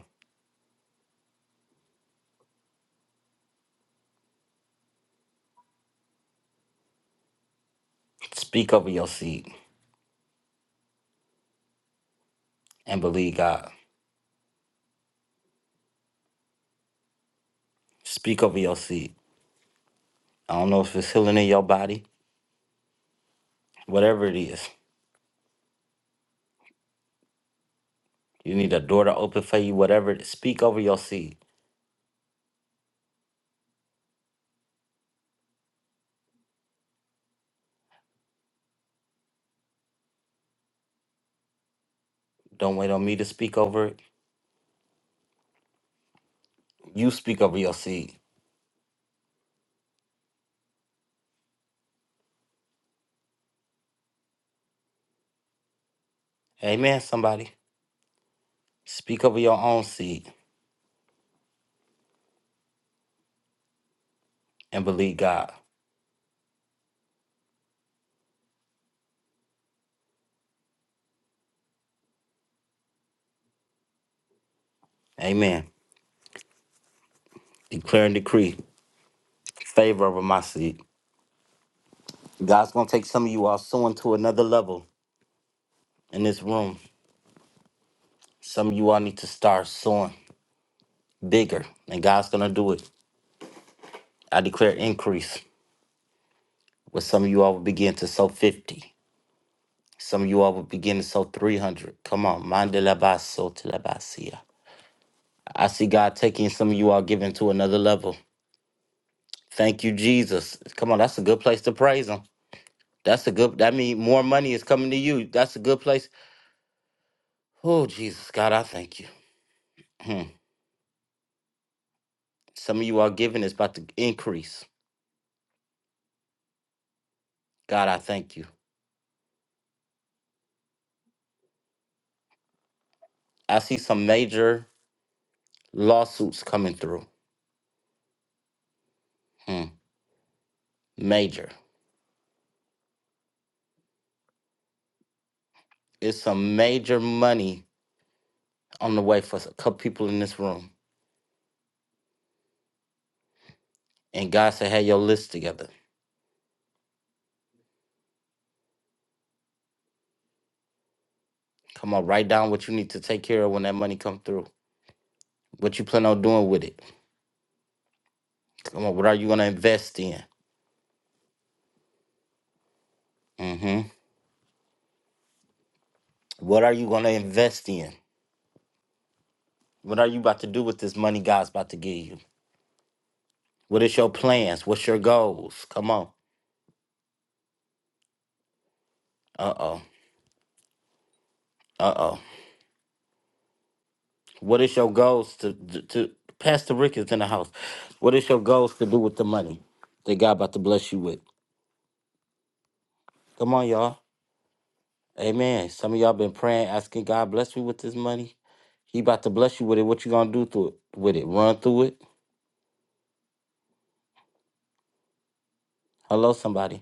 S1: Speak over your seed and believe God. Speak over your seed. I don't know if it's healing in your body, whatever it is. You need a door to open for you, whatever. Speak over your seed. Don't wait on me to speak over it. You speak over your seed. Amen, somebody. Speak over your own seed and believe God. Amen. Declare and decree favor over my seed. God's going to take some of you all sowing to another level in this room. Some of you all need to start sowing bigger, and God's going to do it. I declare increase where some of you all will begin to sow 50. Some of you all will begin to sow 300. Come on. Mandela I see God taking some of you all giving to another level. Thank you, Jesus. Come on, that's a good place to praise Him. That's a good. That means more money is coming to you. That's a good place. Oh, Jesus, God, I thank you. Hmm. Some of you all giving is about to increase. God, I thank you. I see some major lawsuits coming through. Hmm. Major. It's some major money on the way for a couple people in this room. And God said, have your list together. Come on, write down what you need to take care of when that money come through. What you plan on doing with it Come on, what are you going to invest in? hmm What are you going to invest in? What are you about to do with this money God's about to give you? What is your plans? What's your goals? Come on. Uh oh. Uh oh. What is your goals to, to to Pastor Rick is in the house? What is your goals to do with the money that God about to bless you with? Come on, y'all. Amen. Some of y'all been praying, asking God bless me with this money. He about to bless you with it. What you gonna do through it? With it? Run through it? Hello, somebody.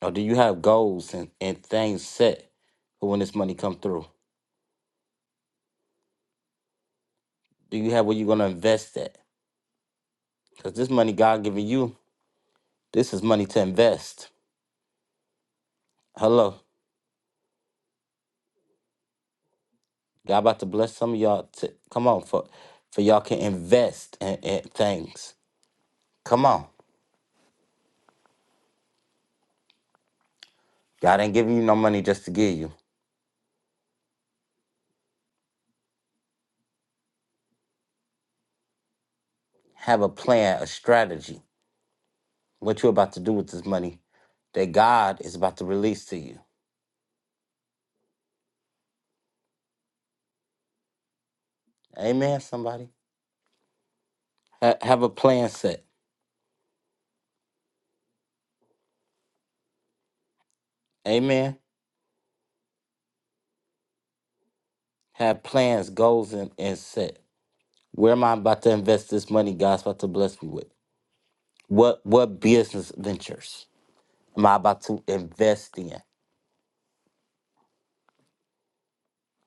S1: Or do you have goals and, and things set for when this money come through? Do you have where you're gonna invest at? Cause this money God giving you, this is money to invest. Hello, God about to bless some of y'all. To, come on, for for y'all can invest in, in things. Come on, God ain't giving you no money just to give you. Have a plan, a strategy. What you about to do with this money that God is about to release to you. Amen. Somebody Ha- have a plan set. Amen. have plans, goals, and, and set. Where am I about to invest this money God's about to bless me with? What what business ventures am I about to invest in?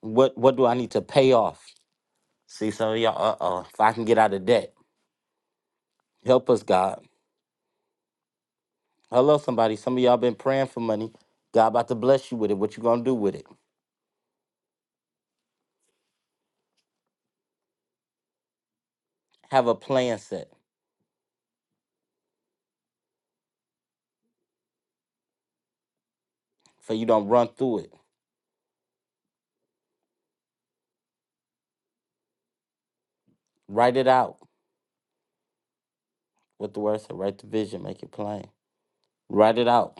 S1: What what do I need to pay off? See, some of y'all, uh oh, if I can get out of debt, help us, God. Hello, somebody. Some of y'all been praying for money. God about to bless you with it. What you gonna do with it? Have a plan set so you don't run through it. Write it out. What the word said, write the vision, make it plain. Write it out.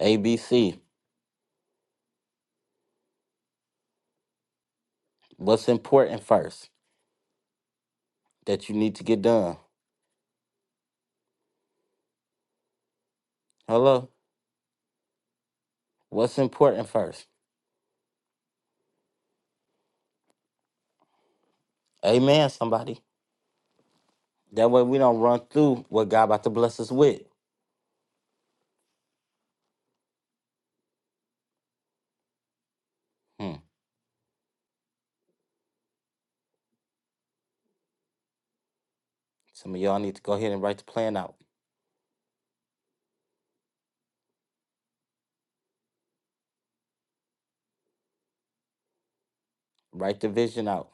S1: A B C. What's important first? that you need to get done. Hello? What's important first? Amen, somebody. That way we don't run through what God about to bless us with. Hmm. Some of y'all need to go ahead and write the plan out, write the vision out,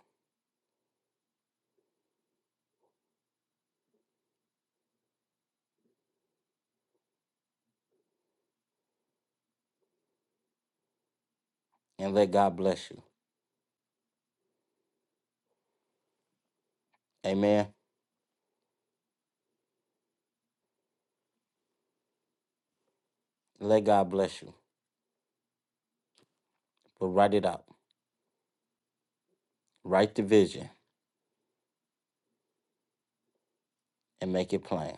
S1: and let God bless you. Amen. Let God bless you. But write it out. Write the vision and make it plain.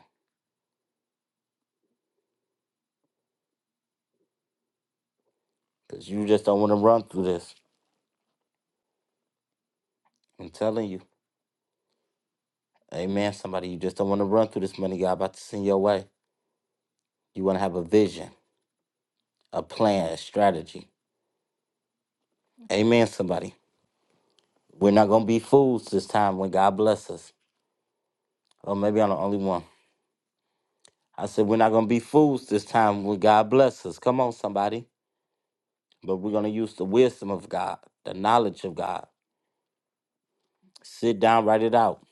S1: Because you just don't want to run through this. I'm telling you. Amen, somebody. You just don't want to run through this money God about to send your way. You want to have a vision, a plan, a strategy. Amen, somebody. We're not gonna be fools this time when God bless us. Or maybe I'm the only one. I said we're not gonna be fools this time when God bless us. Come on, somebody. But we're gonna use the wisdom of God, the knowledge of God. Sit down, write it out.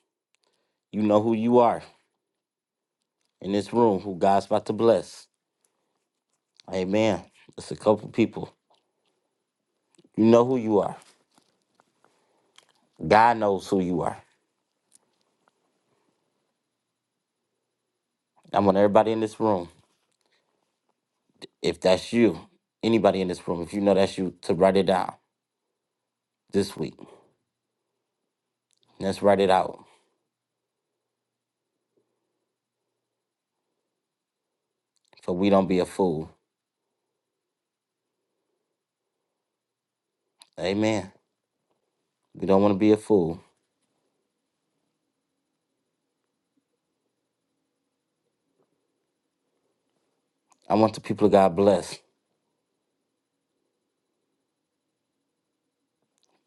S1: You know who you are in this room, who God's about to bless. Amen. It's a couple people. You know who you are. God knows who you are. I want everybody in this room, if that's you, anybody in this room, if you know that's you, to write it down this week. Let's write it out. For we don't be a fool. Amen. We don't want to be a fool. I want the people of God blessed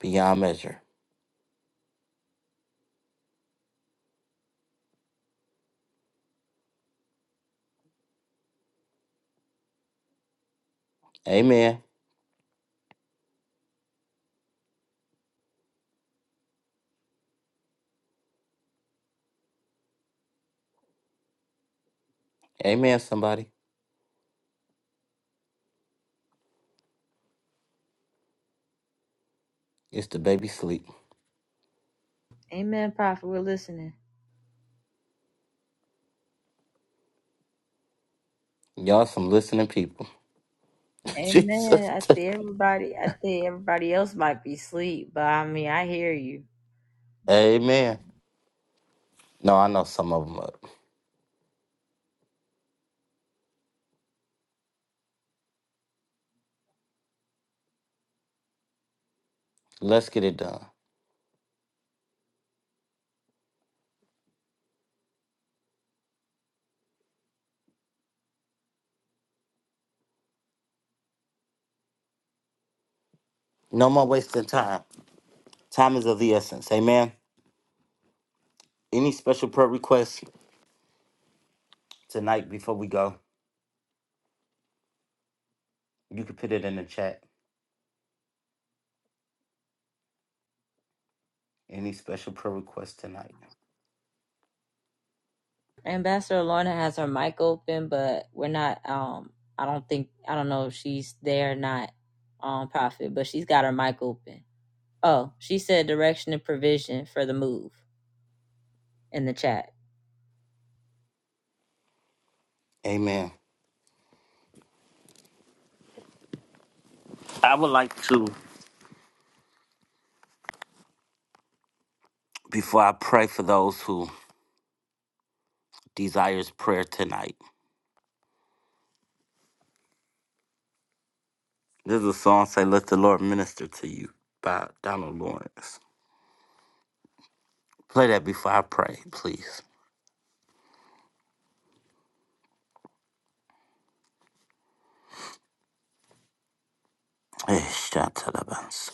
S1: beyond measure. Amen. Amen, somebody. It's the baby sleep.
S2: Amen, Prophet. We're listening.
S1: Y'all some listening people. [laughs]
S2: Amen.
S1: Jesus.
S2: I think everybody I think everybody else might be asleep, but I mean I hear you.
S1: Amen. No, I know some of them up. Let's get it done. No more wasting time. Time is of the essence. Amen. Any special prayer requests tonight before we go? You can put it in the chat. Any special prayer requests tonight?
S2: Ambassador Lorna has her mic open, but we're not. Um, I don't think I don't know if she's there or not. Um, Prophet, but she's got her mic open. Oh, she said direction and provision for the move in the chat.
S1: Amen. I would like to, before I pray for those who desires prayer tonight, This is a song say Let the Lord Minister to You by Donald Lawrence. Play that before I pray, please. Eh, shantarabans.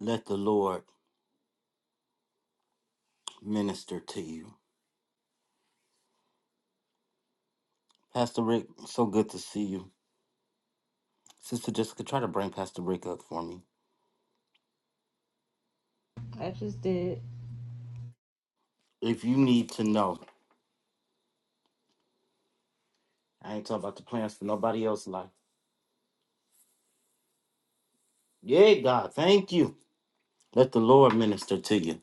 S1: Let the Lord minister to you. Pastor Rick, so good to see you. Sister Jessica, try to bring Pastor Rick up for me.
S2: I just did.
S1: If you need to know, I ain't talking about the plans for nobody else's life. Yeah, God, thank you. Let the Lord minister to you.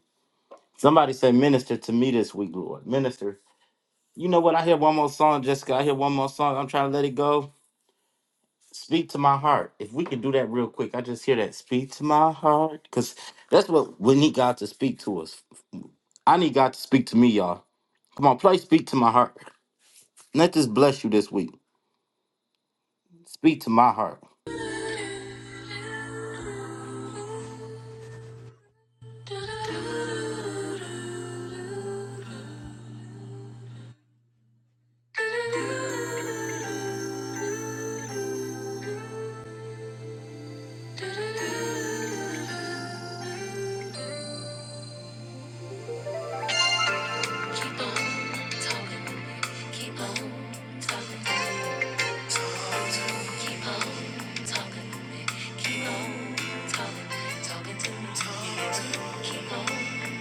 S1: Somebody say, Minister to me this week, Lord. Minister. You know what? I hear one more song, Jessica. I hear one more song. I'm trying to let it go. Speak to my heart. If we can do that real quick, I just hear that. Speak to my heart. Because that's what we need God to speak to us. I need God to speak to me, y'all. Come on, play Speak to My Heart. Let this bless you this week. Speak to my heart.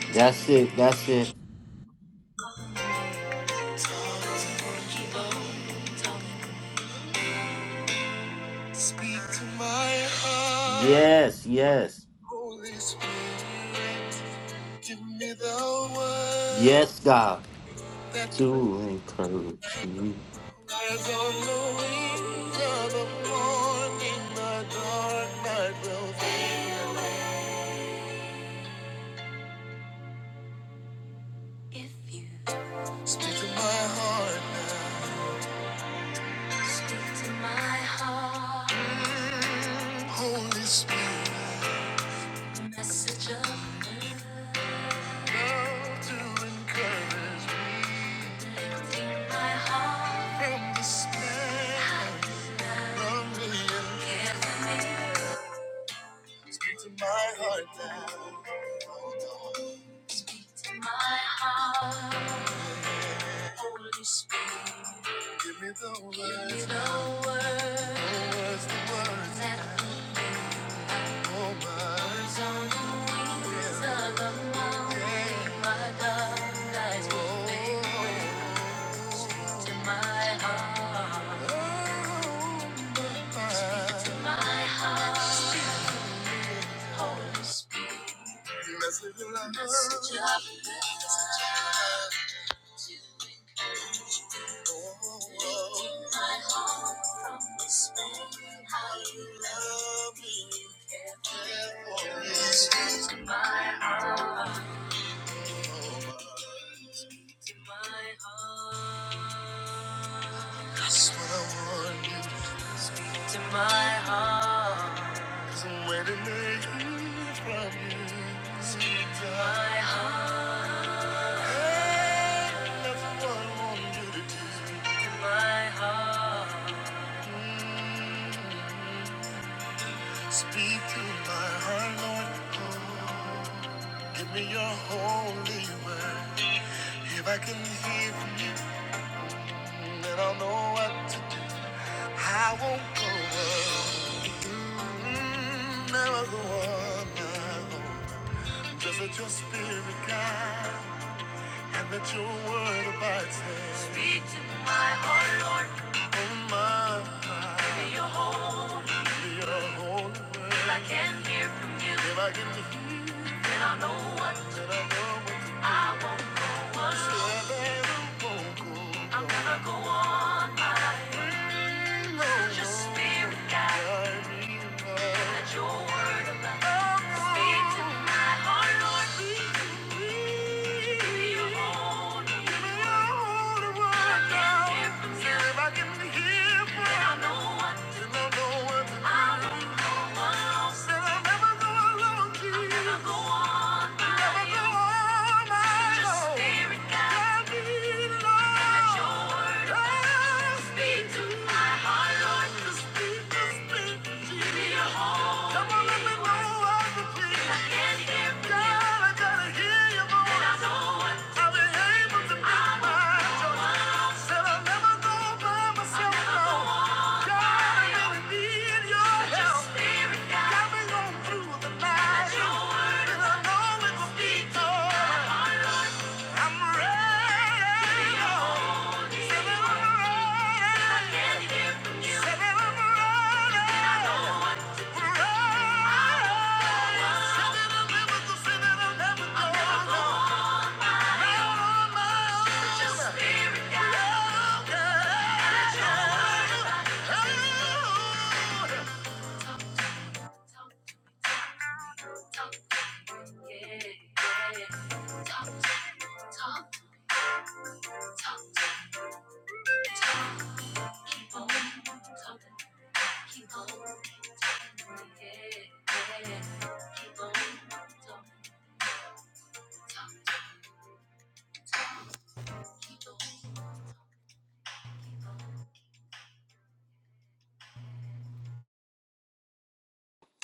S1: That's it. That's it. Yes, yes. Yes, God. To encourage me.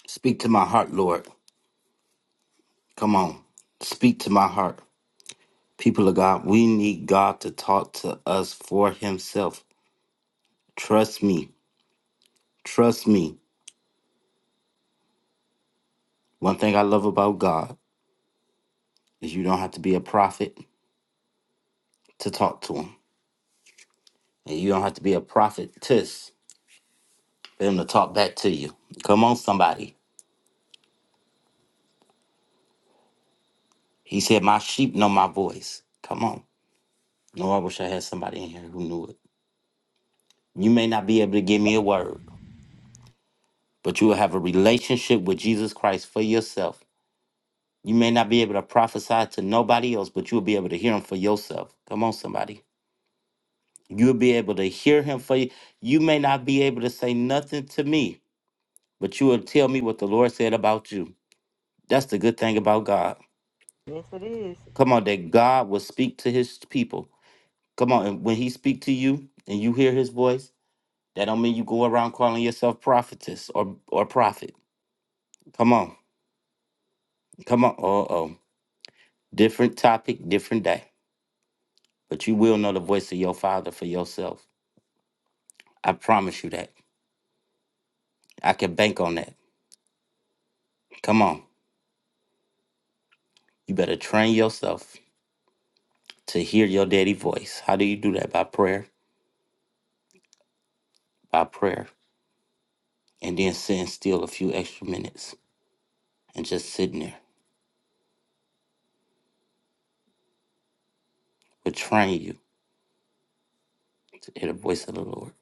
S1: Speak to my heart, Lord. Come on. Speak to my heart. People of God, we need God to talk to us for Himself. Trust me. Trust me. One thing I love about God is you don't have to be a prophet to talk to him. And you don't have to be a prophetess for him to talk back to you. Come on, somebody. He said, My sheep know my voice. Come on. No, I wish I had somebody in here who knew it. You may not be able to give me a word, but you will have a relationship with Jesus Christ for yourself. You may not be able to prophesy to nobody else, but you'll be able to hear him for yourself. Come on, somebody. You'll be able to hear him for you. You may not be able to say nothing to me, but you will tell me what the Lord said about you. That's the good thing about God.
S2: Yes, it is.
S1: Come on, that God will speak to his people. Come on, and when he speak to you and you hear his voice, that don't mean you go around calling yourself prophetess or or prophet. Come on. Come on. Uh oh. Different topic, different day. But you will know the voice of your father for yourself. I promise you that. I can bank on that. Come on. You better train yourself to hear your daddy voice. How do you do that? By prayer. By prayer. and then sitting still a few extra minutes and just sitting there will train you to hear the voice of the Lord.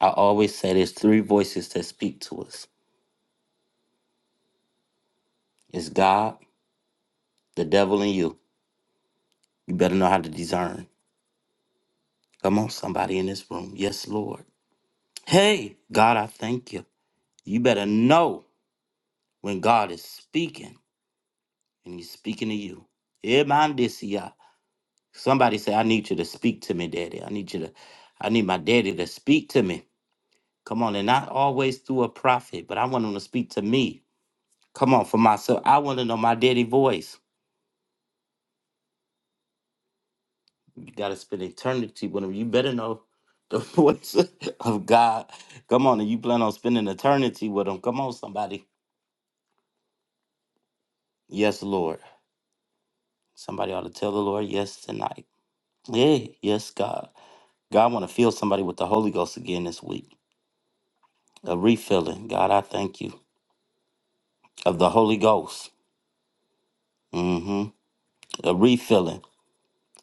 S1: I always say there's three voices that speak to us. It's God, the devil, and you. You better know how to discern. Come on, somebody in this room. Yes, Lord. Hey, God, I thank you. You better know when God is speaking and he's speaking to you. Yeah, man, this, yeah. Somebody say, I need you to speak to me, daddy. I need you to, I need my daddy to speak to me. Come on, and not always through a prophet, but I want him to speak to me. Come on, for myself. I want to know my daddy voice. You got to spend eternity with him. You better know the [laughs] voice of God. Come on, and you plan on spending eternity with him. Come on, somebody. Yes, Lord. Somebody ought to tell the Lord yes tonight. Yeah, yes, God. God want to fill somebody with the Holy Ghost again this week. A refilling. God, I thank you. Of the Holy Ghost. Mm-hmm. A refilling.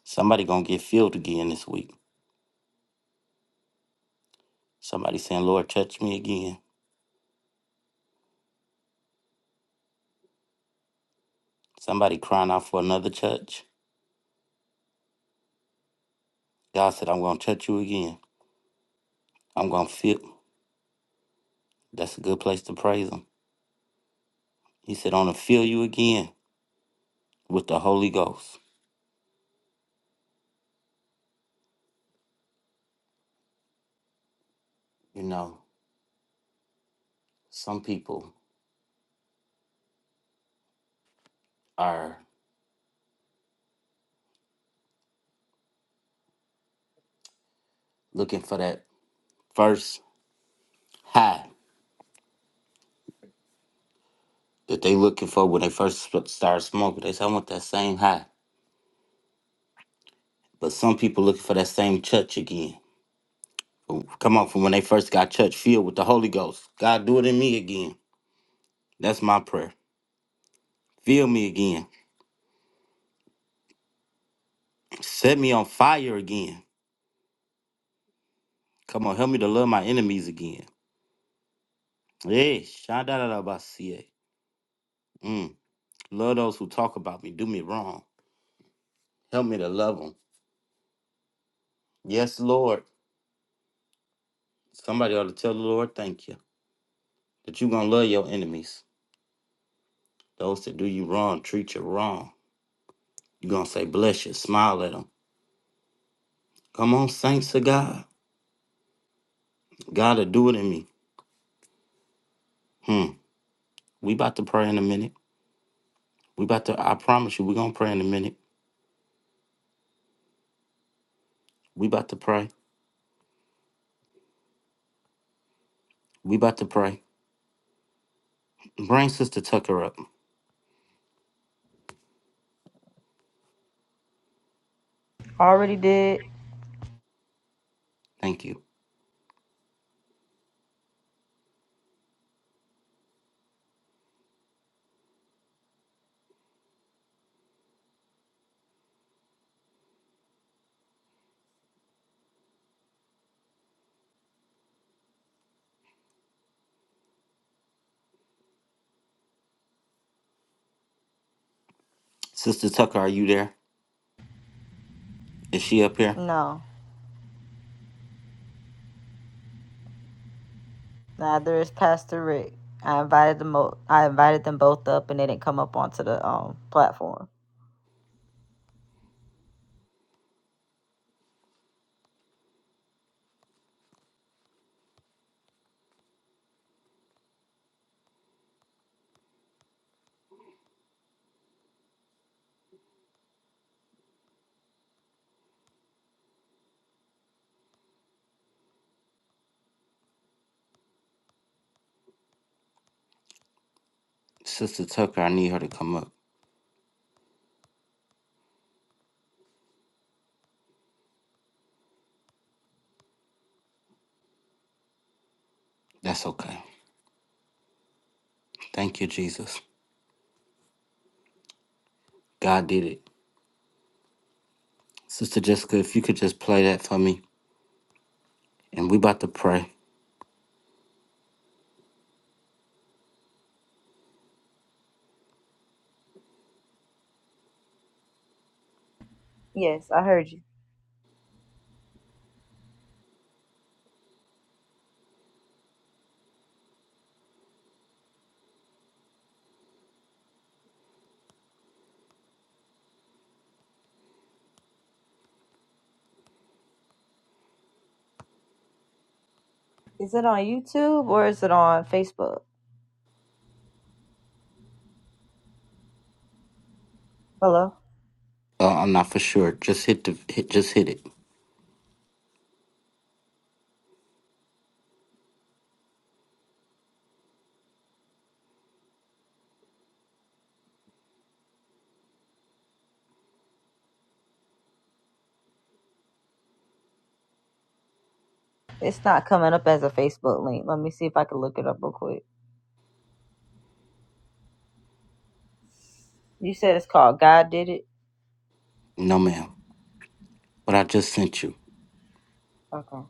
S1: Somebody gonna get filled again this week. Somebody saying, Lord, touch me again. Somebody crying out for another touch. God said, I'm going to touch you again. I'm going to fill. That's a good place to praise Him. He said, I'm going to fill you again with the Holy Ghost. You know, some people are looking for that first high that they looking for when they first sp- start smoking. They say, I want that same high. But some people looking for that same touch again. Come on, from when they first got touch, filled with the Holy Ghost. God, do it in me again. That's my prayer. Fill me again Set me on fire again. Come on, help me to love my enemies again. Hey, shadadadabasie. Mm. Love those who talk about me, do me wrong. Help me to love them. Yes, Lord. Somebody ought to tell the Lord, thank you, that you're going to love your enemies. Those that do you wrong, treat you wrong. You're going to say, bless you, smile at them. Come on, saints of God. God will do it in me. Hmm. We about to pray in a minute. We about to, I promise you, we're going to pray in a minute. We about to pray. We about to pray. Bring Sister Tucker up.
S2: Already did.
S1: Thank you. Sister Tucker, are you there? Is she up here?
S2: No, neither is Pastor Rick. I invited them. Mo- I invited them both up, and they didn't come up onto the um platform.
S1: Sister Tucker, I need her to come up. That's okay. Thank you, Jesus. God did it. Sister Jessica, if you could just play that for me, and we about to pray.
S2: Yes, I heard you. Is it on YouTube or is it on Facebook? Hello.
S1: Uh, I'm not for sure. Just hit the hit. Just hit it.
S2: It's not coming up as a Facebook link. Let me see if I can look it up real quick. You said it's called God Did It?
S1: No, ma'am. But I just sent you.
S2: Okay.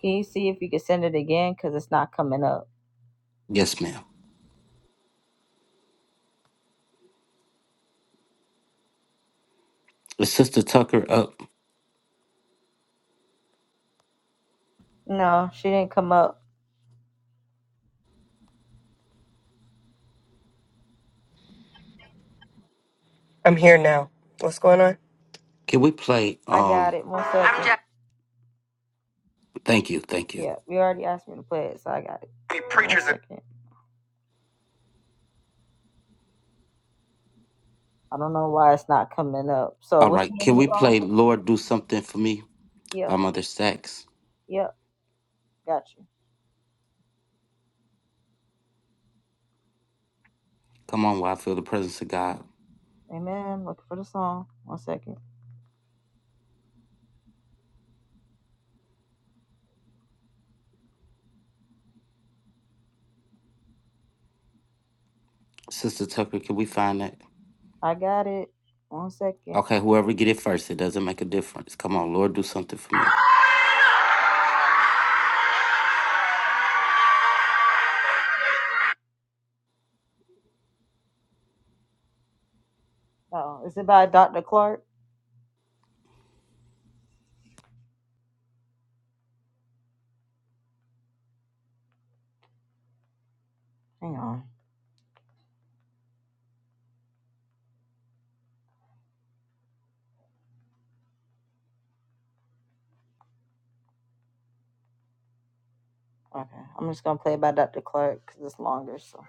S2: Can you see if you can send it again? Because it's not coming up.
S1: Yes, ma'am. Is Sister Tucker up?
S2: No, she didn't come up.
S6: I'm here now. What's going on?
S1: Can we play?
S2: I got
S1: Um.
S2: it. One second. Just-
S1: Thank you. Thank you.
S2: yeah, you already asked me to play it, so I got it. Be preachers One second. I don't know why it's not coming up. So
S1: All
S2: what's the
S1: right.
S2: name
S1: Can
S2: of the
S1: we
S2: song?
S1: play? Lord, do something for me by
S2: Yep,
S1: Mother Sachs.
S2: yep, got you.
S1: Come on, while I feel the presence of God.
S2: Amen. Looking for the song. One second.
S1: Sister Tucker, can we find that?
S2: I got it. One second.
S1: Okay, whoever get it first, it doesn't make a difference. Come on, Lord, do something for me.
S2: Oh, is it by Dr. Clark? Hang on. Okay, I'm just gonna play it by Dr. Clark because it's longer. So,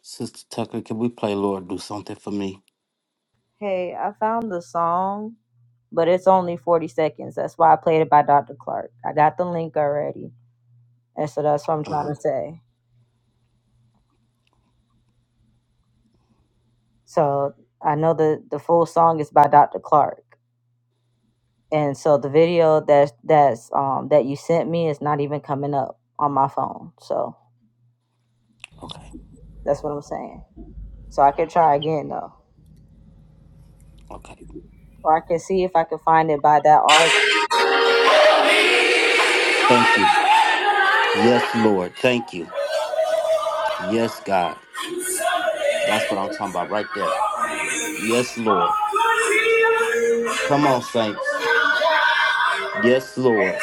S1: Sister Tucker, can we play Lord, do something for me?
S2: hey, I found the song, but it's only 40 seconds. That's why I played it by Dr. Clark. I got the link already, and so that's what I'm
S1: hmm
S2: trying to say. So I know the the full song is by Dr. Clark, and so the video that that's um that you sent me is not even coming up on my phone. So
S1: Okay,
S2: that's what I'm saying. So I could try again though,
S1: okay.
S2: or I can see if I can find it by that artist.
S1: Thank you. Yes, Lord. Thank you. Yes, God. That's what I'm talking about right there. Yes, Lord. Come on, saints. Yes, Lord.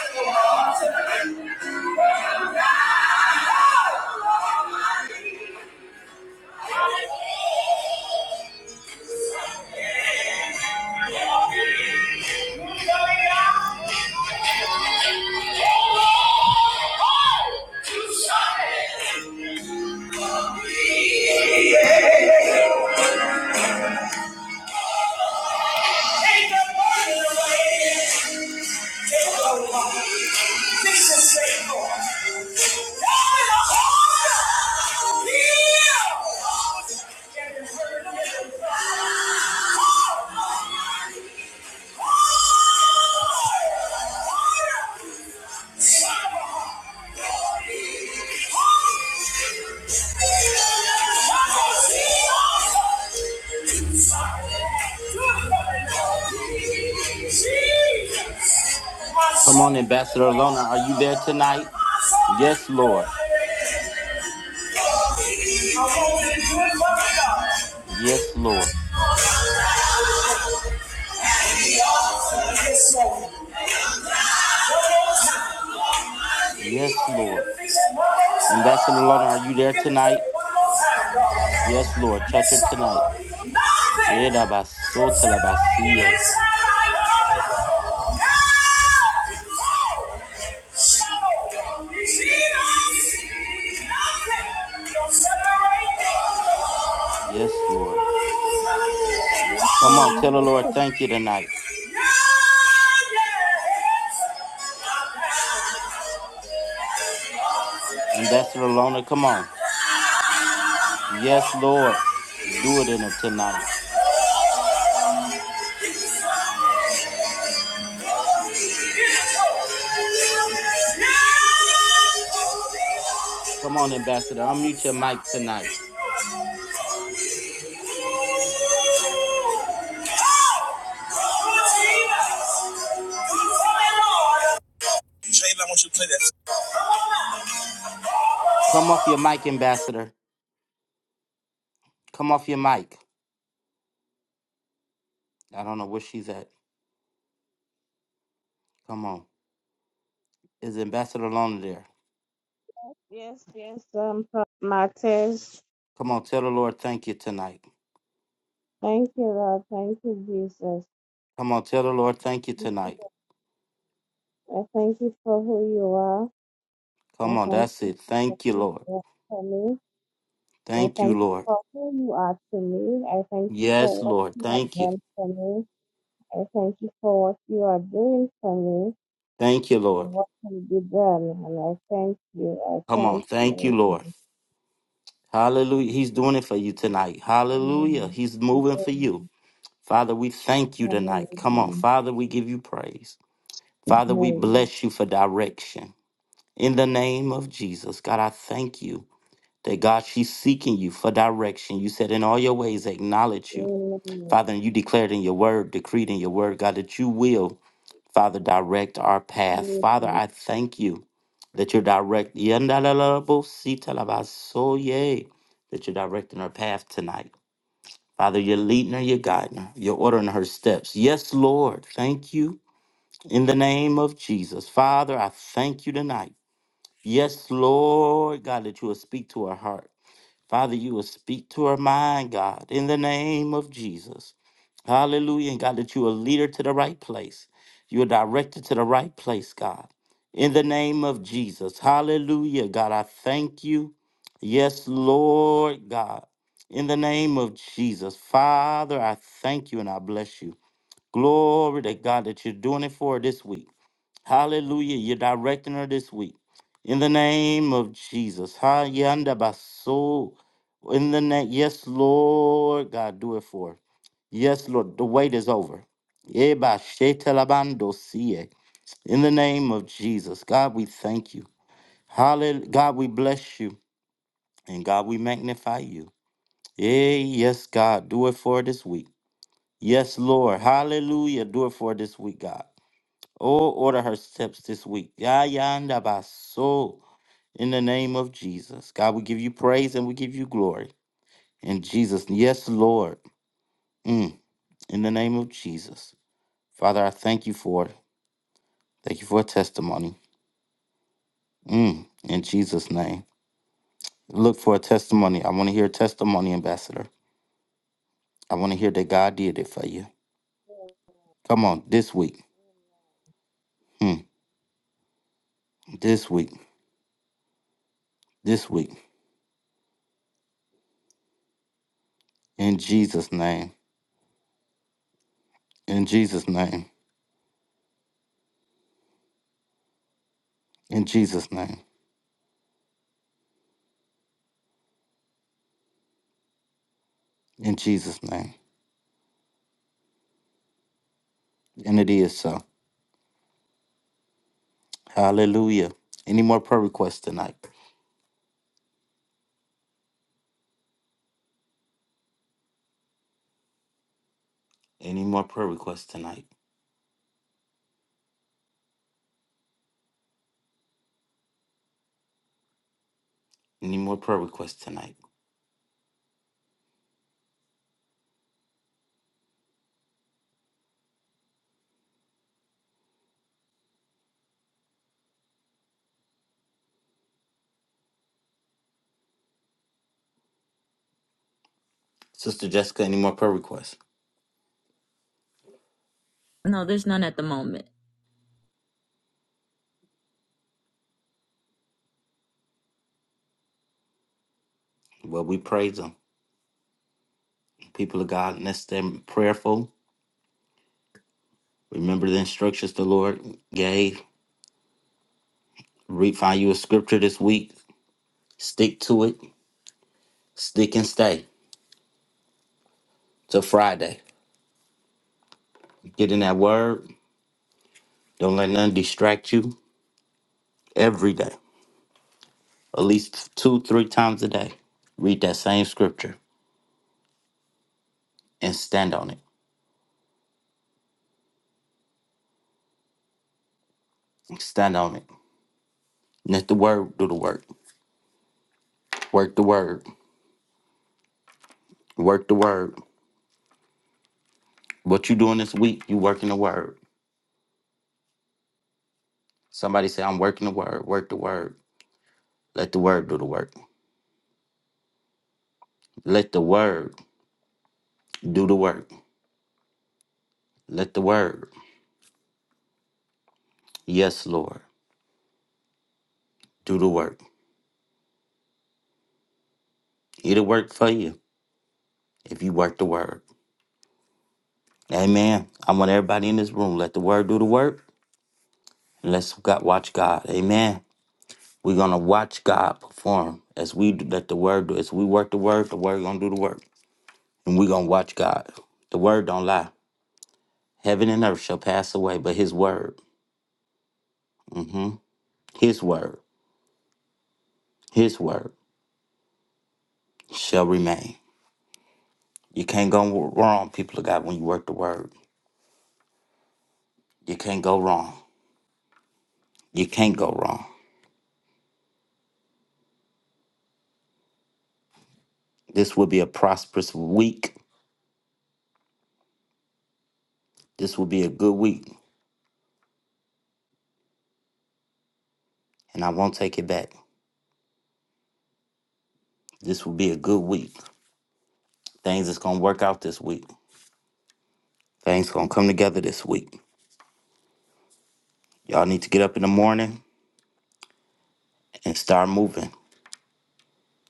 S6: Yeah!
S1: Come on, Ambassador Lona. Are you there tonight?
S6: My
S1: Yes, Lord.
S6: soul is good.
S1: Yes, Lord. Yes, Lord. Ambassador Lona, are you there tonight? Yes, Lord. Touch her
S6: Yes,
S1: tonight.
S6: sir. Nothing
S1: Yeah,
S6: will separate me inside my love.
S1: Yes, Lord.
S3: so- Yes, I
S1: Come on, tell the
S3: Yes,
S1: Lord
S3: I-
S1: thank you tonight. Ambassador Lona, come on. Yes, Lord. Do it in her tonight.
S6: Yeah.
S1: Come on, Ambassador. Unmute your mic tonight. Come off your mic, Ambassador. Come off your mic. I don't know where she's at. Come on. Is Ambassador Lona there?
S3: yes, yes, um, Prophet Martez.
S1: Come on, tell the Lord thank you tonight.
S3: Thank you, Lord. Thank you, Jesus.
S1: Come on, tell the Lord thank you tonight.
S3: I thank you for who you are. I
S1: Come on,
S3: thank
S1: that's
S3: you
S1: it.
S3: for what
S1: Thank you,
S3: you have
S1: Lord.
S3: done for me. I
S1: Thank
S3: thank
S1: you,
S3: you
S1: Lord.
S3: for who you are to me. I thank you
S1: Yes,
S3: for what
S1: Lord.
S3: you have
S1: Thank you.
S3: done for me. I thank you for what you are doing for me
S1: Thank you,
S3: and
S1: Lord.
S3: what can be done. And I thank you. I
S1: Come on.
S3: thank
S1: Thank you,
S3: you.
S1: Lord. Hallelujah. He's doing it for you tonight. Hallelujah.
S3: Amen.
S1: He's moving for you.
S3: Amen.
S1: Father, we thank you tonight. Come on.
S3: Amen.
S1: Father, we give you praise. Father, we bless you for direction. In the name of Jesus, God, I thank you that God, she's seeking you for direction. You said, in all your ways, acknowledge you.
S3: Amen.
S1: Father, and you declared in your word, decreed in your word, God, that you will. Father, direct our path. Father,
S3: Amen.
S1: I thank you that you're direct. Yandalalabositalabasoye, That you're directing her path tonight. Father, you're leading her, you're guiding her, you're ordering her steps. Yes, Lord, thank you in the name of Jesus. Father, I thank you tonight. Yes, Lord, God, that you will speak to her heart. Father, you will speak to her mind, God, in the name of Jesus. Hallelujah. And God, that you will lead her to the right place. You will direct her to the right place, God. In the name of Jesus. Hallelujah. God, I thank you. Yes, Lord God. In the name of Jesus. Father, I thank you and I bless you. Glory to God that you're doing it for her this week. Hallelujah. You're directing her this week. In the name of Jesus. Ha yanda baso. In the name. Yes, Lord. God, do it for her. Yes, Lord. The wait is over. Eba shete labando siye. In the name of Jesus. God, we thank you. Hallelujah. God, we bless you. And God, we magnify you. Eh, yes, God. Do it for her this week. Yes, Lord. Hallelujah. Do it for her this week, God. Oh, order her steps this week. Yayanda baso. In the name of Jesus. God, we give you praise and we give you glory. In Jesus. Yes, Lord. Mm. In the name of Jesus. Father, I thank you for it. Thank you for a testimony. Mm. In Jesus' name. Look for a testimony. I want to hear a testimony, Ambassador. I want to hear that God did it for you. Come on, this week. Mm. This week. This week. In Jesus' name. In Jesus' name. In Jesus' name. In Jesus' name. And it is so. Hallelujah. Any more prayer requests tonight? Any more prayer requests tonight? Any more prayer requests tonight? Sister Jessica, any more prayer requests?
S2: No, there's none at the moment.
S1: Well, we praise them. People of God, let's stay prayerful. Remember the instructions the Lord gave. Read, find you a scripture this week. Stick to it. Stick and stay till Friday. Get in that word. Don't let none distract you every day. At least two, three times a day. Read that same scripture and stand on it. Stand on it. Let the word do the work. Work the word. Work the word. What you doing this week, you working the word. Somebody say, I'm working the word. Work the word. Let the word do the work. Let the word do the work. Let the word. Yes, Lord. Do the work. It'll work for you if you work the word. Amen. I want everybody in this room. Let the word do the work. And let's God, watch God. Amen. We're gonna watch God perform as we do, let the word do. As we work the word, the word gonna do the work. and we're gonna watch God. The word don't lie. Heaven and earth shall pass away, but his word, hmm his word, his word shall remain. You can't go wrong, people of God, when you work the word. You can't go wrong. You can't go wrong. This will be a prosperous week. This will be a good week. And I won't take it back. This will be a good week. Things is gonna work out this week. Things gonna come together this week. Y'all need to get up in the morning and start moving.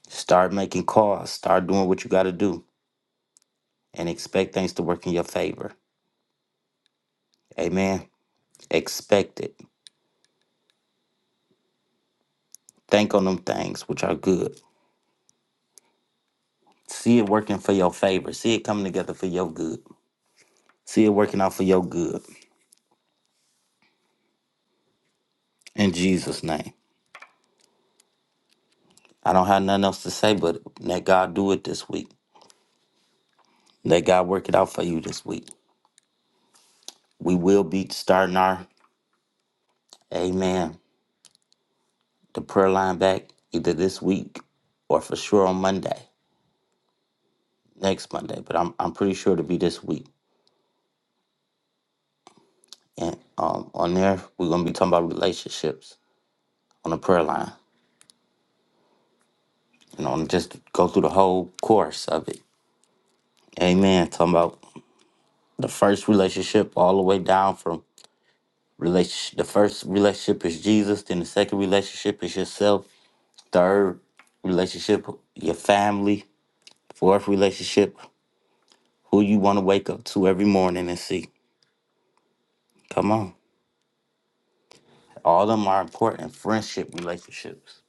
S1: Start making calls. Start doing what you gotta do and expect things to work in your favor. Amen. Expect it. Think on them things which are good. See it working for your favor. See it coming together for your good. See it working out for your good. In Jesus' name. I don't have nothing else to say, but let God do it this week. Let God work it out for you this week. We will be starting our, amen, the prayer line back either this week or for sure on Monday, next Monday. But I'm, I'm pretty sure it'll be this week. And um, on there, we're going to be talking about relationships on the prayer line. You know, and just go through the whole course of it. Amen. Talking about the first relationship all the way down from relationship. The first relationship is Jesus. Then the second relationship is yourself. Third relationship, your family. Fourth relationship, who you want to wake up to every morning and see. Come on. All of them are important. Friendship relationships.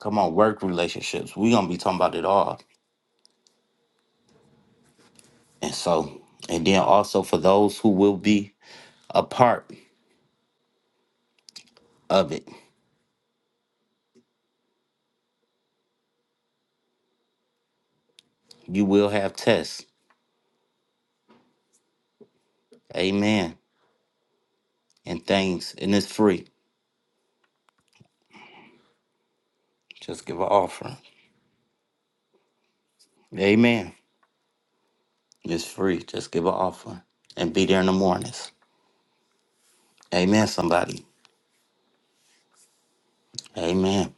S1: Come on, work relationships. we going to be talking about it all. And so, and then also for those who will be apart of it. You will have tests. Amen. And things. And it's free. Just give an offering. Amen. It's free. Just give an offering. And be there in the mornings. Amen, somebody. Amen.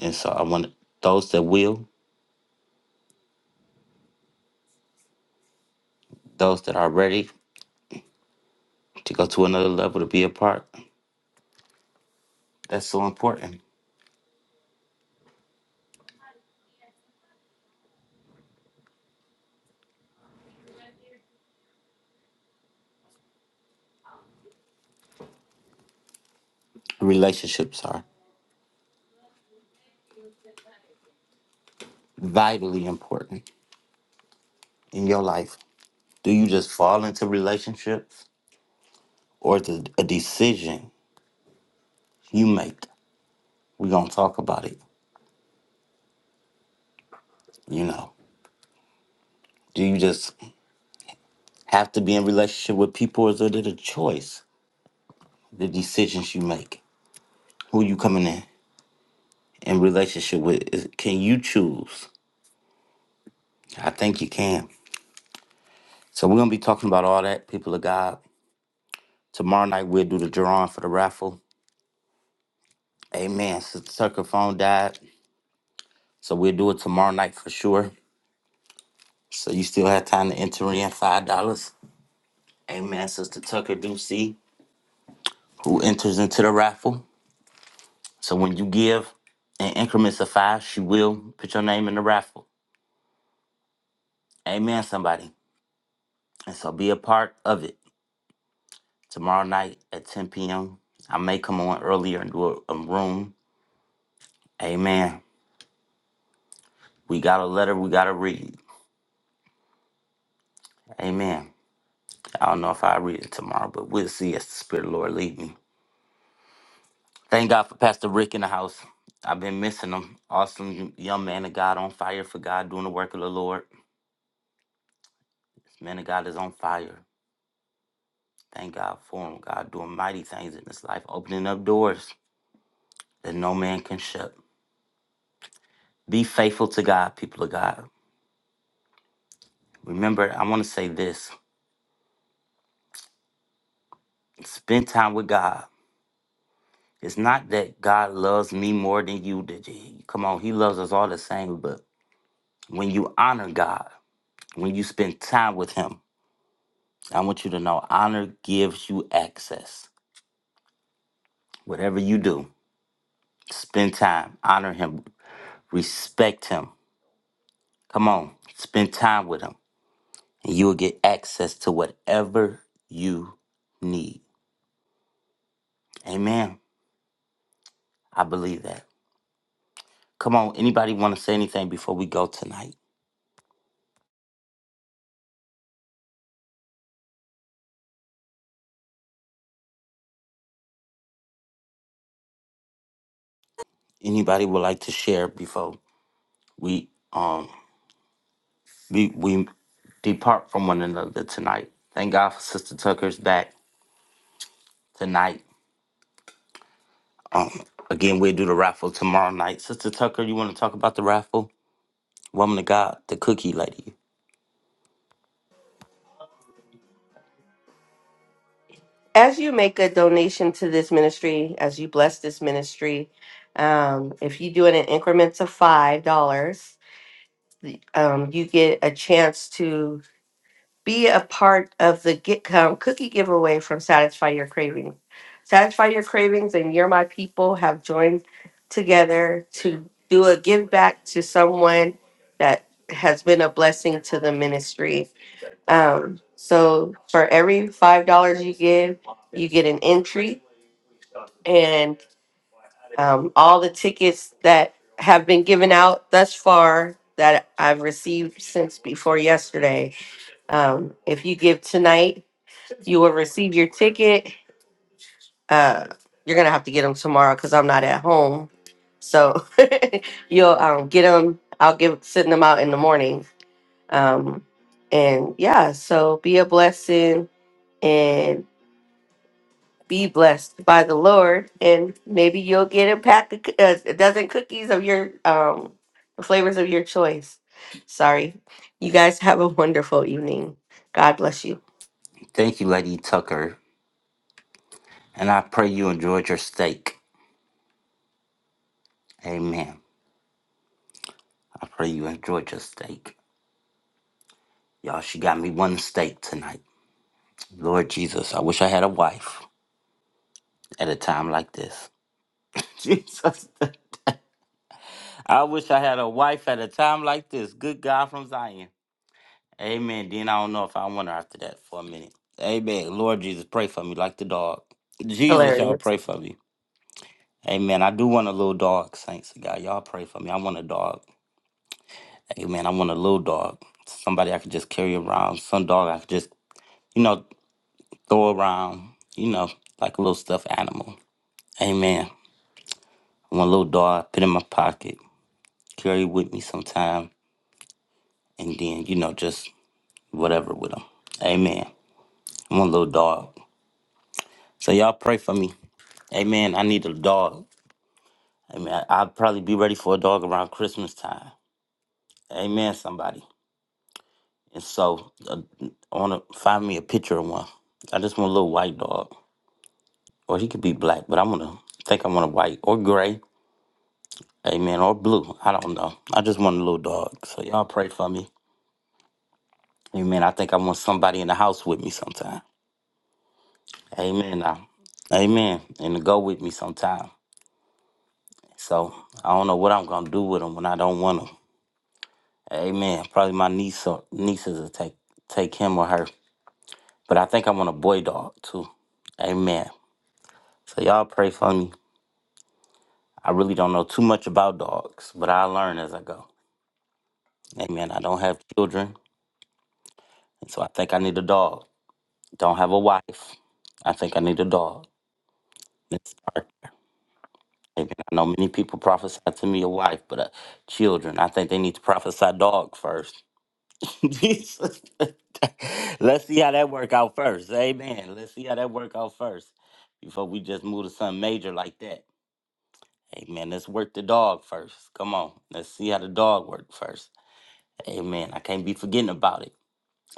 S1: And so I want those that will, those that are ready to go to another level to be a part. That's so important. Relationships are vitally important in your life. Do you just fall into relationships or is it a decision you make? We're going to talk about it, you know. Do you just have to be in relationship with people, or is it a choice? The decisions you make, who you coming in in relationship with, is, can you choose? I think you can. So we're gonna be talking about all that, people of God. Tomorrow night we'll do the drawing for the raffle. Amen. Sister Tucker phone died, so we'll do it tomorrow night for sure. So you still have time to enter in five dollars. Amen. Sister Tucker do see who enters into the raffle. So when you give in increments of five, she will put your name in the raffle. Amen, somebody. And so be a part of it. Tomorrow night at 10 p.m. I may come on earlier and do a, a room. Amen. We got a letter we got to read. Amen. I don't know if I read it tomorrow, but we'll see as the Spirit of the Lord lead me. Thank God for Pastor Rick in the house. I've been missing him. Awesome young man of God on fire for God, doing the work of the Lord. This Man of God is on fire. Thank God for him. God doing mighty things in this life, opening up doors that no man can shut. Be faithful to God, people of God. Remember, I want to say this spend time with God. It's not that God loves me more than you did. He- Come on, He loves us all the same, but when you honor God, when you spend time with Him, I want you to know honor gives you access. Whatever you do, spend time, honor Him, respect Him. Come on, spend time with Him. and you will get access to whatever you need. Amen. I believe that. Come on, anybody want to say anything before we go tonight? Anybody would like to share before we um we we depart from one another tonight? Thank God for Sister Tucker's back tonight. Um, again, we'll do the raffle tomorrow night. Sister Tucker, you want to talk about the raffle? Woman of God, the cookie lady.
S6: As you make a donation to this ministry, as you bless this ministry, um, if you do it in increments of $5, the- um, you get a chance to be a part of the GitCom cookie giveaway from Satisfy Your Cravings. Satisfy Your Cravings and You're My People have joined together to do a give back to someone that has been a blessing to the ministry. Um, so for every $5 you give, you get an entry and um, all the tickets that have been given out thus far that I've received since before yesterday. Um, if you give tonight, you will receive your ticket. Uh, you're gonna have to get them tomorrow because I'm not at home. So [laughs] you'll um, get them. I'll give send them out in the morning. Um, and yeah, so be a blessing and. be blessed by the Lord, and maybe you'll get a pack of coo- uh, a dozen cookies of your um the flavors of your choice. Sorry, you guys have a wonderful evening. God bless you.
S1: Thank you, Lady Tucker, and I pray you enjoyed your steak. Amen. I pray you enjoyed your steak. Y'all, she got me one steak tonight. Lord Jesus, I wish I had a wife at a time like this. [laughs] Jesus, I wish I had a wife at a time like this. Good God from Zion. Amen. Then I don't know if I want her after that for a minute. Amen. Lord Jesus, pray for me like the dog. Jesus, y'all
S6: Hilarious.
S1: pray for me. Amen. I do want a little dog, saints of God. Y'all pray for me. I want a dog. Amen. I want a little dog. Somebody I could just carry around. Some dog I could just, you know. throw around, you know, like a little stuffed animal. Amen. I want a little dog, put in my pocket, carry with me sometime, and then, you know, just whatever with them. Amen. I want a little dog. So y'all pray for me. Amen. I need a dog. Amen. I- I'll probably be ready for a dog around Christmas time. Amen, somebody. And so uh, I want to find me a picture of one. I just want a little white dog. Or he could be black, but I'm going to think I want a white or gray. Amen. Or blue. I don't know. I just want a little dog. So y'all pray for me. Amen. I think I want somebody in the house with me sometime. Amen. Now. Amen. And to go with me sometime. So I don't know what I'm gonna do with him when I don't want him. Amen. Probably my niece or nieces will take take him or her. But I think I want a boy dog too. Amen. So y'all pray for me. I really don't know too much about dogs, but I learn as I go. Amen. I don't have children, and so I think I need a dog. Don't have a wife. I think I need a dog. Let's start. Amen. I know many people prophesy to me a wife, but uh, children, I think they need to prophesy dog first. [laughs] Jesus. Let's see how that work out first. Amen. Let's see how that work out first before we just move to something major like that. Amen. Let's work the dog first. Come on. Let's see how the dog work first. Amen. I can't be forgetting about it.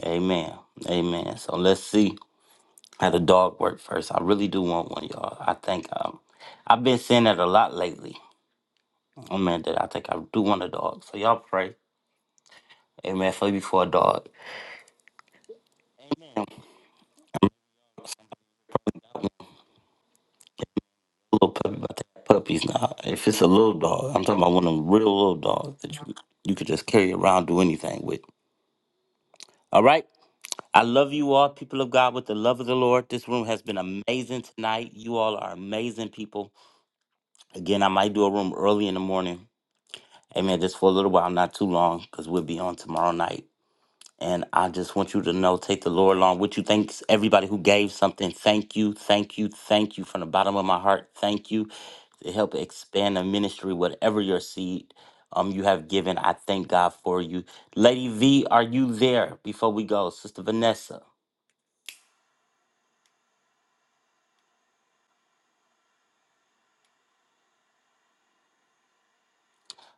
S1: Amen. Amen. So let's see. Had the dog work first. I really do want one, y'all. I think um, I've been seeing that a lot lately. I mean, that I think I do want a dog. So y'all pray, amen. For me for a dog, little puppy, but they have puppies now. If it's a little dog, I'm talking about one of them real little dogs that you you could just carry around, do anything with. All right. I love you all, people of God, with the love of the Lord. This room has been amazing tonight. You all are amazing people. Again, I might do a room early in the morning. Amen. Just for a little while, not too long, because we'll be on tomorrow night. And I just want you to know, take the Lord along with you. Thanks everybody who gave something. Thank you, thank you, thank you from the bottom of my heart. Thank you to help expand the ministry, whatever your seed um you have given. I thank God for you. Lady V, are you there before we go? Sister Vanessa.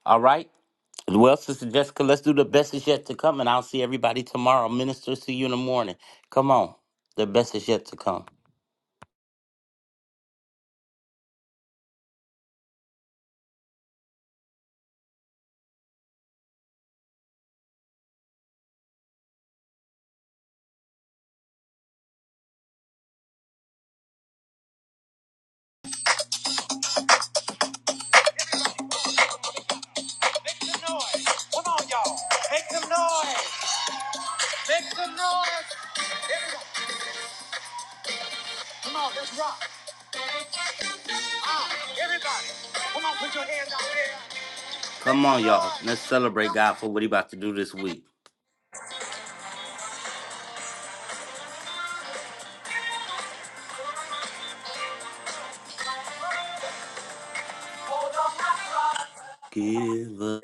S1: All right. Well, Sister Jessica, let's do the best is yet to come, and I'll see everybody tomorrow. Minister, see you in the morning. Come on. The best is yet to come. Come on, y'all. Let's celebrate God for what He about to do this week. Give